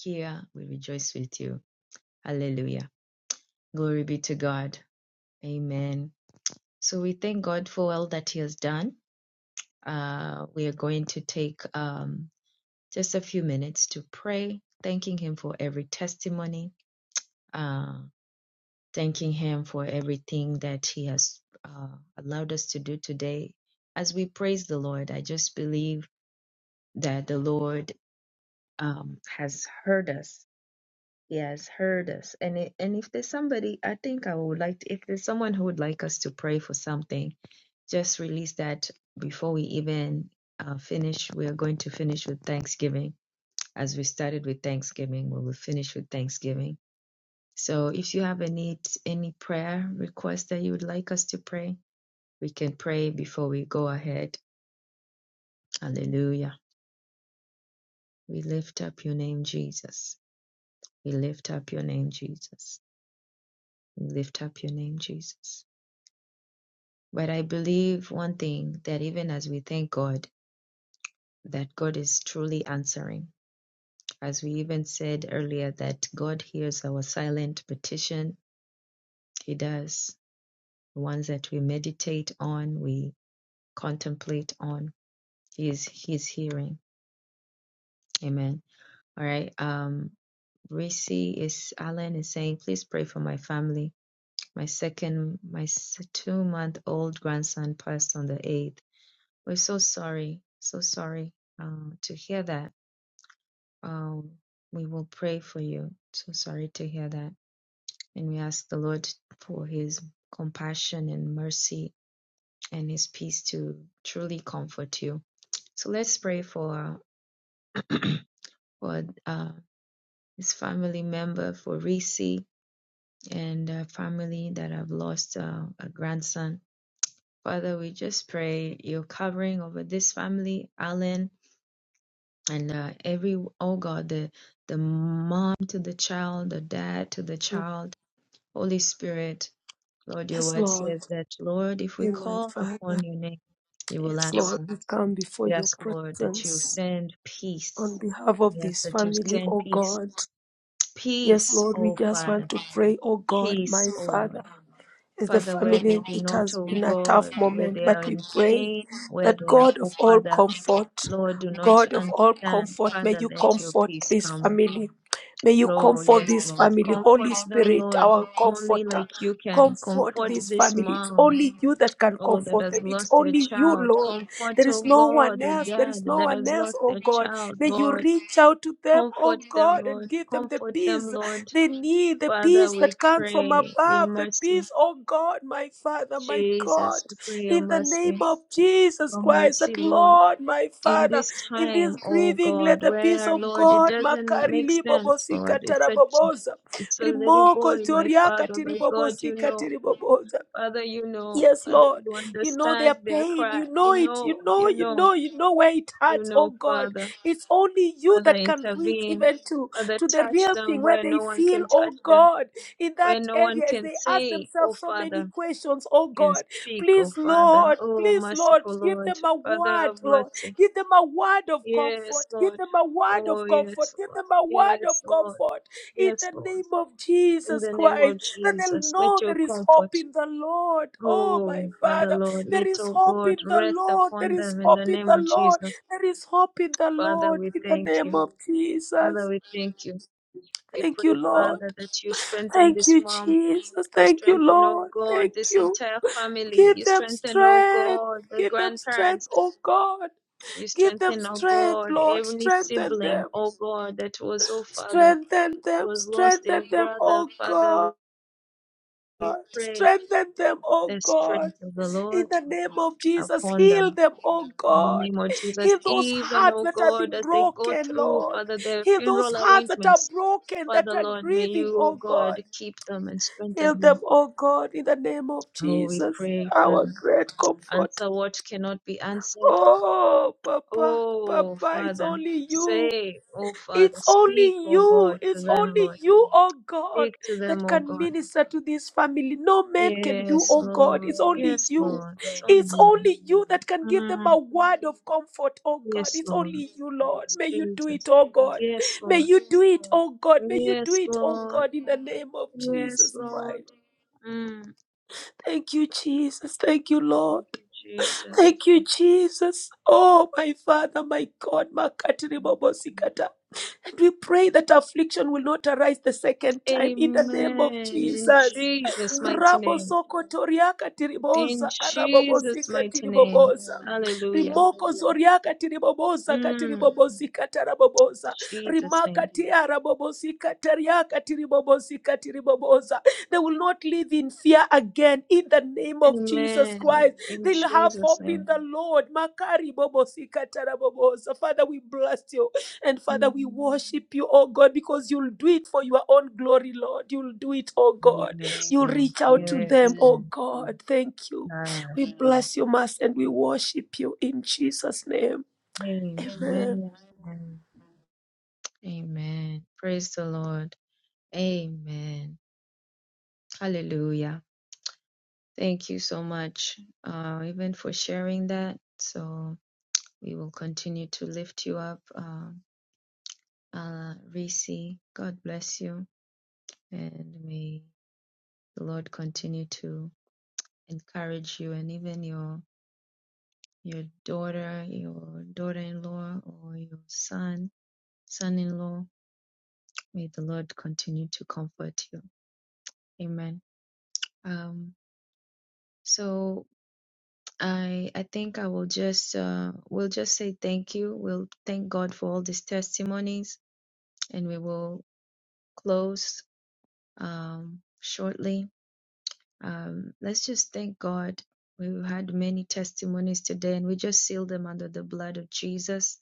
[SPEAKER 2] Here we rejoice with you. Hallelujah. Glory be to God. Amen. So we thank God for all that He has done. Uh, we are going to take um, just a few minutes to pray, thanking Him for every testimony, uh, thanking Him for everything that He has uh, allowed us to do today. As we praise the Lord, I just believe that the Lord um, has heard us He has heard us. And i- and if there's somebody, I think I would like to, if there's someone who would like us to pray for something, just release that before we even uh, finish. We are going to finish with Thanksgiving. As we started with Thanksgiving, we will finish with Thanksgiving. So if you have any any prayer request that you would like us to pray, we can pray before we go ahead. Hallelujah. We lift up your name, Jesus. We lift up your name, Jesus. We lift up your name, Jesus. But I believe one thing that even as we thank God, that God is truly answering. As we even said earlier, that God hears our silent petition, He does. The ones that we meditate on, we contemplate on, He is He's hearing. Amen. All right. Um, Reese is Alan is saying, please pray for my family. My second, my two month old grandson passed on the eighth. We're so sorry, so sorry uh, to hear that Um, we will pray for you. So sorry to hear that. And we ask the Lord for his compassion and mercy and his peace to truly comfort you. So let's pray for, for uh, his family member, for Reese and uh, family that have lost uh, a grandson. Father, we just pray your covering over this family, Alan, and uh, every, oh God, the, the mom to the child, the dad to the
[SPEAKER 1] Mm.
[SPEAKER 2] child Holy Spirit, Lord, your
[SPEAKER 1] Yes,
[SPEAKER 2] word
[SPEAKER 1] Lord.
[SPEAKER 2] says that, Lord, if we
[SPEAKER 1] Amen,
[SPEAKER 2] call
[SPEAKER 1] Father.
[SPEAKER 2] upon your name, you will
[SPEAKER 1] Yes, Lord.
[SPEAKER 2] answer.
[SPEAKER 1] We come before
[SPEAKER 2] We
[SPEAKER 1] your
[SPEAKER 2] ask, Lord, that you
[SPEAKER 1] presence
[SPEAKER 2] send
[SPEAKER 1] on
[SPEAKER 2] peace.
[SPEAKER 1] behalf of
[SPEAKER 2] Yes,
[SPEAKER 1] this
[SPEAKER 2] that you
[SPEAKER 1] family,
[SPEAKER 2] send
[SPEAKER 1] oh
[SPEAKER 2] peace.
[SPEAKER 1] God. Yes,
[SPEAKER 2] Peace,
[SPEAKER 1] Lord, we
[SPEAKER 2] O
[SPEAKER 1] just want
[SPEAKER 2] Father.
[SPEAKER 1] to pray, oh God,
[SPEAKER 2] Peace,
[SPEAKER 1] my
[SPEAKER 2] O
[SPEAKER 1] Father.
[SPEAKER 2] Lord.
[SPEAKER 1] As the
[SPEAKER 2] Father, where they
[SPEAKER 1] family,
[SPEAKER 2] do
[SPEAKER 1] it
[SPEAKER 2] not,
[SPEAKER 1] has
[SPEAKER 2] O
[SPEAKER 1] been a tough
[SPEAKER 2] God, where
[SPEAKER 1] moment,
[SPEAKER 2] they
[SPEAKER 1] but
[SPEAKER 2] are
[SPEAKER 1] we
[SPEAKER 2] in
[SPEAKER 1] pray
[SPEAKER 2] pain, where
[SPEAKER 1] that
[SPEAKER 2] they are,
[SPEAKER 1] God
[SPEAKER 2] O
[SPEAKER 1] of all
[SPEAKER 2] Father,
[SPEAKER 1] comfort,
[SPEAKER 2] Lord, do not
[SPEAKER 1] God of all
[SPEAKER 2] understand.
[SPEAKER 1] comfort, may
[SPEAKER 2] Father,
[SPEAKER 1] you
[SPEAKER 2] let your
[SPEAKER 1] comfort
[SPEAKER 2] peace
[SPEAKER 1] this
[SPEAKER 2] come.
[SPEAKER 1] family. May you
[SPEAKER 2] Lord,
[SPEAKER 1] comfort
[SPEAKER 2] yes,
[SPEAKER 1] this
[SPEAKER 2] Lord.
[SPEAKER 1] family. Holy
[SPEAKER 2] Comfort them,
[SPEAKER 1] Spirit,
[SPEAKER 2] Lord,
[SPEAKER 1] our
[SPEAKER 2] only
[SPEAKER 1] comforter,
[SPEAKER 2] like you can.
[SPEAKER 1] comfort
[SPEAKER 2] Comfort
[SPEAKER 1] this
[SPEAKER 2] this
[SPEAKER 1] family. It's
[SPEAKER 2] mom.
[SPEAKER 1] only you that can
[SPEAKER 2] Oh, that
[SPEAKER 1] comfort them.
[SPEAKER 2] has
[SPEAKER 1] It's
[SPEAKER 2] lost your
[SPEAKER 1] only you,
[SPEAKER 2] child.
[SPEAKER 1] Lord.
[SPEAKER 2] Comfort,
[SPEAKER 1] There is
[SPEAKER 2] oh
[SPEAKER 1] no one
[SPEAKER 2] God, the
[SPEAKER 1] else. There is
[SPEAKER 2] dad
[SPEAKER 1] no
[SPEAKER 2] that
[SPEAKER 1] one
[SPEAKER 2] has
[SPEAKER 1] else,
[SPEAKER 2] lost
[SPEAKER 1] oh
[SPEAKER 2] their
[SPEAKER 1] God.
[SPEAKER 2] child,
[SPEAKER 1] May you
[SPEAKER 2] Lord.
[SPEAKER 1] reach out to them,
[SPEAKER 2] Comfort
[SPEAKER 1] oh
[SPEAKER 2] them,
[SPEAKER 1] God, and
[SPEAKER 2] Lord.
[SPEAKER 1] give them the
[SPEAKER 2] Comfort
[SPEAKER 1] peace
[SPEAKER 2] them, Lord.
[SPEAKER 1] they need the
[SPEAKER 2] Father,
[SPEAKER 1] peace
[SPEAKER 2] we
[SPEAKER 1] that comes from
[SPEAKER 2] pray your
[SPEAKER 1] above, the
[SPEAKER 2] mercy.
[SPEAKER 1] peace, oh God, my Father, my God,
[SPEAKER 2] Jesus, we pray your
[SPEAKER 1] in the name
[SPEAKER 2] mercy.
[SPEAKER 1] of Jesus
[SPEAKER 2] Your
[SPEAKER 1] Christ,
[SPEAKER 2] mercy,
[SPEAKER 1] that
[SPEAKER 2] Lord.
[SPEAKER 1] Lord, my
[SPEAKER 2] In
[SPEAKER 1] Father,
[SPEAKER 2] this
[SPEAKER 1] in this
[SPEAKER 2] time, oh
[SPEAKER 1] grieving,
[SPEAKER 2] God,
[SPEAKER 1] let the peace
[SPEAKER 2] where,
[SPEAKER 1] of
[SPEAKER 2] Lord, it
[SPEAKER 1] God,
[SPEAKER 2] doesn't
[SPEAKER 1] Makari
[SPEAKER 2] make sense, Lord.
[SPEAKER 1] Libobosika
[SPEAKER 2] It's such,
[SPEAKER 1] Tarabobosa,
[SPEAKER 2] it's a little
[SPEAKER 1] Rimoko
[SPEAKER 2] boy, my
[SPEAKER 1] Toriaka
[SPEAKER 2] Father, my God, you
[SPEAKER 1] Tiribobosika
[SPEAKER 2] know.
[SPEAKER 1] tiriboboza,
[SPEAKER 2] Father, you know.
[SPEAKER 1] Yes,
[SPEAKER 2] Father,
[SPEAKER 1] Lord.
[SPEAKER 2] you
[SPEAKER 1] You know their
[SPEAKER 2] understand their
[SPEAKER 1] pain.
[SPEAKER 2] cry.
[SPEAKER 1] You know
[SPEAKER 2] You
[SPEAKER 1] it.
[SPEAKER 2] know,
[SPEAKER 1] You know,
[SPEAKER 2] you
[SPEAKER 1] you
[SPEAKER 2] know.
[SPEAKER 1] know, you know where it
[SPEAKER 2] You
[SPEAKER 1] hurts, oh
[SPEAKER 2] know,
[SPEAKER 1] God.
[SPEAKER 2] Father.
[SPEAKER 1] It's only you
[SPEAKER 2] Father,
[SPEAKER 1] that can reach
[SPEAKER 2] intervene.
[SPEAKER 1] even to,
[SPEAKER 2] Father,
[SPEAKER 1] to the
[SPEAKER 2] touch
[SPEAKER 1] real thing
[SPEAKER 2] them
[SPEAKER 1] where
[SPEAKER 2] where
[SPEAKER 1] they
[SPEAKER 2] no one
[SPEAKER 1] feel,
[SPEAKER 2] can touch
[SPEAKER 1] oh
[SPEAKER 2] them,
[SPEAKER 1] God, in
[SPEAKER 2] where
[SPEAKER 1] that
[SPEAKER 2] no
[SPEAKER 1] area
[SPEAKER 2] one
[SPEAKER 1] as
[SPEAKER 2] can
[SPEAKER 1] they ask
[SPEAKER 2] say, Oh,
[SPEAKER 1] themselves so many
[SPEAKER 2] Father,
[SPEAKER 1] questions, oh
[SPEAKER 2] can
[SPEAKER 1] God.
[SPEAKER 2] speak,
[SPEAKER 1] Please,
[SPEAKER 2] Oh, Father.
[SPEAKER 1] Lord,
[SPEAKER 2] Oh,
[SPEAKER 1] please, Lord,
[SPEAKER 2] merciful
[SPEAKER 1] give
[SPEAKER 2] Lord.
[SPEAKER 1] them a
[SPEAKER 2] Father, have
[SPEAKER 1] word, Lord.
[SPEAKER 2] mercy.
[SPEAKER 1] Give them a word of
[SPEAKER 2] Yes,
[SPEAKER 1] comfort. Give
[SPEAKER 2] Lord.
[SPEAKER 1] them a word
[SPEAKER 2] Oh,
[SPEAKER 1] of comfort.
[SPEAKER 2] yes,
[SPEAKER 1] Give
[SPEAKER 2] Lord.
[SPEAKER 1] them a word of
[SPEAKER 2] Yes, Lord.
[SPEAKER 1] comfort in
[SPEAKER 2] Yes,
[SPEAKER 1] the
[SPEAKER 2] Lord.
[SPEAKER 1] name of
[SPEAKER 2] In
[SPEAKER 1] Jesus
[SPEAKER 2] the name
[SPEAKER 1] Christ,
[SPEAKER 2] of
[SPEAKER 1] that they'll
[SPEAKER 2] Jesus, let
[SPEAKER 1] know
[SPEAKER 2] your
[SPEAKER 1] there is hope
[SPEAKER 2] comfort.
[SPEAKER 1] in the Lord. Oh, my
[SPEAKER 2] Oh, Father,
[SPEAKER 1] Father,
[SPEAKER 2] Lord,
[SPEAKER 1] there
[SPEAKER 2] let,
[SPEAKER 1] is
[SPEAKER 2] oh
[SPEAKER 1] hope
[SPEAKER 2] God,
[SPEAKER 1] in the
[SPEAKER 2] rest
[SPEAKER 1] Lord. There
[SPEAKER 2] upon
[SPEAKER 1] is
[SPEAKER 2] them in the
[SPEAKER 1] hope in
[SPEAKER 2] name
[SPEAKER 1] the
[SPEAKER 2] of
[SPEAKER 1] Lord.
[SPEAKER 2] Jesus.
[SPEAKER 1] There is hope in the
[SPEAKER 2] Father,
[SPEAKER 1] Lord
[SPEAKER 2] we
[SPEAKER 1] in the
[SPEAKER 2] thank
[SPEAKER 1] name
[SPEAKER 2] you.
[SPEAKER 1] of
[SPEAKER 2] Father,
[SPEAKER 1] Jesus.
[SPEAKER 2] we thank you. We
[SPEAKER 1] Thank you,
[SPEAKER 2] pray,
[SPEAKER 1] Lord.
[SPEAKER 2] Father, that you strengthen
[SPEAKER 1] Thank
[SPEAKER 2] this
[SPEAKER 1] you,
[SPEAKER 2] mom.
[SPEAKER 1] Jesus.
[SPEAKER 2] You
[SPEAKER 1] Thank you,
[SPEAKER 2] strengthen, oh
[SPEAKER 1] Lord.
[SPEAKER 2] God,
[SPEAKER 1] Thank
[SPEAKER 2] this
[SPEAKER 1] you.
[SPEAKER 2] entire family.
[SPEAKER 1] Give
[SPEAKER 2] You
[SPEAKER 1] them
[SPEAKER 2] strengthen, oh
[SPEAKER 1] strength.
[SPEAKER 2] God, the
[SPEAKER 1] Give them strength,
[SPEAKER 2] grandparents.
[SPEAKER 1] oh God.
[SPEAKER 2] You
[SPEAKER 1] Give them
[SPEAKER 2] strengthen, oh
[SPEAKER 1] strength,
[SPEAKER 2] God,
[SPEAKER 1] Lord.
[SPEAKER 2] every
[SPEAKER 1] Strengthen
[SPEAKER 2] sibling,
[SPEAKER 1] them.
[SPEAKER 2] oh God, that was, oh Father,
[SPEAKER 1] Strengthen them.
[SPEAKER 2] was lost
[SPEAKER 1] Strengthen
[SPEAKER 2] their
[SPEAKER 1] them,
[SPEAKER 2] brother.
[SPEAKER 1] oh God.
[SPEAKER 2] Father, we
[SPEAKER 1] God.
[SPEAKER 2] pray
[SPEAKER 1] Strengthen them, oh
[SPEAKER 2] the
[SPEAKER 1] God.
[SPEAKER 2] strength of the
[SPEAKER 1] In
[SPEAKER 2] Lord
[SPEAKER 1] the name of Jesus,
[SPEAKER 2] upon
[SPEAKER 1] heal
[SPEAKER 2] them.
[SPEAKER 1] them, oh
[SPEAKER 2] In the
[SPEAKER 1] God.
[SPEAKER 2] name of Jesus,
[SPEAKER 1] Heal those
[SPEAKER 2] even,
[SPEAKER 1] hearts
[SPEAKER 2] oh
[SPEAKER 1] that have
[SPEAKER 2] God,
[SPEAKER 1] been
[SPEAKER 2] as they go
[SPEAKER 1] broken,
[SPEAKER 2] through,
[SPEAKER 1] Lord.
[SPEAKER 2] Father, their
[SPEAKER 1] Heal those
[SPEAKER 2] funeral
[SPEAKER 1] hearts that are
[SPEAKER 2] arrangements,
[SPEAKER 1] broken, that
[SPEAKER 2] Father,
[SPEAKER 1] are
[SPEAKER 2] Lord, may
[SPEAKER 1] grieving,
[SPEAKER 2] you, oh
[SPEAKER 1] oh God.
[SPEAKER 2] God, keep them and strengthen
[SPEAKER 1] Heal
[SPEAKER 2] them.
[SPEAKER 1] them, oh God, in the name of
[SPEAKER 2] Oh, we
[SPEAKER 1] Jesus,
[SPEAKER 2] pray,
[SPEAKER 1] our
[SPEAKER 2] Father.
[SPEAKER 1] great comfort.
[SPEAKER 2] Answer what cannot be answered.
[SPEAKER 1] Oh, Papa,
[SPEAKER 2] Oh,
[SPEAKER 1] Papa, it's
[SPEAKER 2] Father,
[SPEAKER 1] only you.
[SPEAKER 2] say, oh, Father,
[SPEAKER 1] It's
[SPEAKER 2] speak,
[SPEAKER 1] only
[SPEAKER 2] oh
[SPEAKER 1] you,
[SPEAKER 2] God, to
[SPEAKER 1] it's
[SPEAKER 2] them,
[SPEAKER 1] only
[SPEAKER 2] Lord.
[SPEAKER 1] you, oh God,
[SPEAKER 2] Speak to them,
[SPEAKER 1] that
[SPEAKER 2] oh
[SPEAKER 1] can
[SPEAKER 2] God.
[SPEAKER 1] minister to this family. No man can do,
[SPEAKER 2] Yes,
[SPEAKER 1] oh God,
[SPEAKER 2] Lord.
[SPEAKER 1] it's only
[SPEAKER 2] Yes,
[SPEAKER 1] you.
[SPEAKER 2] Lord. It's only
[SPEAKER 1] It's
[SPEAKER 2] you, Lord.
[SPEAKER 1] only you that can give them
[SPEAKER 2] Mm,
[SPEAKER 1] a word of comfort, oh God.
[SPEAKER 2] yes,
[SPEAKER 1] It's
[SPEAKER 2] Lord.
[SPEAKER 1] only you, Lord.
[SPEAKER 2] It's
[SPEAKER 1] May you do
[SPEAKER 2] Jesus.
[SPEAKER 1] it, oh God.
[SPEAKER 2] Yes,
[SPEAKER 1] May
[SPEAKER 2] Lord.
[SPEAKER 1] you do it, oh God. May you do
[SPEAKER 2] Yes,
[SPEAKER 1] it, oh
[SPEAKER 2] Lord.
[SPEAKER 1] God, in the name of
[SPEAKER 2] Yes,
[SPEAKER 1] Jesus
[SPEAKER 2] Lord.
[SPEAKER 1] Christ.
[SPEAKER 2] Mm.
[SPEAKER 1] Thank you, Jesus. Thank you, Lord. Thank you, Jesus. Oh, my Father, my God. Makatiri and we pray that affliction will not arise the second time in the name of
[SPEAKER 2] Amen. In
[SPEAKER 1] Jesus.
[SPEAKER 2] Jesus' mighty
[SPEAKER 1] Rabo
[SPEAKER 2] name.
[SPEAKER 1] soko toriaka
[SPEAKER 2] In
[SPEAKER 1] tiriboza,
[SPEAKER 2] Jesus'
[SPEAKER 1] arabobozika
[SPEAKER 2] mighty name.
[SPEAKER 1] tiriboboza.
[SPEAKER 2] Hallelujah.
[SPEAKER 1] Rimoko zoriaka tiriboboza,
[SPEAKER 2] Mm,
[SPEAKER 1] katiribobozika taraboboza.
[SPEAKER 2] Jesus'
[SPEAKER 1] Rimaka
[SPEAKER 2] name.
[SPEAKER 1] tiarabobozika tariaka tiribobozika tiriboboza. They will not live in fear again in the name of Jesus
[SPEAKER 2] Amen.
[SPEAKER 1] Christ.
[SPEAKER 2] In
[SPEAKER 1] They'll have
[SPEAKER 2] Jesus'
[SPEAKER 1] hope in
[SPEAKER 2] name.
[SPEAKER 1] the Lord. Makari bobosika taraboboza. Father, we bless you. And Father, we
[SPEAKER 2] Mm.
[SPEAKER 1] worship you, oh God, because you'll do it for your own glory, Lord. You'll do it, oh God.
[SPEAKER 2] Yes,
[SPEAKER 1] You'll
[SPEAKER 2] Lord.
[SPEAKER 1] reach out to
[SPEAKER 2] Yes,
[SPEAKER 1] them, oh
[SPEAKER 2] Lord.
[SPEAKER 1] God. Thank you.
[SPEAKER 2] Ah,
[SPEAKER 1] We bless you, Master, and we worship you in Jesus' name. Amen.
[SPEAKER 2] Amen. Amen. Praise the Lord. Amen. Hallelujah. Thank you so much, uh, even for sharing that. So we will continue to lift you up, uh, uh, Reese. God bless you, and may the Lord continue to encourage you and even your your daughter, your daughter-in-law, or your son, son-in-law. May the Lord continue to comfort you. Amen. Um, so I I think I will just uh, we'll just say thank you. We'll thank God for all these testimonies, and we will close um, shortly. Um, let's just thank God. We've had many testimonies today, and we just seal them under the blood of Jesus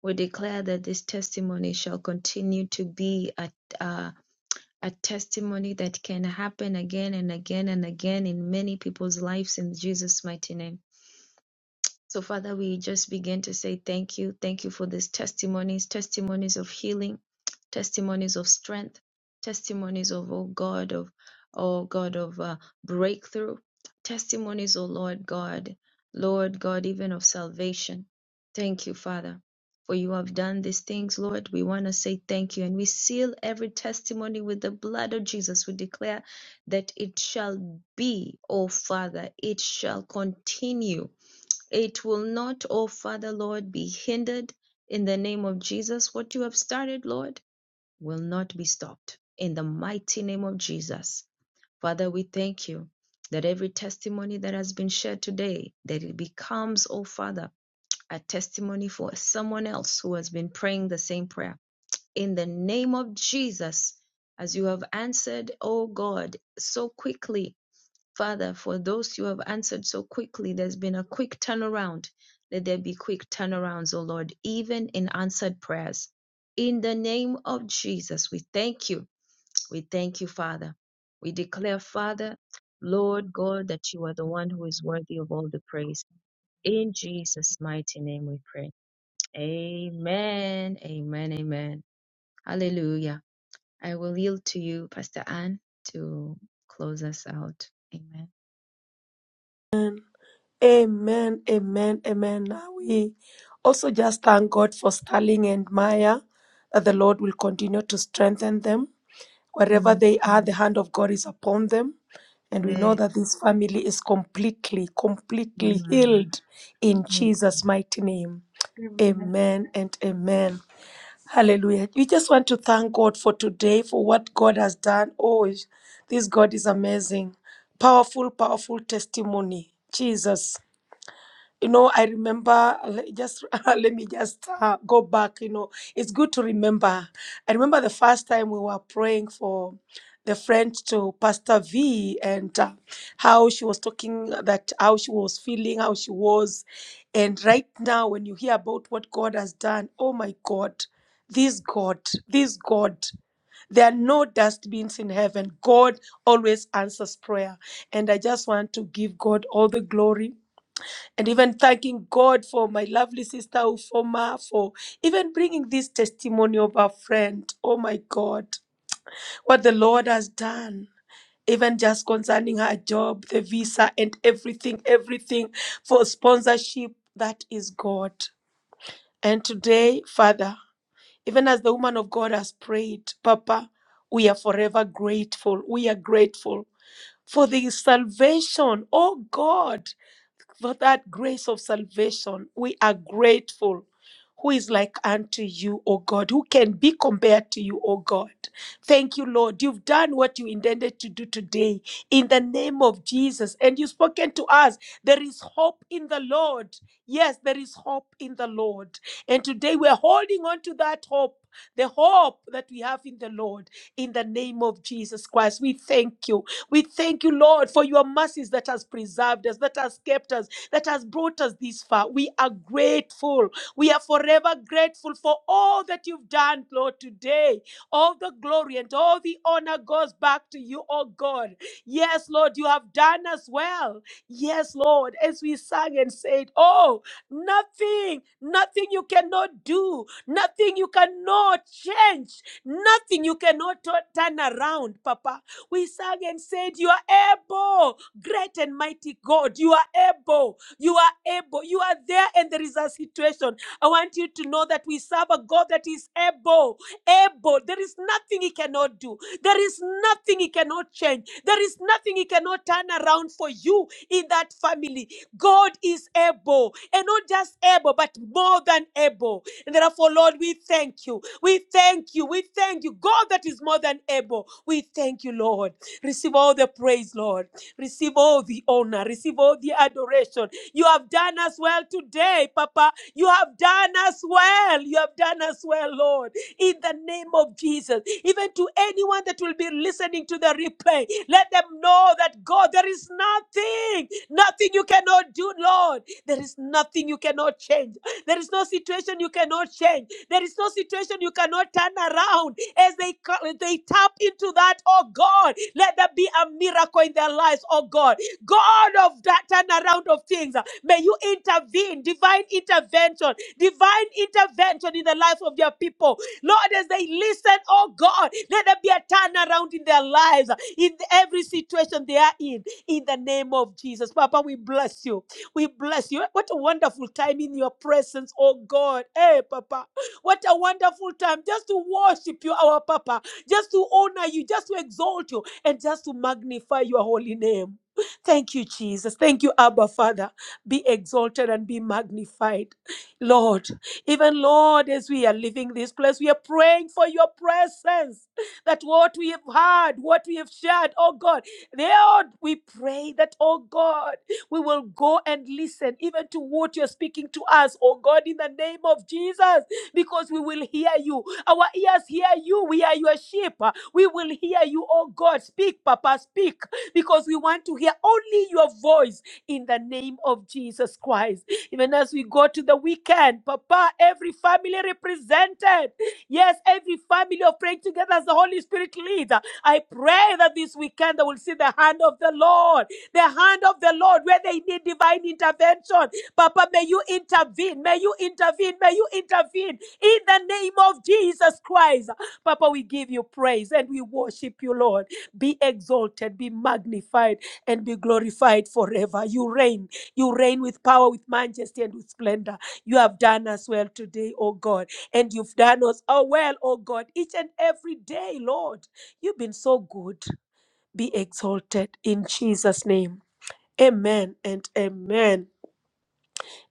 [SPEAKER 2] We declare that this testimony shall continue to be a, a, a testimony that can happen again and again and again in many people's lives in Jesus' mighty name. So, Father, we just begin to say thank you. Thank you for these testimonies, testimonies of healing, testimonies of strength, testimonies of, oh God, of, oh God, of uh, breakthrough, testimonies, oh Lord God, Lord God, even of salvation. Thank you, Father. For you have done these things, Lord. We want to say thank you. And we seal every testimony with the blood of Jesus. We declare that it shall be, oh Father, it shall continue it will not, oh Father, Lord, be hindered in the name of Jesus. What you have started, Lord, will not be stopped in the mighty name of Jesus. Father, we thank you that every testimony that has been shared today, that it becomes, oh Father, a testimony for someone else who has been praying the same prayer. In the name of Jesus, as you have answered, oh God, so quickly Father, for those you have answered so quickly, there's been a quick turnaround. Let there be quick turnarounds, O Lord, even in answered prayers. In the name of Jesus, we thank you. We thank you, Father. We declare, Father, Lord God, that you are the one who is worthy of all the praise. In Jesus' mighty name we pray. Amen. Amen. Amen. Hallelujah. I will yield to you, Pastor Anne, to close us out.
[SPEAKER 1] Amen. Amen. Amen. Now we also just thank God for Sterling and Maya, that the Lord will continue to strengthen them. Wherever
[SPEAKER 2] Amen.
[SPEAKER 1] they are, the hand of God is upon them. And we
[SPEAKER 2] Yeah.
[SPEAKER 1] know that this family is completely, completely
[SPEAKER 2] Hmm.
[SPEAKER 1] healed in Jesus' mighty name.
[SPEAKER 2] Hmm.
[SPEAKER 1] Amen and amen. Hallelujah. We just want to thank God for today, for what God has done. Oh, this God is amazing. Powerful, powerful testimony. Jesus you know i remember le- just let me just uh, go back you know it's good to remember i remember the first time we were praying for the friend to pastor v and uh, how she was talking that how she was feeling how she was and right now when you hear about what god has done oh my god this god this god there are no dustbins in heaven. God always answers prayer. And I just want to give God all the glory and even thanking God for my lovely sister Ufoma for even bringing this testimony of her friend. Oh my God, what the Lord has done. Even just concerning her job, the visa, and everything, everything for sponsorship, that is God. And today, Father, even as the woman of God has prayed, Papa, we are forever grateful. We are grateful for the salvation, oh God, for that grace of salvation. We are grateful. Who is like unto you, O God? Who can be compared to you, O God? Thank you, Lord. You've done what you intended to do today in the name of Jesus. And you've spoken to us. There is hope in the Lord. Yes, there is hope in the Lord. And today we're holding on to that hope, the hope that we have in the Lord, in the name of Jesus Christ. We thank you. We thank you, Lord, for your mercies that has preserved us, that has kept us, that has brought us this far. We are grateful. We are forever grateful for all that you've done, Lord, today. All the glory and all the honor goes back to you, oh God. Yes, Lord, you have done us well. Yes, Lord, as we sang and said, Oh, nothing, nothing you cannot do, nothing you cannot change, nothing you cannot tu- turn around, Papa. We sang and said, You are able, great and mighty God, you are able. You are able. You are there, and there is a situation. I want you to know that we serve a God that is able. Able. There is nothing He cannot do. There is nothing He cannot change. There is nothing He cannot turn around for you in that family. God is able, and not just able, but more than able. And therefore, Lord, we thank you. We thank you. We thank you. God that is more than able. We thank you, Lord. Receive all the praise, Lord. Receive all the honor. Receive all the adoration. You have done us well today, Papa. You have done us well. You have done us well, Lord. In the name of Jesus. Even to anyone that will be listening to the replay, let them know that God, there is nothing, nothing you cannot do, Lord. There is nothing you cannot change. There is no situation you cannot change. There is no situation you cannot turn around. As they co- they tap into that, oh God, let there be a miracle in their lives, oh God. God of that turnaround of things, uh, may you intervene, divine intervention, divine intervention in the life of your people. Lord, as they listen, oh God, let there be a turnaround in their lives, uh, in every situation they are in, in the name of Jesus. Papa, we bless you. We bless you. What a wonderful time in your presence, oh God. Hey, Papa, what a wonderful time just to worship you, our Papa, just to honor you, just to exalt you, and just to magnify your holy name. Thank you, Jesus. Thank you, Abba Father. Be exalted and be magnified, Lord. Even Lord, as we are leaving this place, we are praying for your presence. That what we have heard, what we have shared, oh God, Lord, we pray that, oh God, we will go and listen even to what you're speaking to us, oh God, in the name of Jesus, because we will hear you. Our ears hear you. We are your sheep. We will hear you, oh God. Speak, Papa, speak because we want to hear only your voice in the name of Jesus Christ. Even as we go to the weekend, Papa, every family represented, yes, every family of praying together as the Holy Spirit leads. I pray that this weekend they will see the hand of the Lord, the hand of the Lord where they need divine intervention. Papa, may you intervene, may you intervene, may you intervene in the name of Jesus Christ. Papa, we give you praise and we worship you, Lord be exalted, be magnified, and be glorified forever. You reign. You reign with power, with majesty, and with splendor. You have done us well today, O God, and you've done us oh well, O God, each and every day, Lord. You've been so good. Be exalted in Jesus' name. Amen and amen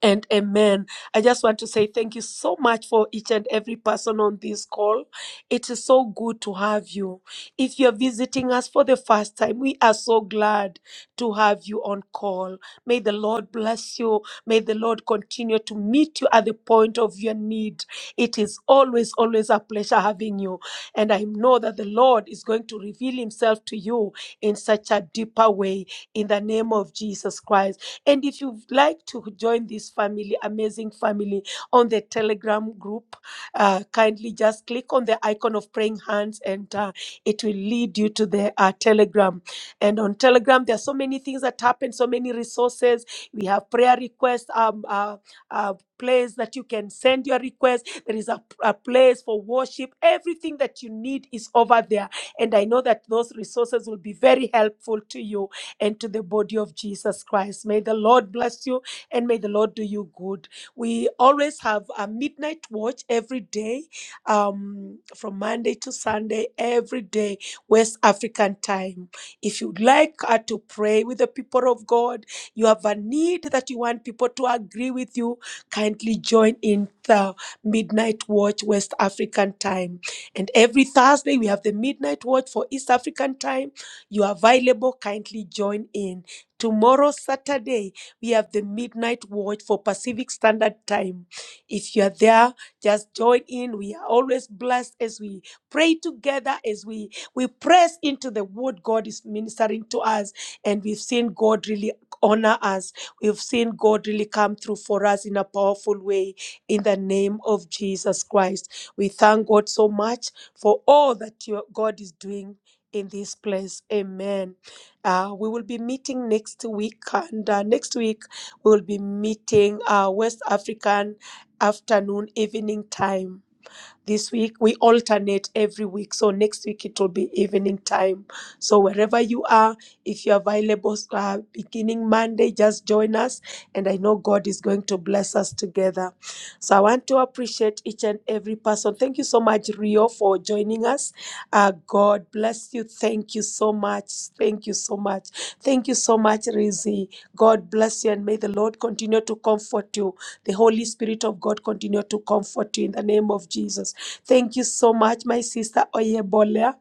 [SPEAKER 1] and amen. I just want to say thank you so much for each and every person on this call. It is so good to have you. If you're visiting us for the first time, we are so glad to have you on call. May the Lord bless you. May the Lord continue to meet you at the point of your need. It is always, always a pleasure having you. And I know that the Lord is going to reveal himself to you in such a deeper way in the name of Jesus Christ. And if you'd like to join this family, amazing family, on the Telegram group, uh, kindly just click on the icon of praying hands and uh, it will lead you to the uh, Telegram. And on Telegram, there are so many things that happen, so many resources. We have prayer requests, um, uh, uh, place that you can send your request. There is a, a place for worship. Everything that you need is over there. And I know that those resources will be very helpful to you and to the body of Jesus Christ. May the Lord bless you and may the Lord do you good. We always have a midnight watch every day, um, from Monday to Sunday, every day, West African time. If you'd like uh, to pray with the people of God, you have a need that you want people to agree with you, kindly join in the midnight watch West African time. And every Thursday, we have the midnight watch for East African time you are available, kindly join in. Tomorrow, Saturday, we have the midnight watch for Pacific Standard Time. If you are there, just join in. We are always blessed as we pray together, as we, we press into the word God is ministering to us. And we've seen God really honor us. We've seen God really come through for us in a powerful way in the name of Jesus Christ. We thank God so much for all that your God is doing in this place. Amen. Uh, we will be meeting next week, and uh, next week we will be meeting uh, West African afternoon, evening time this week. We alternate every week. So next week it will be evening time. So wherever you are, if you're available uh, beginning Monday, just join us. And I know God is going to bless us together. So I want to appreciate each and every person. Thank you so much, Rio, for joining us. Uh, God bless you. Thank you so much. Thank you so much. Thank you so much, Rizzi. God bless you and may the Lord continue to comfort you. The Holy Spirit of God continue to comfort you in the name of Jesus. Thank you so much, my sister Oyebola.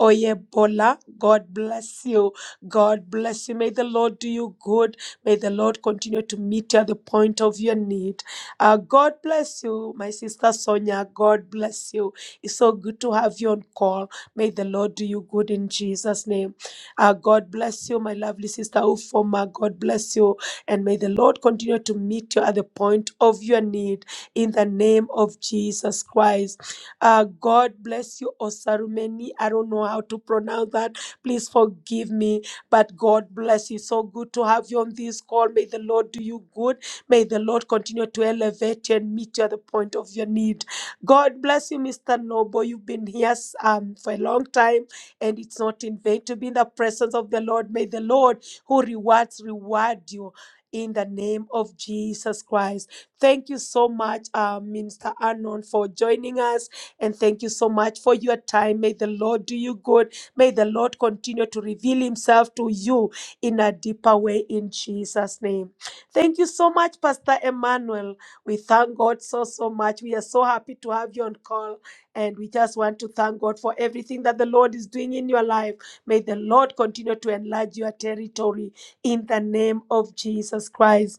[SPEAKER 1] Oyebola, God bless you. God bless you. May the Lord do you good. May the Lord continue to meet you at the point of your need. Uh, God bless you, my sister Sonia. God bless you. It's so good to have you on call. May the Lord do you good in Jesus' name. Uh, God bless you, my lovely sister Ufoma. God bless you. And may the Lord continue to meet you at the point of your need in the name of Jesus Christ. Uh, God bless you, Osarumeni. I don't know how to pronounce that. Please forgive me, but God bless you. So good to have you on this call. May the Lord do you good. May the Lord continue to elevate you and meet you at the point of your need. God bless you, Mr. Noble. You've been here um, for a long time, and it's not in vain to be in the presence of the Lord. May the Lord who rewards reward you. In the name of Jesus Christ. Thank you so much, uh, Minister Anon, for joining us. And thank you so much for your time. May the Lord do you good. May the Lord continue to reveal himself to you in a deeper way in Jesus' name. Thank you so much, Pastor Emmanuel. We thank God so, so much. We are so happy to have you on call. And we just want to thank God for everything that the Lord is doing in your life. May the Lord continue to enlarge your territory in the name of Jesus Christ.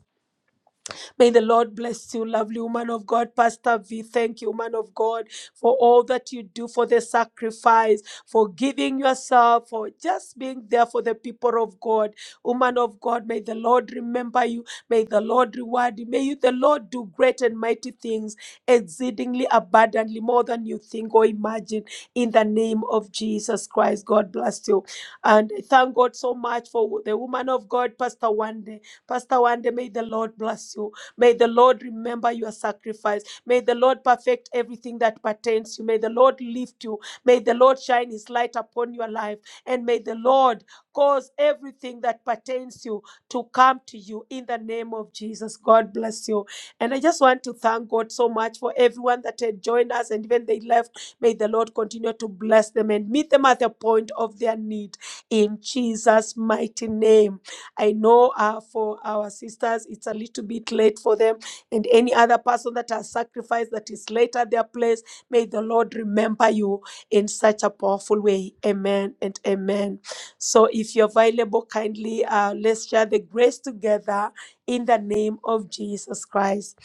[SPEAKER 1] May the Lord bless you, lovely woman of God. Pastor V, thank you, woman of God, for all that you do, for the sacrifice, for giving yourself, for just being there for the people of God. Woman of God, may the Lord remember you. May the Lord reward you. May you, the Lord do great and mighty things, exceedingly abundantly, more than you think or imagine, in the name of Jesus Christ. God bless you. And I thank God so much for the woman of God, Pastor Wande. Pastor Wande, may the Lord bless you. May the Lord remember your sacrifice. May the Lord perfect everything that pertains to you. May the Lord lift you. May the Lord shine his light upon your life. And may the Lord cause everything that pertains to you to come to you in the name of Jesus. God bless you. And I just want to thank God so much for everyone that had joined us and even they left. May the Lord continue to bless them and meet them at the point of their need in Jesus' mighty name. I know uh, for our sisters, it's a little bit late for them, and any other person that has sacrificed that is late at their place, may the Lord remember you in such a powerful way. Amen and amen. So, if you're available, kindly uh, let's share the grace together in the name of Jesus Christ.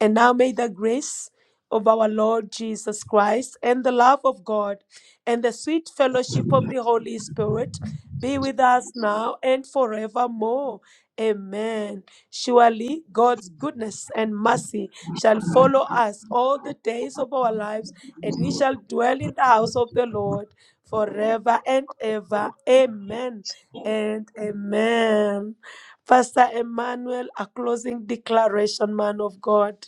[SPEAKER 1] And now may the grace of our Lord Jesus Christ and the love of God and the sweet fellowship of the Holy Spirit be with us now and forevermore. Amen. Surely God's goodness and mercy shall follow us all the days of our lives, and we shall dwell in the house of the Lord forever and ever. Amen and amen. Pastor Emmanuel, a closing declaration, man of God.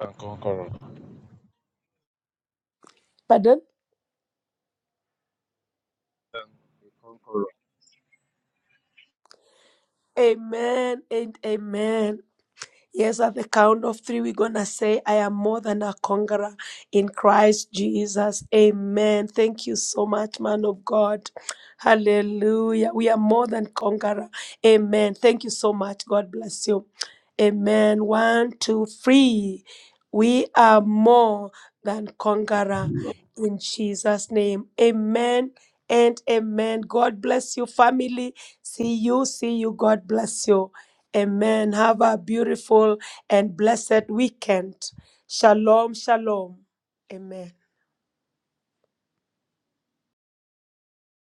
[SPEAKER 4] and conqueror.
[SPEAKER 1] Pardon?
[SPEAKER 4] a conqueror.
[SPEAKER 1] Amen and amen. Yes, at the count of three, we're going to say, I am more than a conqueror in Christ Jesus. Amen. Thank you so much, man of God. Hallelujah. We are more than conqueror. Amen. Thank you so much. God bless you. Amen. One, two, three. We are more than conqueror in Jesus' name. Amen and amen. God bless you, family. See you. See you. God bless you. Amen. Have a beautiful and blessed weekend. Shalom, shalom. Amen.